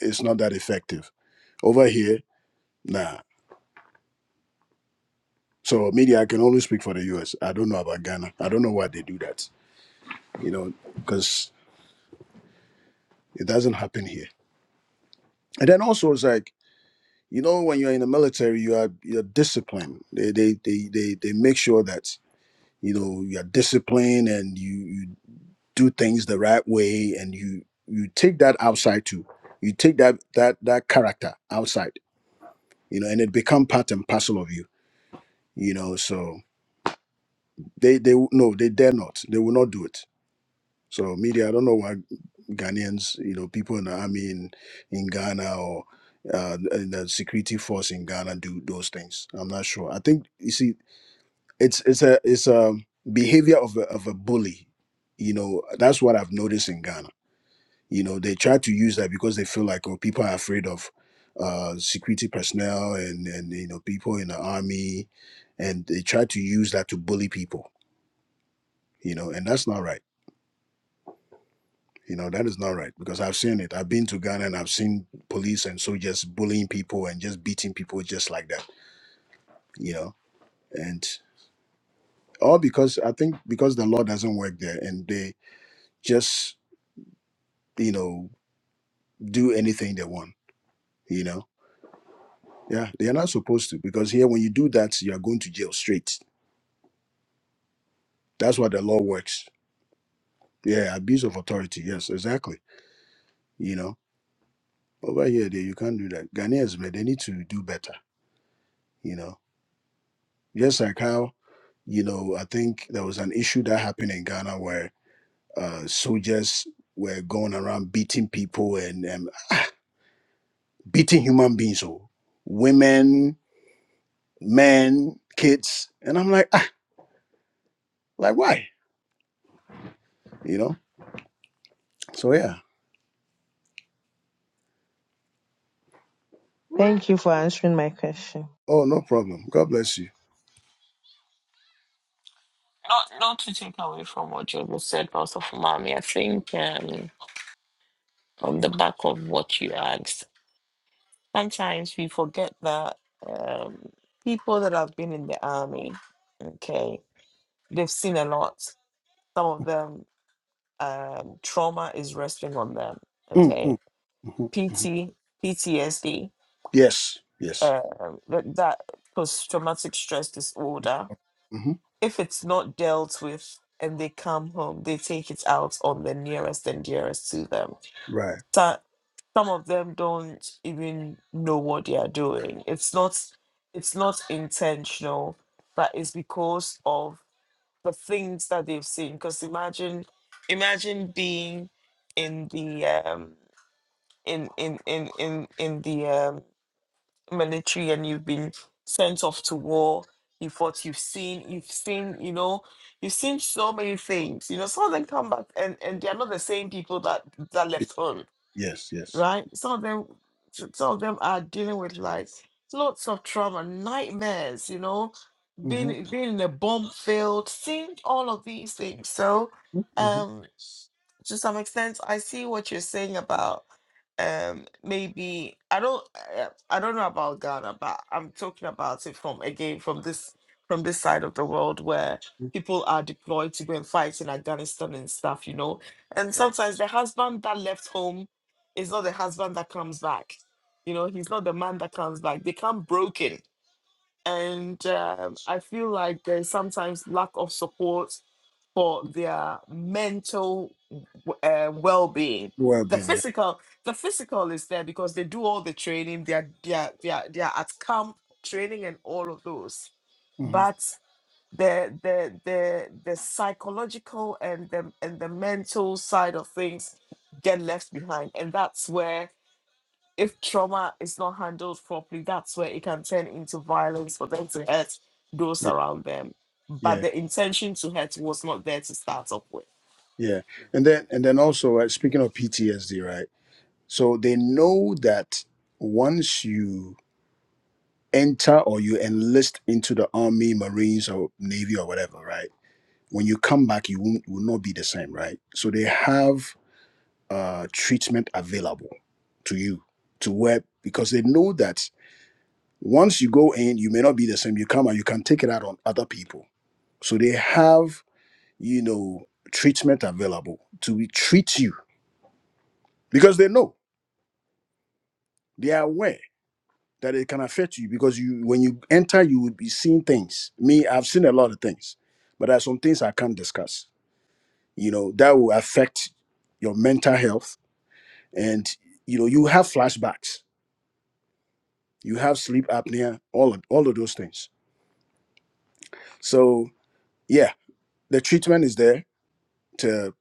S5: it's not that effective. Over here, nah. So media, I can only speak for the U.S. I don't know about Ghana. I don't know why they do that. You know, because it doesn't happen here. And then also it's like you know when you're in the military, you are you're disciplined. They they they they, they make sure that you know you're disciplined and you you do things the right way and you you take that outside too you take that that that character outside you know and it become part and parcel of you you know so they they w- no they dare not they will not do it so media i don't know why ghanaians you know people in the army in, in ghana or uh, in the security force in ghana do those things i'm not sure i think you see it's it's a it's a behavior of a, of a bully you know that's what i've noticed in ghana you know they try to use that because they feel like oh people are afraid of uh security personnel and and you know people in the army and they try to use that to bully people you know and that's not right you know that is not right because i've seen it i've been to ghana and i've seen police and soldiers bullying people and just beating people just like that you know and all because i think because the law doesn't work there and they just you know do anything they want you know yeah they are not supposed to because here when you do that you are going to jail straight that's what the law works yeah abuse of authority yes exactly you know over here they, you can't do that ghanaians man they need to do better you know just like how you know i think there was an issue that happened in ghana where uh soldiers were going around beating people and um, beating human beings oh women men kids and i'm like ah, like why you know so yeah
S3: Thank you for answering my question.
S5: Oh, no problem. God bless you.
S1: Not not to take away from what you said, but also mommy. I think um on the back of what you asked. Sometimes we forget that um, people that have been in the army, okay, they've seen a lot. Some of them, um, trauma is resting on them,
S5: Mm,
S1: okay?
S5: mm, hmm
S1: P
S5: hmm
S1: T P T S D,
S5: Yes, yes.
S1: um, that, that post traumatic stress disorder.
S5: hmm
S1: If it's not dealt with and they come home, they take it out on the nearest and dearest to them
S5: Right.
S1: so- some of them don't even know what they are doing it's not it's not intentional but it's because of the things that they've seen because imagine imagine being in the um in in in in, in the um, military and you've been sent off to war you fought you've seen you've seen you know you've seen so many things you know some of them come back and and they're not the same people that that
S5: Y-
S1: left home
S5: Yes, yes.
S1: right? Some of them, some of them are dealing with like lots of trauma, nightmares, you know,
S5: Mm-hmm.
S1: being being in a bomb field, seeing all of these things. So,
S5: Mm-hmm.
S1: um, to some extent i see what you're saying about um maybe i don't uh, i don't know about ghana but i'm talking about it from again from this from this side of the world where
S5: mm-hmm.
S1: people are deployed to go and fight in afghanistan and stuff you know and sometimes the husband that left home is not the husband that comes back you know he's not the man that comes back they come broken and um, i feel like there's sometimes lack of support for their mental uh, well-being.
S5: Well,
S1: The
S5: been here.
S1: physical, the physical is there because they do all the training. They are they are they are, they are at camp training and all of those.
S5: hmm
S1: But the the the the psychological and the and the mental side of things get left behind, and that's where if trauma is not handled properly, that's where it can turn into violence for them to hurt those
S5: Yeah,
S1: around them. But
S5: yeah,
S1: the intention to hurt was not there to start off with.
S5: yeah. And then, and then also, right, speaking of PTSD, right? So they know that once you enter or you enlist into the army, marines, or navy, or whatever, right? When you come back, you won't, will not be the same, right? So they have uh, treatment available to you to where because they know that once you go in you may not be the same you come and you can take it out on other people so they have you know treatment available to treat you because they know they are aware that it can affect you because you when you enter you will be seeing things me i've seen a lot of things but there are some things i can't discuss you know that will affect your mental health and you know you have flashbacks you have sleep apnea, all of, all of those things. So yeah, the treatment is there to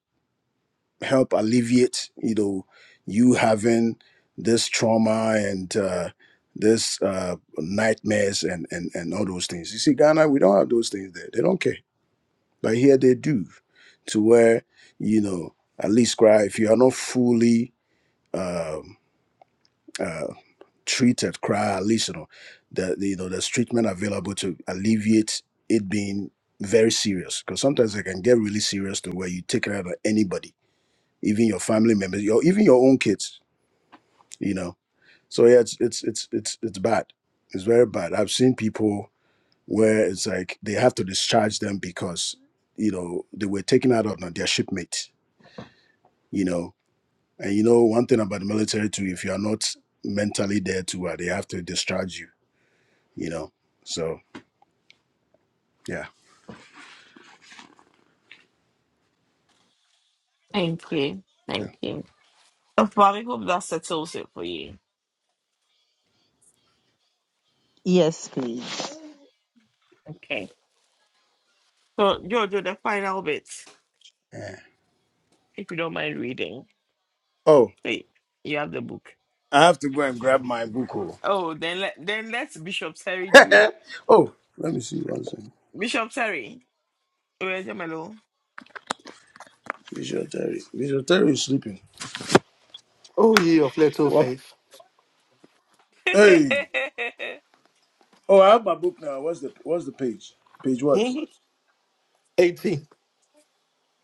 S5: help alleviate, you know, you having this trauma and uh, this uh, nightmares and, and and all those things. You see, Ghana, we don't have those things there. They don't care, but here they do, to where you know at least cry if you are not fully. Um, uh, treated cry at least you know the, the you know there's treatment available to alleviate it being very serious because sometimes it can get really serious to where you take it out on anybody even your family members your even your own kids you know so yeah it's it's it's it's it's bad it's very bad i've seen people where it's like they have to discharge them because you know they were taken out on their shipmate you know and you know one thing about the military too if you are not mentally there too uh, they have to discharge you you know so Yeah.
S1: Thank you.
S5: Yeah.
S1: Thank you. Dr. Bob, I hope that settles it for you.
S3: Yes, please.
S1: Okay. So, Jojo, the final bit,
S5: yeah.
S1: if you don't mind reading.
S5: Oh,
S1: Hey, you have the book.
S5: I have to go and grab my book. Oh,
S1: Oh, then let then let Bishop Terry do
S5: oh let me see one second.
S1: Bishop Terry. Where's your mellow?
S5: Visual Terry. Visual Terry is sleeping.
S4: Oh, ye of little
S5: What?
S4: faith.
S5: Hey. Oh, I have my book now. What's the what's the page? Page what?
S4: 80. 80,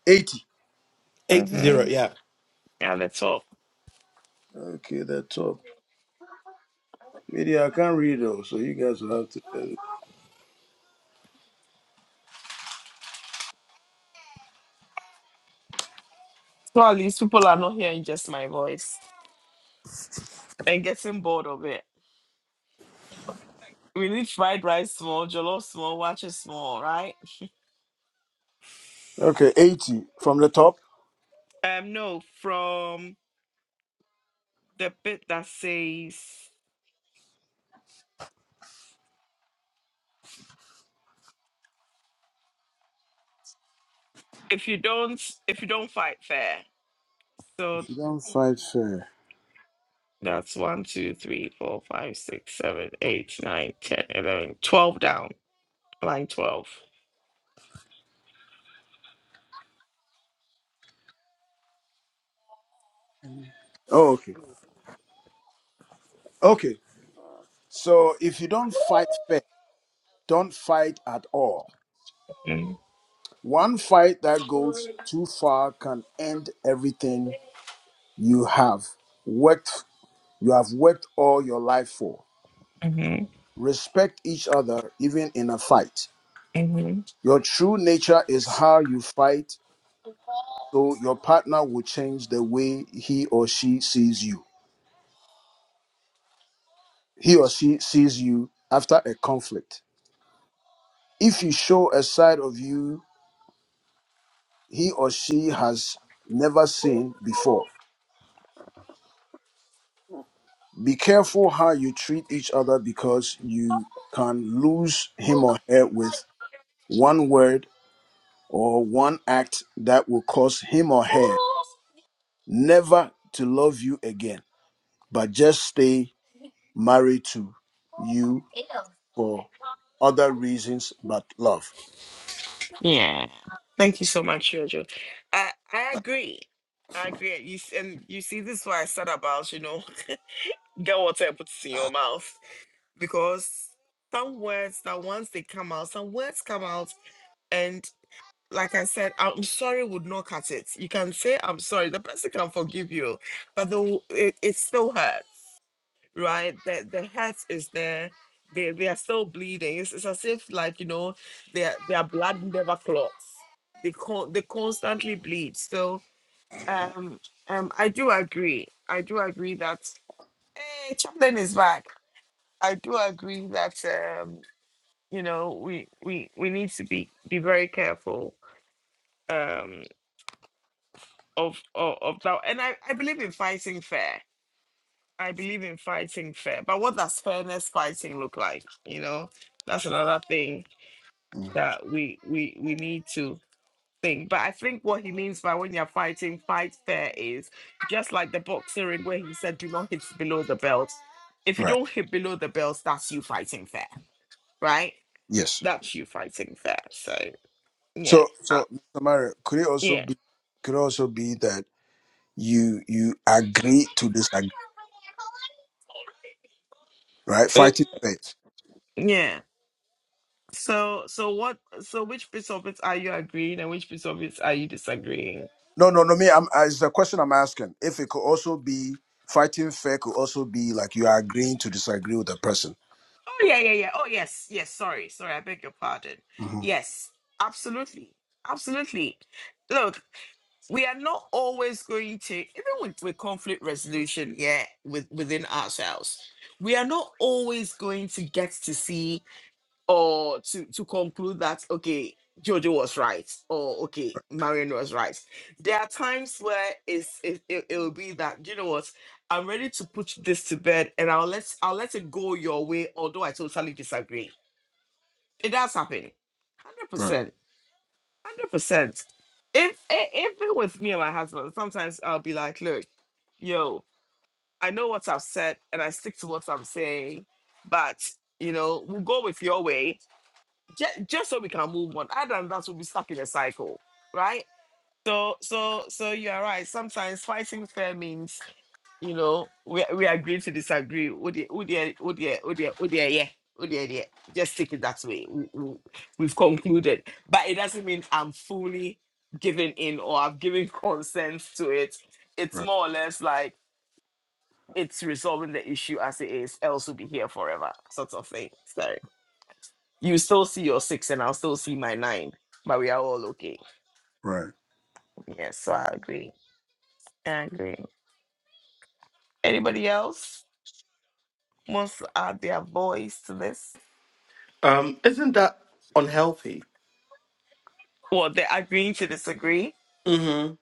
S5: 80.
S4: Eight zero, yeah.
S1: So,
S5: Okay, the top. Media, I can't read though, so you guys will have to. uh,
S1: so at least people are not hearing just my voice and getting bored of it. We need fried rice small, jollof small, watches small, right?
S5: okay, 80 from the top.
S1: Um, no, from the bit that says if you don't if you don't fight fair.
S5: If you don't fight fair.
S1: That's one, two, three, four, five, six, seven, eight, nine, ten, eleven, twelve down. Line twelve.
S5: Oh, okay. Okay. So if you don't fight fair, don't fight at all.
S1: Mm-hmm.
S5: One fight that goes too far can end everything you have worked you have worked all your life for. Respect each other even in a fight.
S1: hmm
S5: Your true nature is how you fight, so your partner will change the way he or she sees you. He or she sees you after a conflict. If you show a side of you he or she has never seen before. Be careful how you treat each other because you can lose him or her with one word or one act that will cause him or her never to love you again, but just stay married to you for other reasons but love.
S1: You know, we we we need to be be very careful um of of, of that. And I I believe in fighting fair. I believe in fighting fair. But what does fairness fighting look like? You know, that's another thing
S5: Mm,
S1: that we we we need to thing. But I think what he means by when you're fighting, fight fair is just like the boxing in where he said, do not hit below the belt. If you
S5: Right.
S1: don't hit below the belt, that's you fighting fair, right?
S5: Yes.
S1: That's you fighting fair. So yeah,
S5: So
S1: uh,
S5: so Mr. Mario, could it also
S1: yeah,
S5: be could also be that you you agree to disagree, right?
S1: Mm.
S5: Fighting fair.
S1: yeah. So so what? So which piece of it are you agreeing and which piece of it are you disagreeing?
S5: No, no, no. Me, I'm. uh, It's the question I'm asking. If it could also be fighting fair, could also be like you are agreeing to disagree with the person. hmm Right. Right. Right.
S4: Um, isn't that unhealthy? Mm-hmm.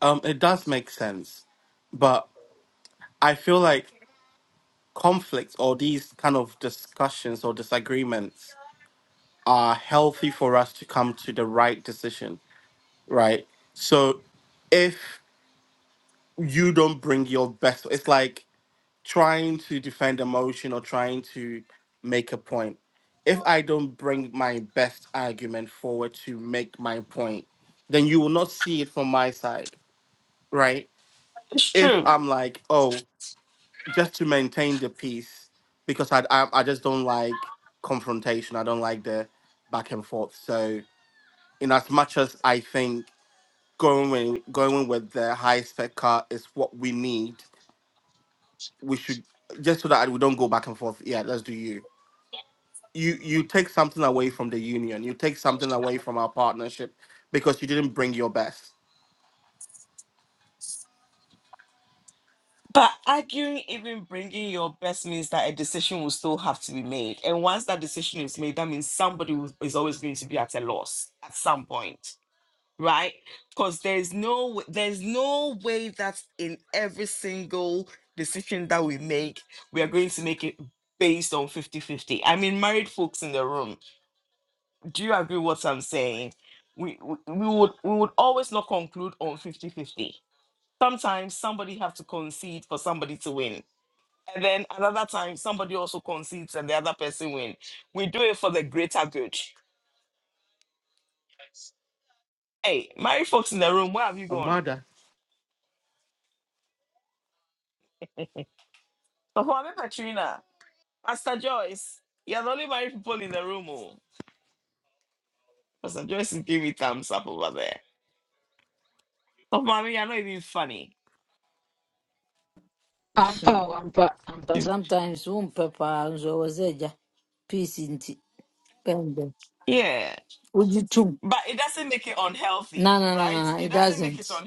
S4: Um, it does make sense, but I feel like conflicts or these kind of discussions or disagreements are healthy for us to come to the right decision, right? So if you don't bring your best, it's like trying to defend a motion or trying to make a point. If I don't bring my best argument forward to make my point, then you will not see it from my side, right?
S1: It's
S4: If
S1: true.
S4: I'm like, oh, just to maintain the peace, because I I, I just don't like confrontation. I don't like the back and forth. So in as much as I think going with, going with the high spec car is what we need, we should just so that we don't go back and forth. Yeah, let's do you. You you take something away from the union. You take something away from our partnership because you didn't bring your best. On Mada,
S2: ampa, ampa, ampa. Sometimes um papa nzowezeja peace inti pende. Would you too? No, no, no, no, no, it doesn't.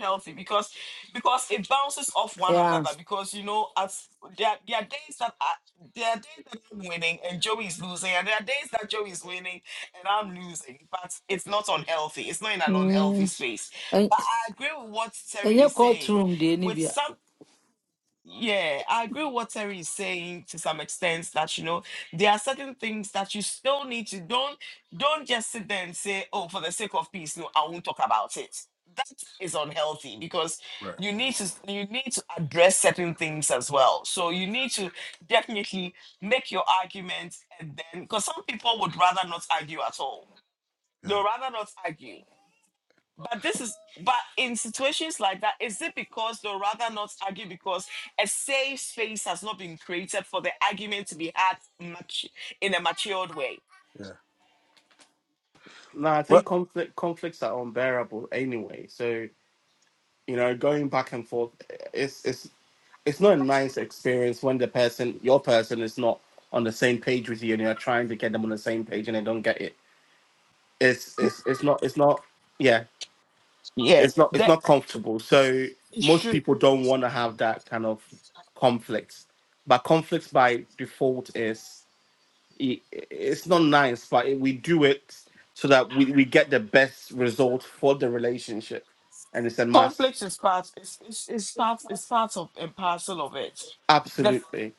S2: Yeah. Mm. And and your courtroom, the Nibia.
S5: Right. Yeah. Yeah.
S4: no, I think
S5: What?
S4: conflict conflicts are unbearable anyway. So you know, going back and forth, it's it's it's not a nice experience when the person your person is not on the same page with you and you're trying to get them on the same page and they don't get it it's it's it's not it's not yeah it's not it's not comfortable so most people don't want to have that kind of conflicts but conflicts by default is i- i- it's not nice but it- we do it so that we, we get the best result for the relationship and it's a must absolutely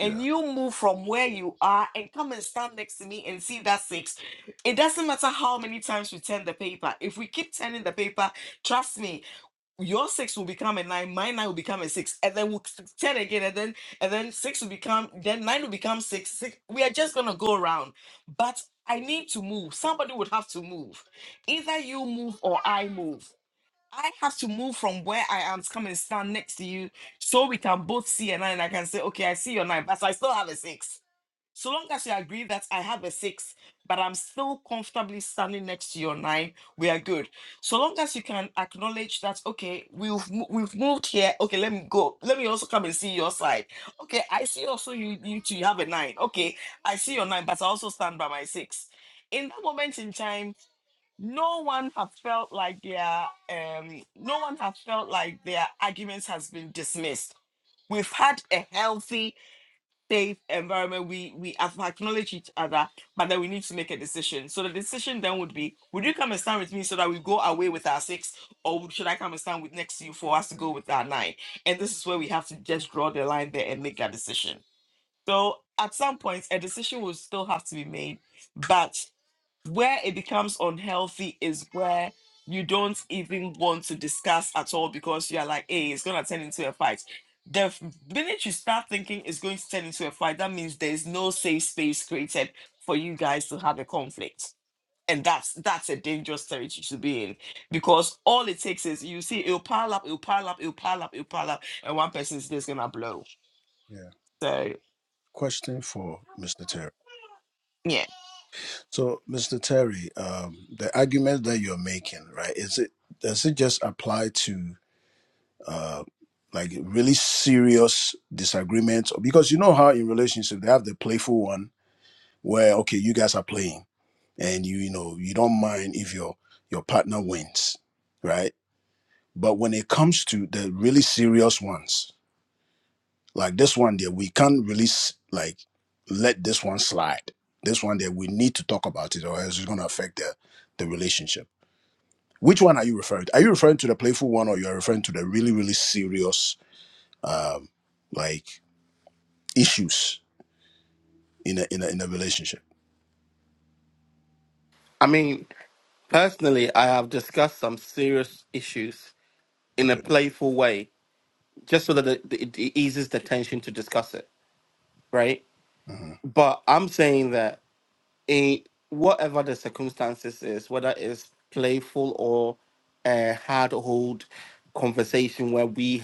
S5: Yeah. Yeah. Question for Mr. Terry. So, Mr. Terry, um, the argument that you're making, right? Is it does it just apply to uh, like really serious disagreements? Because you know how in relationship they have the playful one where okay, you guys are playing, and you you know you don't mind if your your partner wins, right? But when it comes to the really serious ones, Like this one there, we can't release like let this one slide. This one there, we need to talk about it, or else it's gonna affect the the relationship. Which one are you referring to? Are you referring to the playful one, or you are referring to the really really serious um like issues in a in a in a relationship?
S4: i mean personally i have discussed some serious issues in a
S5: Okay,
S4: playful way just so that it, it it eases the tension to discuss it right
S5: hmm
S4: but I'm saying that a whatever the circumstances is, whether it's playful or a hard hold conversation where we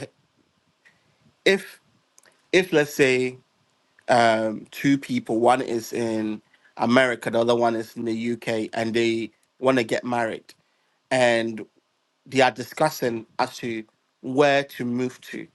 S4: if if let's say um two people, one is in America, the other one is in the UK and they wanna get married and they are discussing as to where to move to.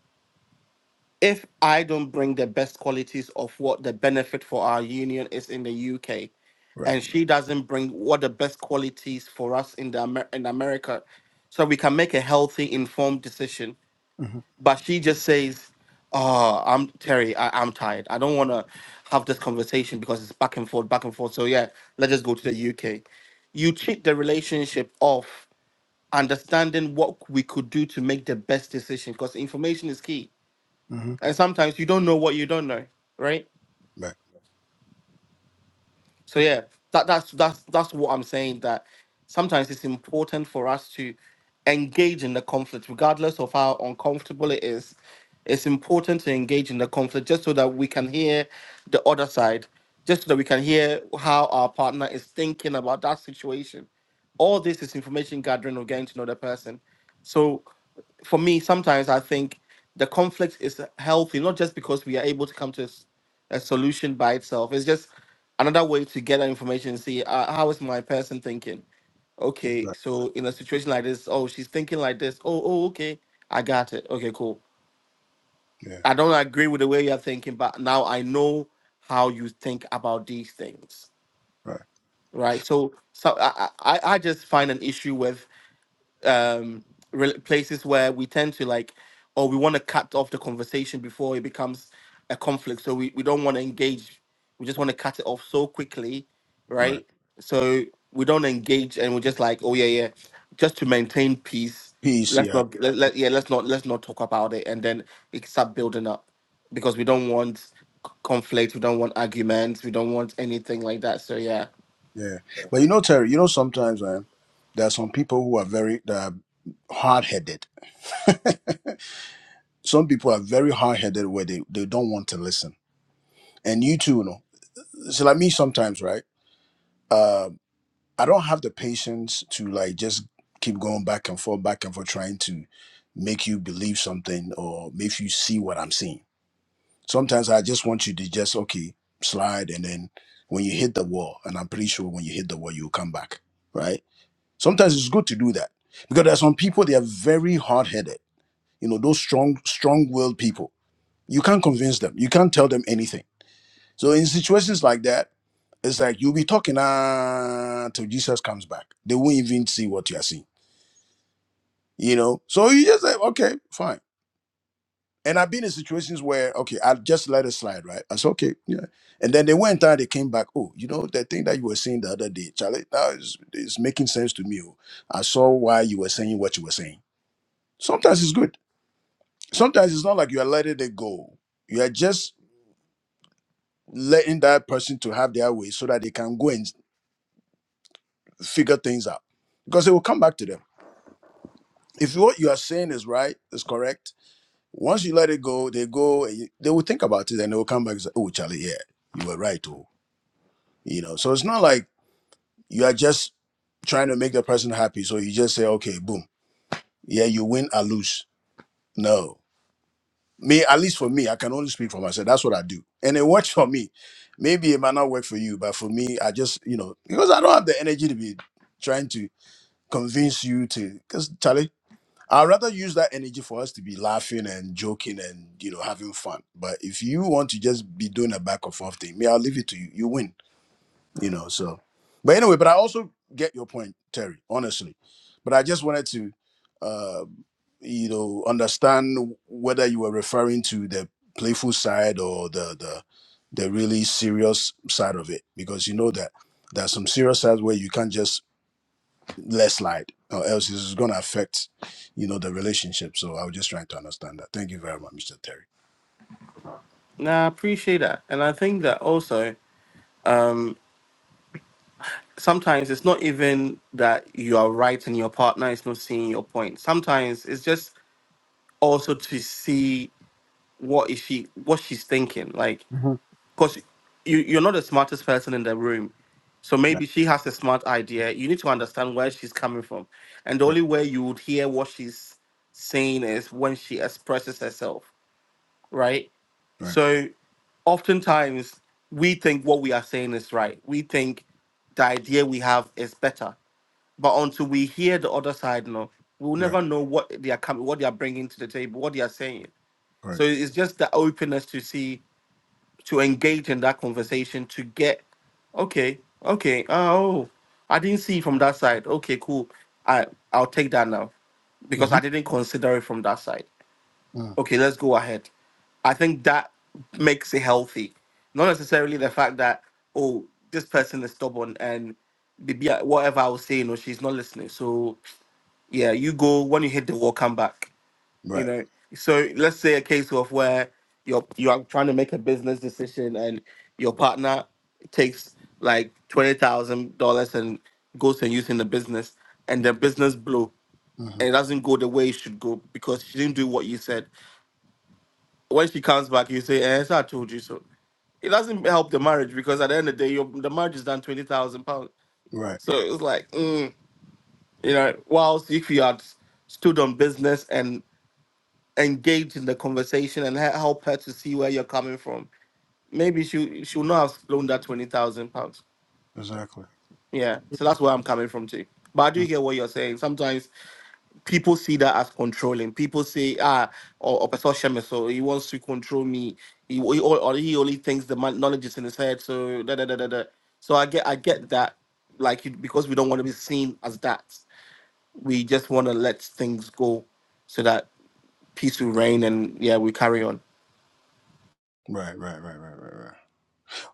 S4: if I don't bring the best qualities of what the benefit for our union is in the UK,
S5: right,
S4: and she doesn't bring what the best qualities for us in the Amer- in America, so we can make a healthy, informed decision.
S5: hmm
S4: But she just says, "Oh, I'm Terry. I- I'm tired. I don't want to have this conversation because it's back and forth, back and forth. So yeah, let's just go to the UK." You cheat the relationship of understanding what we could do to make the best decision because information is key
S5: hmm
S4: and sometimes you don't know what you don't know, right?
S5: right,
S4: So yeah, that that's that's that's what I'm saying. That sometimes it's important for us to engage in the conflict, regardless of how uncomfortable it is. It's important to engage in the conflict just so that we can hear the other side, just so that we can hear how our partner is thinking about that situation. All this is information gathering or getting to know the person. So for me, sometimes I think the conflict is healthy, not just because we are able to come to a solution by itself. It's just another way to get that information and see uh, how is my person thinking. Okay,
S5: right,
S4: so in a situation like this, oh, she's thinking like this. Oh, oh, okay, I got it. Okay, cool.
S5: yeah,
S4: I don't agree with the way you're thinking, but now I know how you think about these things,
S5: right,
S4: right? So, so I, I, I I just find an issue with um re- places where we tend to like or we want to cut off the conversation before it becomes a conflict so we, we don't want to engage we just want to cut it off so quickly
S5: right.
S4: right so we don't engage and we're just like oh yeah yeah just to maintain peace
S5: Peace, yeah,
S4: let, let, yeah let's not let's not talk about it and then it start building up because we don't want c- conflict we don't want arguments we don't want anything like that so yeah
S5: yeah. But you know, Terry, you know, sometimes man, there are some people who are very that are hard headed. Some people are very hard headed where they, they don't want to listen. And you too, you know. So like me sometimes, right? Uh, I don't have the patience to like just keep going back and forth, back and forth, trying to make you believe something or make you see what I'm seeing. Sometimes I just want you to just okay, slide and then when you hit the wall, and I'm pretty sure when you hit the wall, you'll come back. Right? Sometimes it's good to do that. Because there are some people they are very hard headed, you know, those strong, strong willed people You can't convince them. You can't tell them anything. So in situations like that, it's like you'll be talking uh, till Jesus comes back. They won't even see what you're seeing. You know? So you just say, okay, fine. And I've been in situations where, okay, I just let it slide, right? I said, okay, yeah. And then they went out, they came back. Oh, you know, that thing that you were saying the other day, Charlie, now is it's making sense to me. oh. I saw why you were saying what you were saying. Sometimes it's good. Sometimes it's not like you are letting it go. You are just letting that person to have their way so that they can go and figure things out because it will come back to them if what you are saying is right is correct once you let it go they go and you- they will think about it and they will come back and say oh charlie yeah you were right oh you know so it's not like you are just trying to make the person happy so you just say okay boom yeah you win or lose no me at least for me i can only speak for myself that's what i do and it works for me maybe it might not work for you but for me i just you know because i don't have the energy to be trying to convince you to because charlie i'd rather use that energy for us to be laughing and joking and you know having fun but if you want to just be doing a back and forth thing me i'll leave it to you you win you know so but anyway but i also get your point terry honestly but i just wanted to uh you know understand whether you were referring to the playful side or the the the really serious side of it because you know that there are some serious sides where you can't just let slide or else it's going to affect you know the relationship so i was just trying to understand that thank you very much mr terry
S4: nah, i appreciate that and i think that also um, sometimes it's not even that you are right and your partner is not seeing your point. Sometimes it's just also to see what is she what she's thinking. Like,
S5: hmm
S4: because you you're not the smartest person in the room. So
S5: yeah,
S4: maybe she has a smart idea. You need to understand where she's coming from. And the
S5: right
S4: only way you would hear what she's saying is when she expresses herself, right?
S5: right
S4: So oftentimes we think what we are saying is right. We think the idea we have is better but until we hear the other side, no, we'll
S5: right
S4: never know what they are coming, what they are bringing to the table, what they are saying.
S5: right
S4: So it's just the openness to see, to engage in that conversation, to get, okay, okay, oh, I didn't see from that side. Okay, cool. I I'll take that now, because
S5: hmm
S4: I didn't consider it from that side.
S5: mm
S4: Okay, let's go ahead. I think that makes it healthy. Not necessarily the fact that, oh, this person is stubborn and maybe I- whatever I was saying, or she's not listening. So yeah, you go when you hit the wall, come back. You
S5: right
S4: know, so let's say a case of where you're you are trying to make a business decision and your partner takes like twenty thousand dollars and goes and uses in the business, and the business blow
S5: hmm
S4: and it doesn't go the way it should go because she didn't do what you said. When she comes back, you say, "Eh, so I told you so." It doesn't help the marriage because at the end of the day, your, the marriage is done twenty thousand pounds.
S5: right
S4: So it was like, mm, you know, whilst if you had stood on business and engage in the conversation and he- help her to see where you're coming from. Maybe she she'll not have blown that twenty thousand pounds.
S5: exactly
S4: Yeah, so that's where I'm coming from too. But I do
S5: Mm.
S4: hear what you're saying. Sometimes people see that as controlling. People say, ah, or or so he wants to control me. He, he or, or he only thinks the mon- knowledge is in his head. So da da da da da. So I get I get that, like you, because we don't want to be seen as that. We just want to let things go, so that peace will reign and yeah, we carry on.
S5: right right right right right right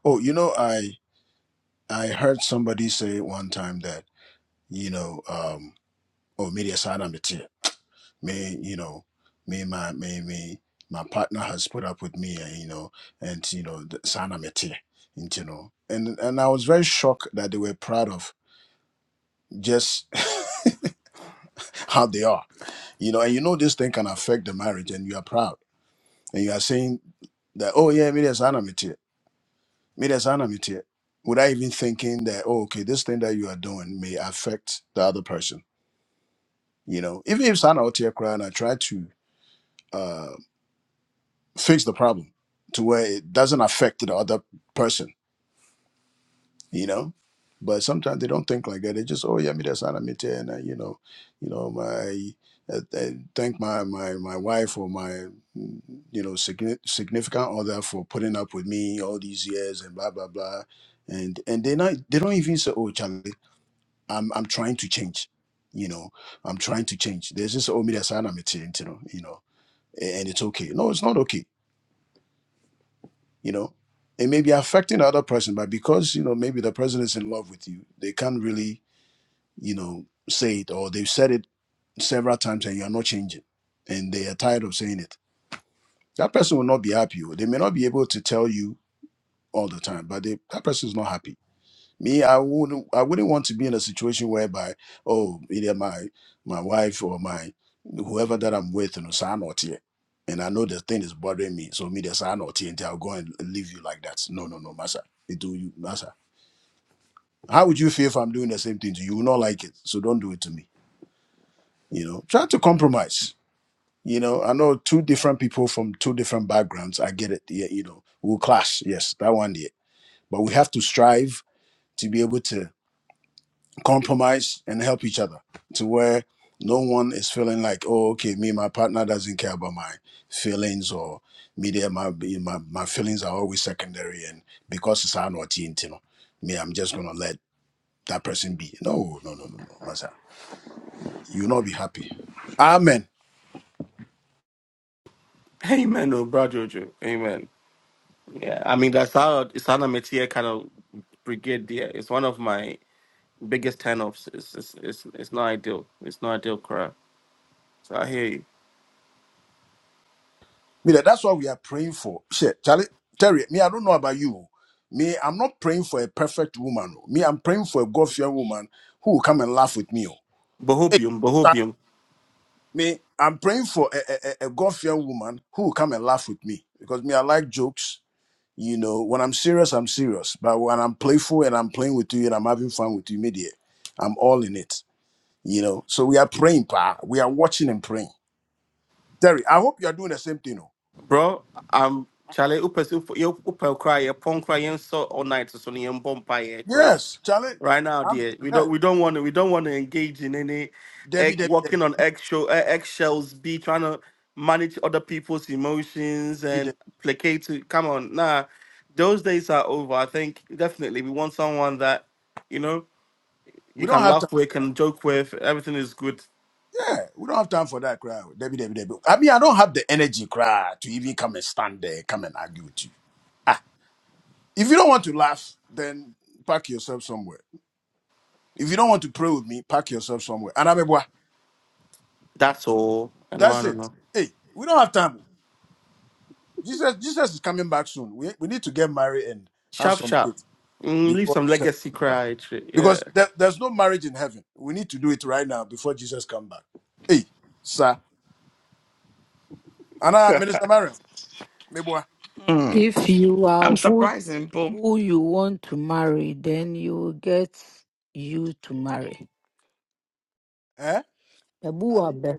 S5: oh you know i i heard somebody say one time that you know um oh media side May you know may my may may my partner has put up with me and you know and you know the sana mete and you know and and i was very shocked that they were proud of just how they are you know and you know this thing can affect the marriage and you are proud and you are saying that oh yeah me there's sana mete me there's sana mete without even thinking that oh okay this thing that you are doing may affect the other person you know even if sana mete cry and i try to uh, fix the problem to where it doesn't affect the other person, you know. But sometimes they don't think like that. They just, oh yeah, me that's anamite, and uh, you know, you know, my uh, uh, thank my my my wife or my mm, you know signi- significant other for putting up with me all these years and blah blah blah, and and they not they don't even say, oh Charlie, I'm I'm trying to change, you know, I'm trying to change. There's just oh me that's anamite, you know, you know, and it's okay. No, it's not okay you know it may be affecting the other person but because you know maybe the person is in love with you they can't really you know say it or they've said it several times and you're not changing and they are tired of saying it that person will not be happy oh. they may not be able to tell you all the time but they, that person is not happy me, I wouldn't I wouldn't want to be in a situation whereby, oh, either my my wife or my whoever that I'm with, you know, sign out here. And I know the thing is bothering me. So me the sign out here until I'll go and leave you like that. No, no, no, Master. It do you, Master. How would you feel if I'm doing the same thing to you? You will not like it. So don't do it to me. You know, try to compromise. You know, I know two different people from two different backgrounds. I get it. Yeah, you know, we'll clash. Yes, that one day. But we have to strive to be able to compromise and help each other to where no one is feeling like oh okay me my partner doesn't care about my feelings or me there my my, my feelings are always secondary and because it's our not you know me i'm just gonna let that person be no no no no no Masa, you'll not be happy amen
S4: Amen, oh, bro, Jojo. Amen. Yeah, I mean, that's how Isana Metia kind of brigade there. It's one of my biggest turn offs. It's, it's, it's, it's not ideal. It's not ideal, Cora. So I hear you.
S5: me there, that's what we are praying for shit charlie terry me i don't know about you me i'm not praying for a perfect woman oh. me i'm praying for a god-fearing woman who will come and laugh with me oh.
S4: Bohobium,
S5: Hey,
S4: Bohobium.
S5: Me, I'm praying for a, a, a God fearing woman who will come and laugh with me because me, I like jokes. You know, when I'm serious, I'm serious. But when I'm playful and I'm playing with you and I'm having fun with you, media, I'm all in it. You know, so we are praying, pa. We are watching and praying. Terry, I hope you are doing the same thing. Oh.
S4: Bro, I'm Charlie Upper Upper Cry, a punk cry, and so all night, so near Bombay, because
S5: Yes, Charlie.
S4: right now,
S5: I'm
S4: dear. We
S5: eh,
S4: don't we don't want to we don't want to engage in any
S5: Debbie,
S4: egg,
S5: Debbie, Debbie,
S4: walking on eggshell, eh, eggshells, be trying to manage other people's emotions
S5: Debbie,
S4: and
S5: Debbie.
S4: placate. To, come on, nah, those days are over. I think definitely we want someone that you know
S5: We
S4: you
S5: don't
S4: can
S5: have time.
S4: laugh with, can joke with. Everything is good.
S5: Yeah, we don't have time for that cry. Debbie, Debbie, Debbie. I mean, I don't have the energy cry, to even come and stand there, come and argue with you. If you don't want to laugh, then pack yourself somewhere. If you don't want to pray with me, pack yourself somewhere. And Anabebwa,
S4: That's all. And I
S5: that's it.
S4: don't know.
S5: Hey, we don't have time. Jesus, Jesus is coming back soon. We, we need to get married and have
S4: Sharp,
S5: some
S4: sharp.
S5: kids
S4: Mm, leave
S5: before
S4: some
S5: Jesus
S4: legacy
S5: comes back.
S4: cry. Shit. Yeah.
S5: Because there, there's no marriage in heaven. We need to do it right now before Jesus comes back. Hey, sir. Anna,
S4: Yeah.
S5: Minister Mariam, Mebwa,
S2: If you are who who you want to marry, then you will get you to marry.
S5: eh?
S2: Ebu wabe.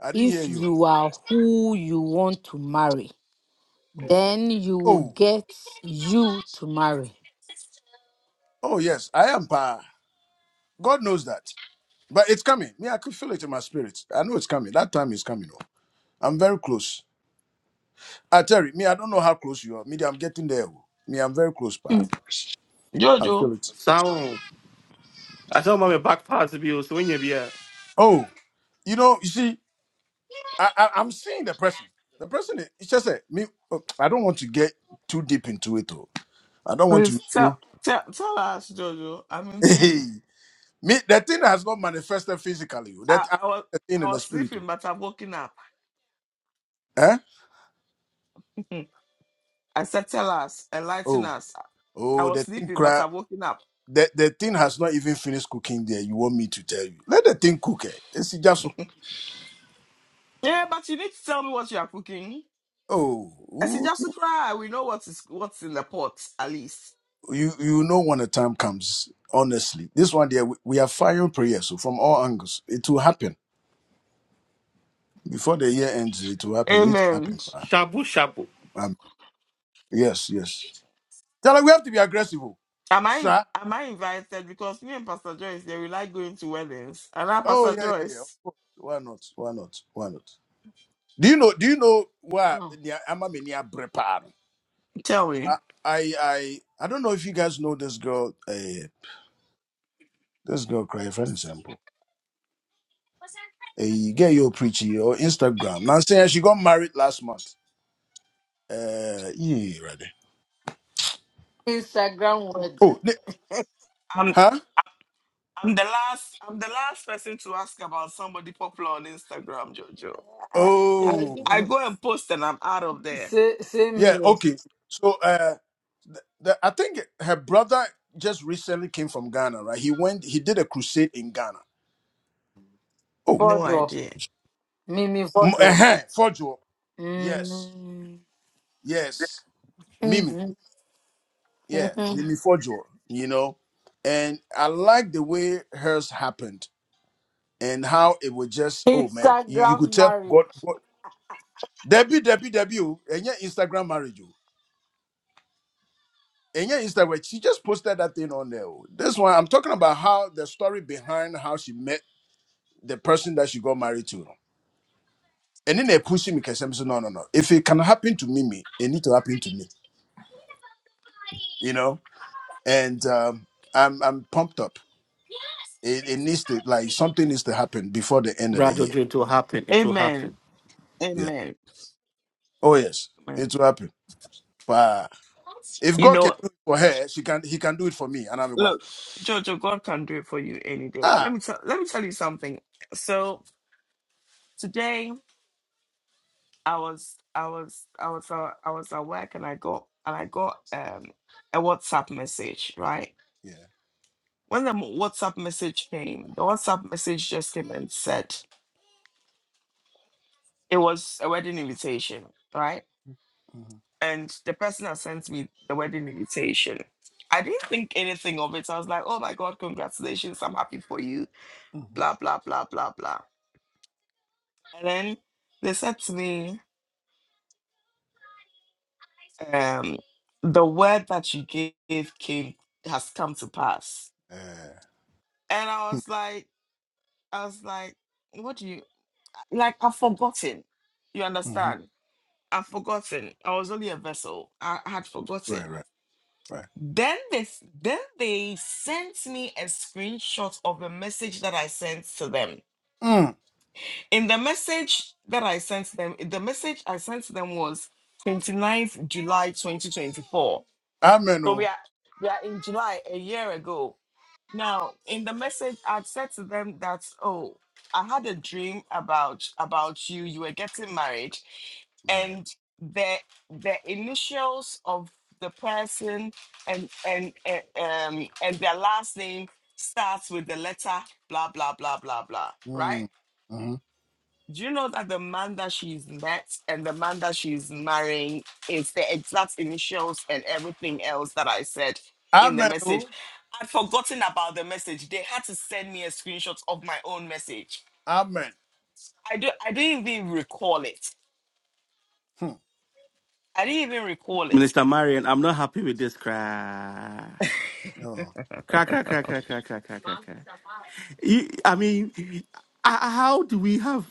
S5: I didn't hear
S2: if
S5: you.
S2: you are who you want to marry, then you will
S5: Oh,
S2: get you to marry.
S5: oh yes, I am pa. God knows that. But it's coming. Me, I could feel it in my spirit. I know it's coming. That time is coming. oh. I'm very close. Ah, Terry, me, I don't know how close you are. Me, I'm getting there. oh. Me, I'm very close, but I feel it.
S4: Sound. I tell my back part to be so when you be a
S5: Oh, you know, you see, I, I I'm seeing the person. The person, is, it's just a me. oh, I don't want to get too deep into it. Oh, I don't want to you. Hey, me, the thing has not manifested physically. oh. That I'm the thing in the spirit. Oh, eh? oh, oh, the thing cry. The, the thing has not even finished cooking there. You want me to tell you? Let the thing cook. Eh? It's just oh. you you know when the time comes honestly this one there we, we are firing prayers so from all angles it will happen before the year ends it will happen it happened
S4: shabu shabu.
S5: um, yes yes Tell her we have to be aggressive oh, sir oh yeah yeah yeah of course. why not why not why not do you know do you know why
S2: Oh,
S5: i'm a mini brepano i i i I don't know if you guys know this girl uh, this girl cry for example a girl you preachy or instagram now saying she got married last month Uh, yeah, right there.
S2: Instagram
S5: Oh,
S2: wedding.
S5: ne- huh?
S2: Ah, eh,
S5: Oh,
S2: eh, sa- Same
S5: yeah.
S2: here.
S5: Okay. So, uh, the, the, I think her brother just recently came from Ghana, right? He went. He did a crusade in Ghana. Oh,
S2: Fojo. Mimi
S5: m-
S2: Fojo.
S5: uh-huh, Fojo. Yes,
S2: Mm.
S5: yes. Mimi.
S2: Mhm.
S5: Yeah,
S2: Mhm.
S5: Mimi Fojo. You know, and I like the way hers happened and how it was just. Oh man, you, you could
S2: Instagram
S5: tell God.
S2: marriage.
S5: God Debbie, Debbie, Debbie, oh, and yeah, Instagram marriage. oh. And yeah, Instagram, she just posted that thing on there. oh. This one, I'm talking about how the story behind how she met the person that she got married to. no. And then they pushing me because I'm saying, no, no, no. If it can happen to Mimi, it need to happen to me, you know? And um, I'm I'm pumped up. It, it needs to, like, something needs to happen before the end of the
S4: Brad,
S5: year.
S4: Ojo, it will happen. It will happen.
S5: Yeah. Oh, yes. It will happen. But if God can do it for her, she can, he can do it for me. And I'm like, wow. ah, yeah. hmm hmm Uh, hmm mhm. Right, right, right. Mm. Amen. Oh. Right. Mm. hmm Amen. Oh. Amen. Hmm.
S4: Minister Marion, I'm not happy with this cry.
S5: Oh.
S4: Cry, cry, cry, cry, cry, cry, cry, cry, cry. You- I mean, h- how do we have.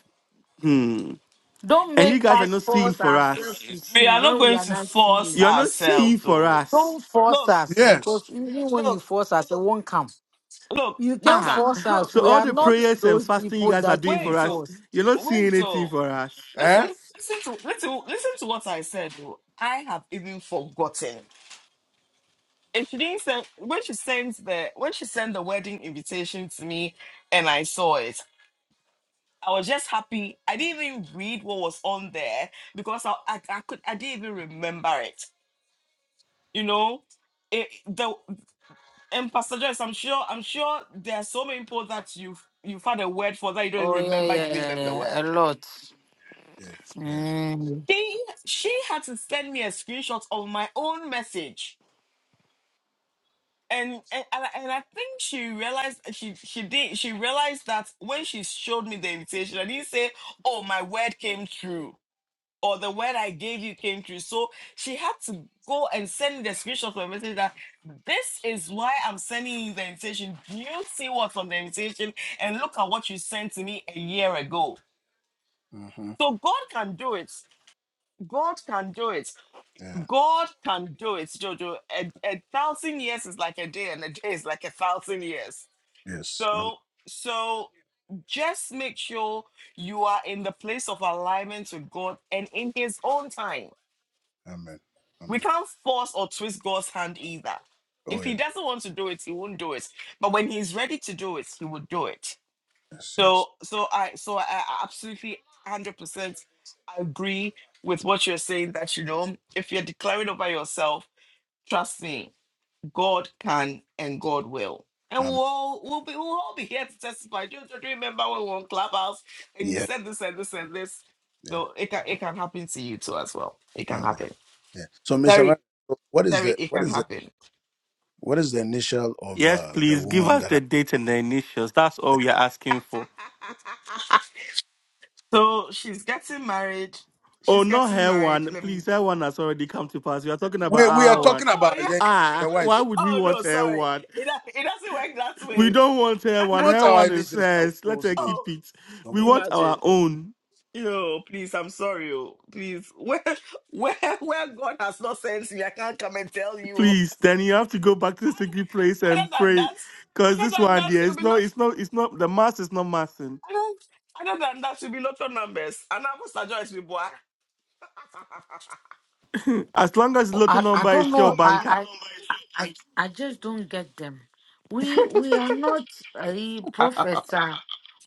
S4: Hmm.
S2: Don't
S4: And you
S2: make
S4: guys are
S2: us
S4: not seeing
S2: force
S4: for
S2: ourselves
S4: us.
S2: to see when we are not seeing.
S4: You're not seeing for us.
S2: Don't force us
S5: Yes.
S2: because even when you force us, it won't come. You can't
S4: Ah.
S2: force us.
S4: So
S2: We
S4: all
S2: are
S4: the
S2: not
S4: prayers and
S2: those
S4: fasting you
S2: people
S4: guys are
S2: that you
S4: doing
S2: will
S4: for us,
S2: force.
S4: you're not seeing anything for us.
S5: Eh?
S2: Oh yeah, yeah, yeah, yeah. A lot.
S5: Yeah. Yeah.
S2: Mm.
S5: Mm-hmm. Yeah. Yes. Amen. Amen. Amen. Oh, yes. Yes. Yes. Amen. Yeah. Yeah. Amen. Yeah. So, Mr. Mar- what is the what is the what is the initial of
S4: Yes,
S5: uh, the
S4: please give
S5: woman
S4: us
S5: that I,
S4: the date and the initials. That's all we are asking for. Oh, not her one. Please, her one has already come to pass. We are talking about
S5: we we are
S4: our one.
S5: talking about? Yeah,
S4: Ah,
S5: your wife.
S4: why would we want her one? We don't want her
S5: We
S4: one.
S5: want
S4: Her
S5: our
S4: one is
S5: initials. I
S4: hers.
S5: will
S4: Let her
S5: say
S4: keep it. We
S5: somebody.
S4: want our own. Please, then you have to go back to the secret place and pray. Cause this one dear, it's not, it's not, it's not. The mass is not massing. as long as lotto
S2: I, I
S4: number is
S2: don't
S4: your
S2: know.
S4: banker,
S2: I, I I I just don't get them. We we are not a professor.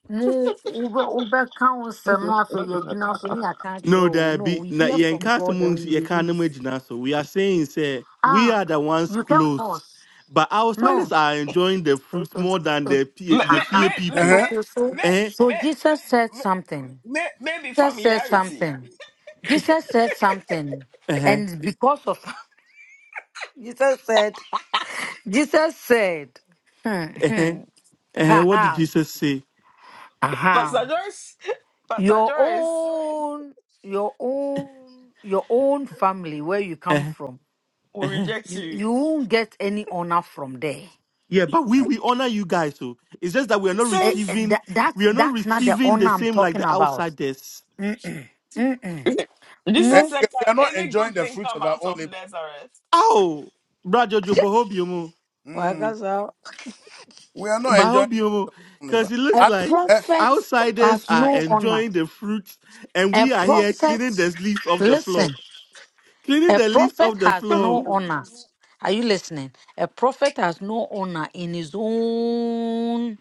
S2: Mu ube ube counsel no afe yegyina so ne yɛaka akyerɛ
S4: No,
S2: wo.
S4: there
S2: No,
S4: be
S2: we
S4: na
S2: hear from God and
S4: yenkasamungs
S2: we release.
S4: yekanamajina. So we are saying say we
S2: Ah,
S4: are the ones
S2: you can
S4: close,
S2: force.
S4: but outsiders
S2: No.
S4: are enjoying the
S2: It,
S4: fruits
S2: it,
S4: more than
S2: it,
S4: the P- the fear
S2: uh
S4: people.
S5: Uh-huh.
S2: Okay, so
S4: Eh?
S2: so Jesus said something. Jesus said something. Jesus said something.
S4: Uh-huh.
S2: And because of Jesus said, Jesus said, hmm,
S4: Uh-huh.
S2: hmm,
S4: Uh-huh. What did
S2: ahem,
S4: Jesus say?
S2: ahem, your own, your own, your own family where you come from, you, you won't get any honor from there.
S4: Yeah, but we
S5: Uh-huh.
S4: we honor you guys. So it's just that we are not
S2: Eh, eh, that,
S4: receiving
S2: that's
S4: we are not
S2: that's not the
S4: receiving the
S2: honor I'm
S4: same like
S2: talking
S4: the
S2: about.
S4: outsiders.
S2: Mm-mm, mm-mm.
S5: And
S2: Mu-
S5: we we are not enjoying the fruits of our own labor.
S4: Ow, Brad Jojo
S5: Mm.
S2: Wakasa.
S5: We are not
S4: But I
S5: enjoying
S4: hope you,
S5: the family,
S4: because
S5: but
S4: it
S2: A
S4: looks
S5: at,
S4: like
S5: eh,
S2: prophet
S4: outsiders
S2: has
S4: are
S2: no honor.
S4: enjoying the fruits, and
S2: A
S4: we are here
S2: prophet,
S4: cleaning the leaves off the floor,
S2: listen,
S4: cleaning
S2: a
S4: the leaves
S2: prophet
S4: off the
S2: has no
S4: floor.
S2: honor. Are you listening? A prophet has no honor in his own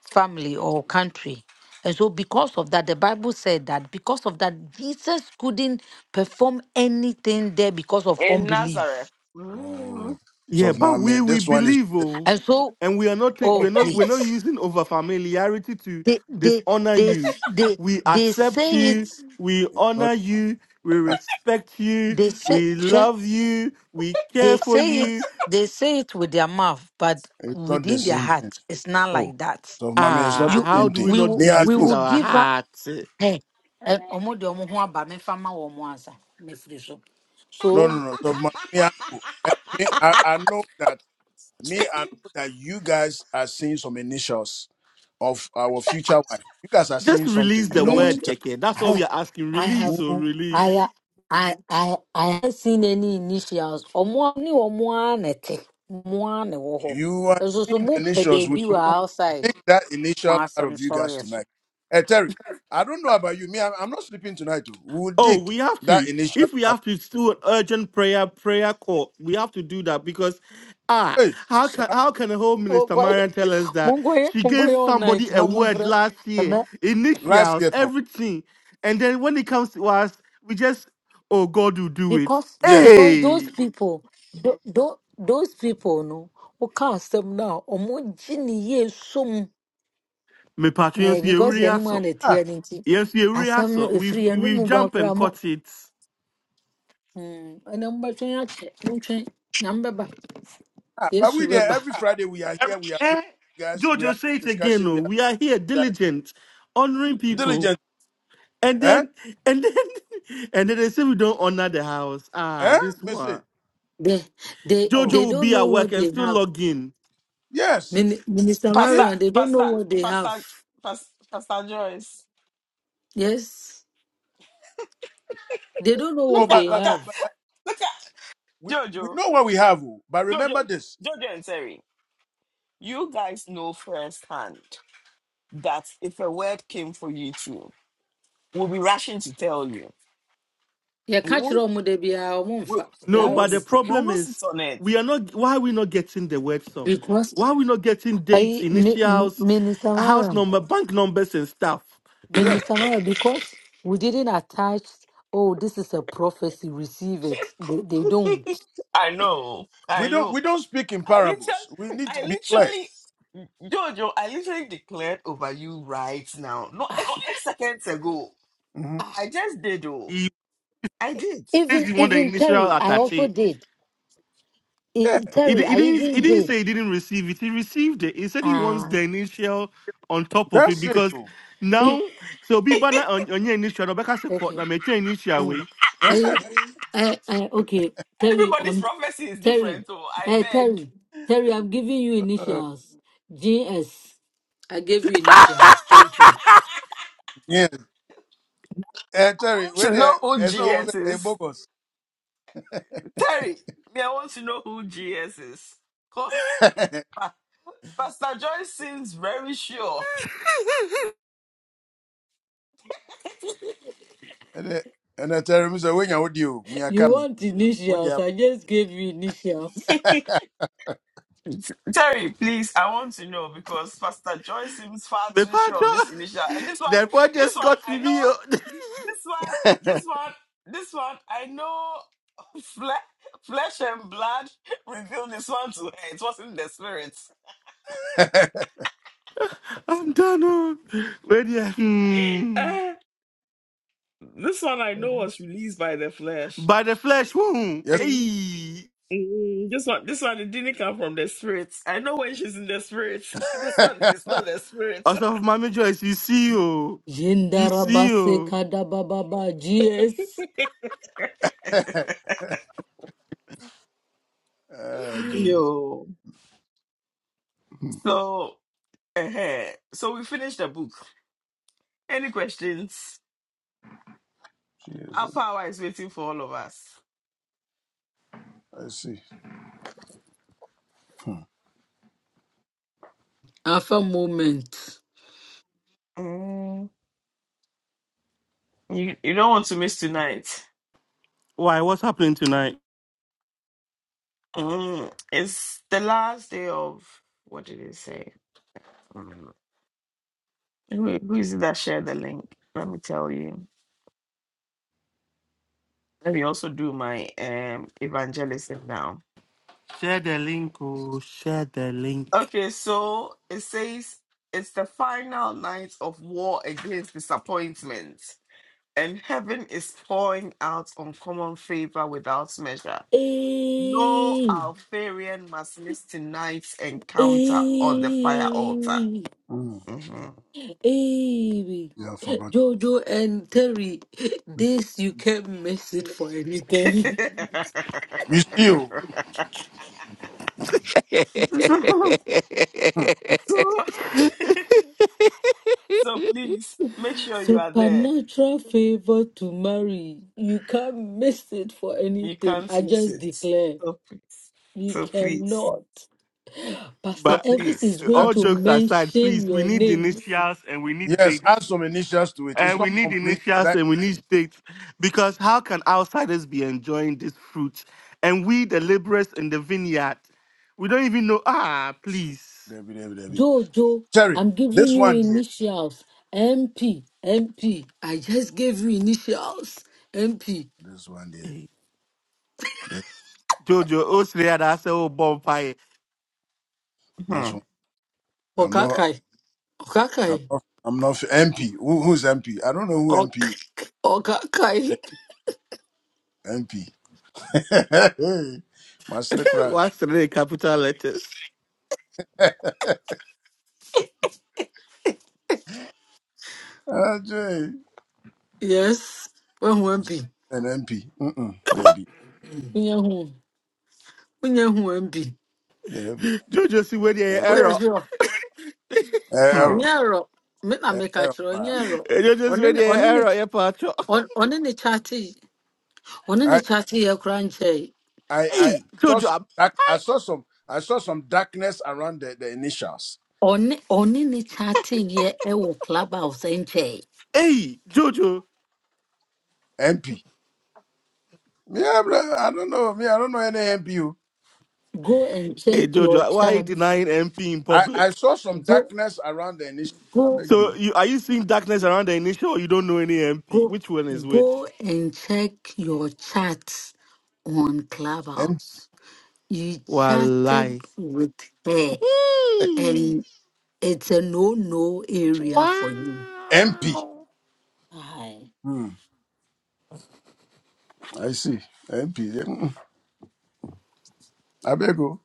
S2: family or country. And so, because of that, the Bible said that because of that, Jesus couldn't perform anything there because of
S1: in Nazareth.
S2: unbelief.
S5: oh, so
S4: Yeah, but
S5: mommy,
S4: we we
S5: this one is
S4: believe, oh,
S2: And so,
S4: and we are not ta-
S2: oh,
S4: we're not we're not
S2: please.
S4: using over familiarity to
S2: They, they,
S4: dishonor
S2: they,
S4: you.
S2: they,
S4: We
S2: they
S4: accept
S2: say it.
S4: you, we
S5: not
S4: honor you, we
S5: ah,
S4: respect you,
S2: They say,
S4: we love you, we
S2: They
S4: care for
S2: say it
S4: you.
S2: they say it with their mouth, but
S5: it's not the
S2: within their
S5: same
S2: heart,
S5: thing.
S2: it's not
S5: Oh,
S2: like that.
S5: so mommy, it's not
S4: Ah,
S5: the
S2: You
S4: how
S5: same
S4: do
S5: thing.
S4: we
S2: we
S4: not
S2: will
S5: Me,
S4: do
S5: I
S4: this
S2: we
S4: with
S5: know.
S2: will
S4: our
S2: give her
S4: hearts?
S2: hey eh, ọmọ de ọmọ ho aba mefa ma wọ ọmọ ansa mefiri so.
S5: No, no,
S2: So
S5: no. So mommy, me, I know. Eh, me, I, I know that me, I know that you guys are seeing some initials of our future wife. You guys are
S4: Just
S5: seeing something.
S4: release
S5: You
S4: the
S5: don't want
S2: me
S5: to
S4: word, Keke. That's all
S2: eh,
S4: we are asking.
S2: I have
S4: Release or
S5: tell.
S2: I
S4: release.
S2: ha- I I I have seen any initials. Ọmọ ni ọmọ anete. Ọmọ ane wọ hɔ.
S5: You are
S2: Nso so
S5: seeing
S2: mo
S5: the
S2: pɛ
S5: nations.
S2: dɛ
S5: We
S2: bi wɔ
S5: today will
S2: outside.
S5: take that
S2: Ma
S5: initial
S2: I'm
S5: out of you guys
S2: sorry,
S5: tonight. Hey, Terry, I don't know about you. Me, I'm, I'm not sleeping tonight. oh. We will
S4: Oh,
S5: dig
S4: we have
S5: that
S4: to.
S5: initial
S4: If we
S5: out.
S4: have to do an urgent prayer, prayer call, we have to do that because, ah,
S5: Hey,
S4: how
S5: sir,
S4: can how can the whole minister
S2: so.
S4: Marian tell us that
S2: Mungoye,
S4: she gave
S2: Mungoye all
S4: somebody
S2: night.
S4: a
S2: Na
S4: word
S2: mumfre.
S4: last year,
S2: na-
S5: last
S4: initials,
S5: year, Tom.
S4: everything, and then when it comes to us, we just, oh, God will do it.
S2: Because
S5: Yes.
S2: because those
S4: Hey,
S2: people, tho- tho- those people, no, who cast them now, omo jini ye sum.
S4: me
S2: Eh,
S4: patrons,
S2: because yenu
S4: yes,
S2: man the
S5: Ah,
S2: tear ninti.
S4: yes, yes,
S2: Asam no
S4: we
S2: ifri.
S4: we've
S2: yenu
S4: we've
S2: mu ba
S4: jump
S2: kura
S4: and
S2: mo.
S4: caught it.
S2: Hmm. Enamba chwe ya che. Chwe. Nambeba.
S5: ah, but we
S2: Yesu
S5: there
S2: beba.
S5: every Friday. We are here. We are praying,
S4: Eh,
S5: you guys. We are
S4: Jojo, say it again.
S5: discussing.
S4: Oh,
S5: We are
S4: we are here
S5: guys
S4: diligent, honoring people,
S5: diligent.
S4: and
S5: Eh?
S4: then and then and then they say we don't honor the house. Ah,
S5: Eh?
S4: this
S5: Missy.
S4: one.
S2: They they
S4: Jojo
S2: they
S5: Oh,
S4: will
S2: don't
S4: be
S2: know
S4: at work
S2: what
S4: and
S2: they
S4: still
S2: have.
S4: log in.
S5: yes.
S2: Min- Minister
S5: See?
S2: Marian, they don't know what they have. Yes. They don't know
S5: Oh,
S2: what they
S5: but but but,
S2: have.
S5: but but we we know what we have. oh. But remember this.
S2: yɛka kyerɛ ɔmo da biara ɔmo mfa
S4: No,
S2: gyaa
S4: but the problem is we are not why are we not getting the word sum?
S2: because
S4: Why are we not getting dates,
S2: ayi
S4: initials,
S2: mini samara
S4: house number, bank numbers, and stuff?
S2: mini
S5: Yes.
S2: samara because we didn't attach oh this is a prophecy receive it they, they don't
S5: We don't we don't speak in parables. We need to be clear. hmm
S4: He says
S2: even
S4: you want the
S2: even
S4: initial
S2: terry i
S4: attache.
S2: also did
S5: Yeah,
S2: E-
S4: He,
S2: terry
S4: di- he
S2: i
S4: didn't. He
S2: even
S4: didn't
S2: did
S4: say he didn't receive it. He received it. He said he wants
S2: ah
S4: the initial on top of it
S5: that's it
S4: because
S5: too.
S2: uh,
S4: now so be banner on on your initial. Rebecca said, "Court
S2: okay
S4: na me try initial
S2: Uh,
S4: way."
S2: I, I, I, okay, Terry, I'm Terry. Hey, Terry, Terry, I'm giving you initials. G S. I gave you initials. Thank you.
S5: yes, eh, Terry, wait there. I saw was a bogus. And eh, and I tell him, so when you would you, me, I
S2: You
S5: come.
S2: want
S5: What do you
S2: initials? I just gave you initials.
S4: Me patro. The boy just got to me. oh.
S5: have?
S4: I'm done. Oh. Wait there. Hmm. By the flesh woo.
S5: Yes.
S4: Hey. Also, of Mammy Joyce, you see you. You see
S2: Jindarabase
S4: you.
S2: Kadabababa GS.
S5: Ah, gee. Hmm, Jesus. I see.
S2: Alpha moment.
S4: Why? What's happening tonight? Share the link. Oh, share the link.
S2: Hey, hey.
S5: Mm.
S2: Hey,
S5: Yeah, I forgot.
S2: Jojo and Terry,
S5: You
S2: this you can't miss it for anything.
S5: see, you. Hmm.
S2: Supernatural favor to marry. You can't miss it for anything. I just declare, you cannot. Pastor
S4: But
S2: Evans is going
S5: add,
S4: all
S2: to
S4: jokes aside,
S2: mention
S4: please, we
S2: your
S4: need
S2: names.
S4: initials and we need
S5: yes,
S4: dates.
S5: add some initials to it. It's
S4: And we
S5: not
S4: need
S5: complete,
S4: initials
S5: right?
S4: and we need dates. Because how can outsiders be enjoying this fruit? And we, the laborers in the vineyard, we don't even know. Ah, please.
S5: Debbie, Debbie, Debbie.
S2: Jojo,
S5: Terry,
S2: I'm giving
S5: this
S2: you
S5: one, dear.
S2: initials. M P M P. I just gave you initials. MP.
S5: This one, dear.
S4: Eh,
S5: This,
S4: Jojo, Osrea, that's a whole bonfire.
S5: this one. I'm not.
S2: Okakai.
S5: I'm
S2: Okakai.
S5: not, I'm not MP. Who, who's MP? I don't know who MP is.
S2: Ọkàkai.
S5: Eh, M P. Hey, MP. Master Kra.
S4: What's the capital letters?
S5: Ajay.
S2: Yes. Wehu MP.
S5: An MP. Mm-mm. Debbie.
S2: Unye hu. Unye hu MP.
S5: Debbie.
S4: Jojo, see where
S5: Debbie.
S4: the
S2: Oya
S4: error.
S2: sure.
S5: Error.
S2: Enye ero. Me na
S5: Eh,
S2: me ka
S5: Error.
S2: chiro enye
S5: pa.
S2: ero.
S4: Eh, Jojo, see
S2: One
S4: where
S2: ne
S4: the
S2: one ne
S4: error. Yeah, Pacho.
S2: one ne chati. One ne
S5: I,
S2: chati ye kura nche.
S5: I, I
S4: Hey,
S5: saw some
S4: Jojo,
S5: dark, I
S4: I,
S5: saw some I saw some darkness around the, the initials.
S2: One one ne chati ye e wo clubhouse eh, nche.
S4: hey, Jojo.
S5: MP. Yeah, bro. I don't know. Me, I don't know any MP. who-
S2: Go and
S4: Hey
S2: check your
S4: Jojo, why are you
S2: chats.
S4: denying MP in
S5: I, I
S4: public?
S5: saw some
S2: Go
S5: darkness around the initials. I
S2: go
S5: beg
S4: So
S5: you.
S4: you are you seeing darkness around the initial or you don't know any MP?
S2: go
S4: Which one is
S2: go
S4: which?
S2: and check your chats on
S5: MP.
S2: clubhouse. you chatted
S4: Wallahi.
S2: with her
S4: Hmm.
S2: and it's a no-no area for you.
S5: MP.
S4: Wow.
S2: Aye.
S5: I see. MP. eh, mm, I beg you.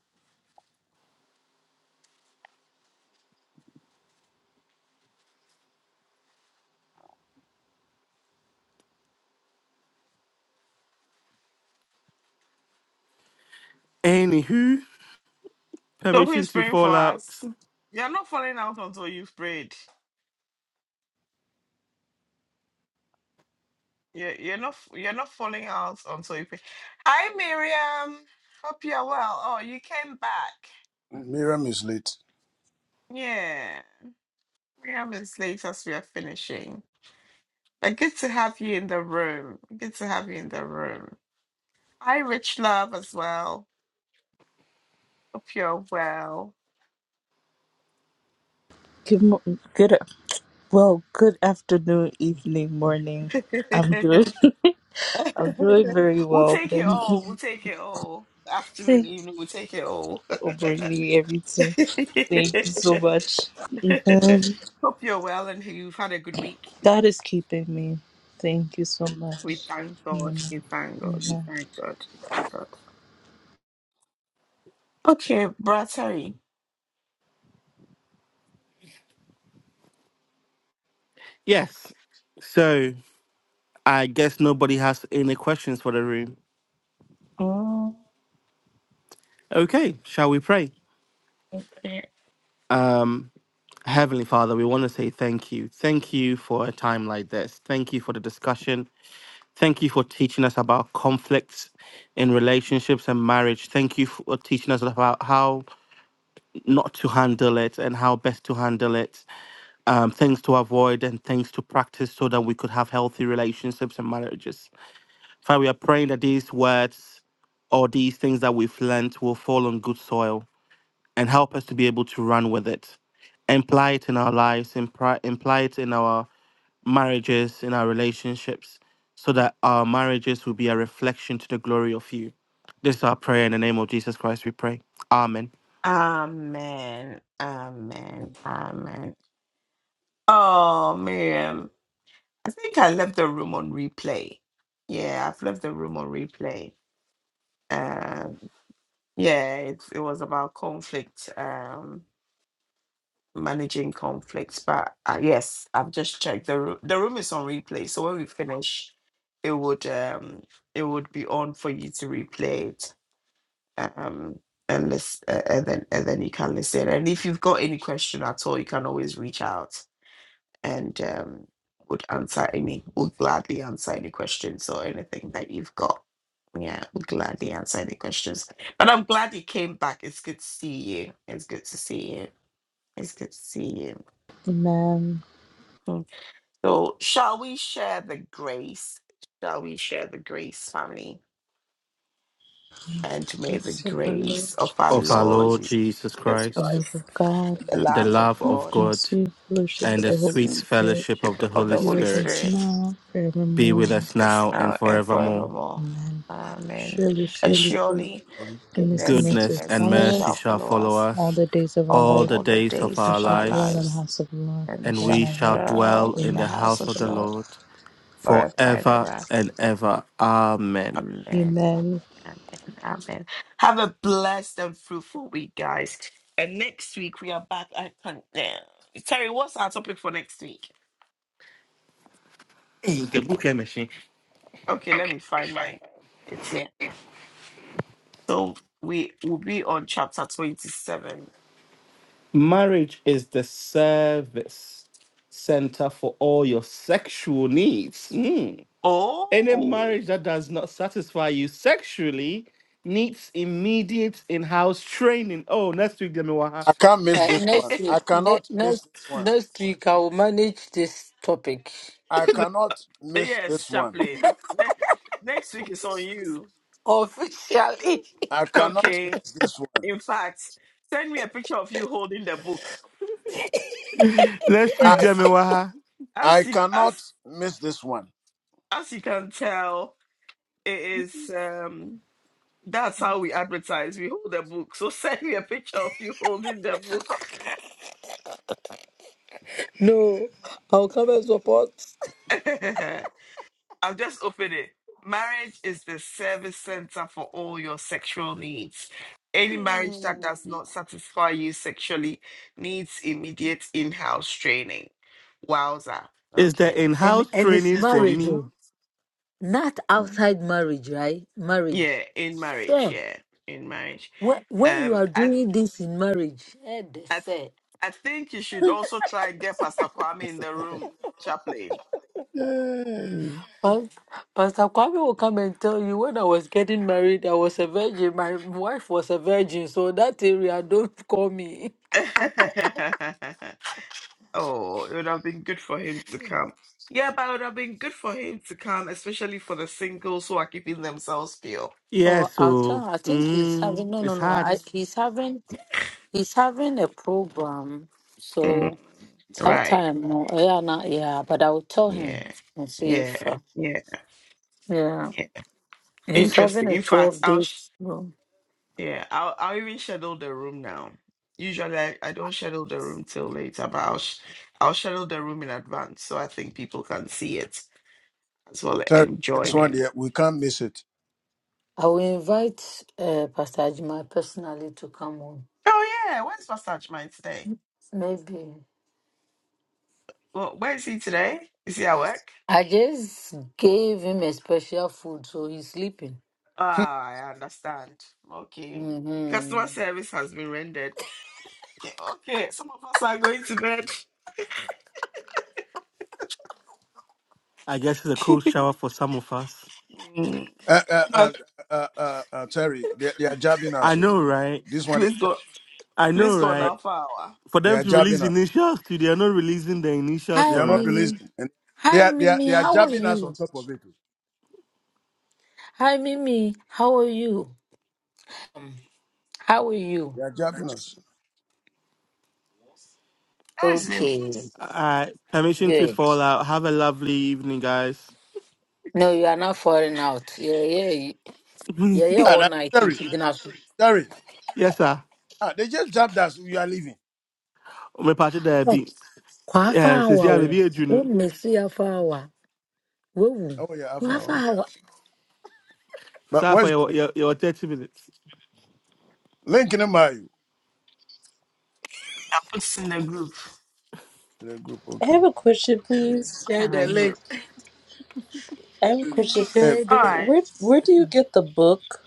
S4: Anywho, permission to fall out.
S5: Miriam is late.
S7: Good, mo- good, well, good afternoon, evening, morning. I'm doing, I'm doing very well. Thank you. Thanks for bringing everything. Thank you so much. Even God is keeping me. Thank you so much. Amen. Amen.
S4: Yes. So I guess nobody has any questions for the room.
S1: Okay.
S4: Okay, shall we pray? Um, Heavenly Father, we want to say thank you. Thank you for a time like this. Thank you for the discussion. Thank you for teaching us about conflicts in relationships and marriage. Thank you for teaching us about how not to handle it and how best to handle it, um, things to avoid and things to practice so that we could have healthy relationships and marriages. Father, we are praying that these words or these things that we've learnt will fall on good soil and help us to be able to run with it, imply it in our lives, imply, imply it in our marriages, in our relationships, so that our marriages will be a reflection to the glory of you. This is our prayer in the name of Jesus Christ, we pray. Amen.
S7: Amen. Peace of our Lord,
S4: Of our Lord Jesus
S7: the
S4: Christ,
S7: love of God,
S4: the love of
S7: and
S4: God,
S7: sweet fellowship
S4: and
S7: of
S4: the
S7: the Holy
S4: sweet
S7: Spirit
S4: fellowship of the Holy
S7: be with us
S4: Spirit
S7: now,
S4: be with
S7: forevermore.
S4: us now and forevermore.
S7: Amen. Surely, surely, surely,
S5: Okay.
S7: goodness and mercy will
S4: Goodness and
S7: follow
S4: mercy
S7: us
S4: shall follow
S7: all
S4: us
S7: the days of our
S4: all
S7: life.
S4: the days of
S7: We
S4: our
S7: shall dwell in the
S4: lives,
S7: house of the Lord
S4: and
S7: forever and
S4: we shall
S7: ever.
S4: dwell in the
S7: Amen.
S4: house of the Lord forever and ever. Amen.
S7: Amen.
S4: Hey, the bouquet machine. Marriage is the service center for all your sexual needs. Mm. Any marriage that does not satisfy you sexually needs immediate in-house training. Oh, next week, Jamiwaha.
S5: I can't miss
S2: Uh,
S5: this one.
S2: next week,
S5: I
S2: ne-
S5: cannot miss
S2: next
S5: this one.
S2: next week, I will manage this topic
S5: I cannot miss this one.
S2: Officially.
S5: I cannot miss this one.
S4: Next week,
S5: I
S4: Jamiwaha.
S5: I cannot miss this one.
S2: No, I'll come and support. Mm.
S4: Is the
S2: And
S4: in-house
S2: and it's
S4: training for
S2: marriage,
S4: me?
S2: oh, not outside marriage, right? Marriage. Sure. When, when you are doing this in marriage, eh, they say.
S5: Yay.
S2: Pas- Pastor Kwame will come and tell you when I was getting married, I was a virgin. My wife was a virgin, so that area don't call me.
S4: Yeah,
S2: Oh, I'll
S4: so
S2: tell. I think he's
S4: mm,
S2: having no, no,
S4: it's
S2: no.
S4: hard.
S2: I, he's having he's having a program, so that time, no, eh, yeah, nah, yeah. But I will tell him and see if uh, yeah, he's having a twelve days program.
S5: Terry, this one there, we can't miss it.
S2: I will invite uh, Pastor Ajima personally to come on. Maybe. I just gave him a special food, so he's sleeping. hmm
S4: I guess it's a cold shower for some of us.
S5: Hmm. uh, uh, uh, uh, uh, uh, Terry, they, they are jabbing
S4: I
S5: us. oh.
S4: know, right?
S5: This one, they
S4: I know,
S5: they are,
S4: right? for
S5: they
S4: them
S5: are
S4: to
S5: jabbing
S4: release
S5: us.
S4: initials too, they are not releasing the initials
S5: They
S2: Hi,
S5: are
S4: for
S5: not
S4: us.
S2: Mimi.
S5: releasing. And they
S2: Hi,
S5: are, they are,
S2: Mimi.
S5: they are
S2: How are
S5: jabbing us
S2: you?
S5: on top of it. oh.
S2: Hi, Mimi. How are you? Um, How are you?
S5: They are jabbing us.
S2: Okay,
S4: Uh, permission to
S2: good.
S4: fall out. Have a lovely evening, guys.
S2: No, you are not falling out. Yeah, yeah, you- yeah, yeah.
S5: Ah,
S2: All
S5: that-
S2: night in
S5: Terry.
S2: Kidnasu.
S5: Sorry.
S4: yes, sir.
S5: Ah, they just dropped us. We are leaving.
S4: My patch there be.
S2: Kwafa
S4: Um, since
S2: awa
S4: yeah,
S2: o.
S4: baby, you
S2: O
S4: know.
S2: mesi afa awa. Wewu.
S5: Oh yeah, I found.
S2: Kwafa awa.
S5: But
S4: Sorry for
S5: where's the
S4: your,
S5: link?
S4: your your thirty minutes.
S5: Link in the mail to the group?
S7: I
S5: Okay.
S7: have a question, please.
S2: Share the link.
S7: I have a question.
S5: Um,
S2: Share the.
S7: Where Where do you get the book?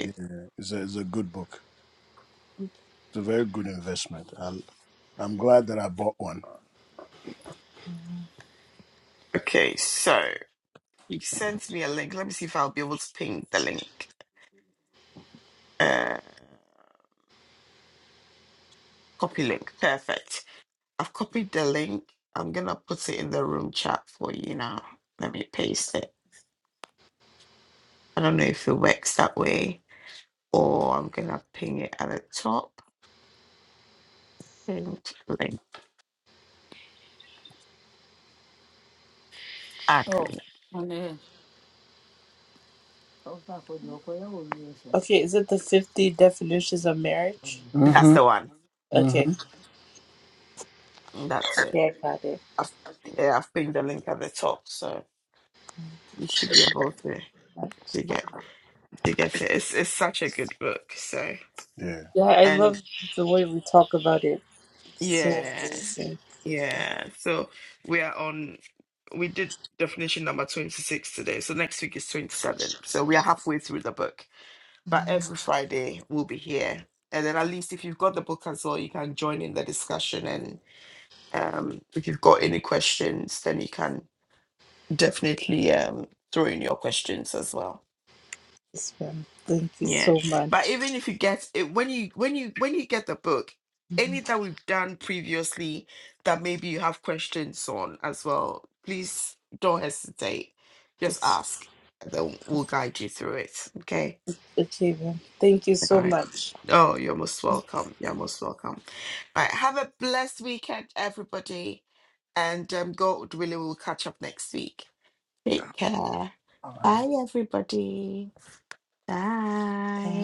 S5: yeah, it's a it's a good book. It's a very good investment. I, I'm glad that I bought one.
S2: Oh, and eh. Ọ̀sán àkọ́jọ́ ọkọ̀ yẹ́wò ni oṣù.
S7: Okay, is it the Fifty Definitions of Marriage?
S5: Mm-hmm.
S7: Okay,
S5: Mm-hmm.
S7: yeah, I got it.
S5: Yeah.
S7: Yeah, I love the way we talk about it. So amazing. It's fun. Thank you so much. Okay, then. Thank you so much. Bye.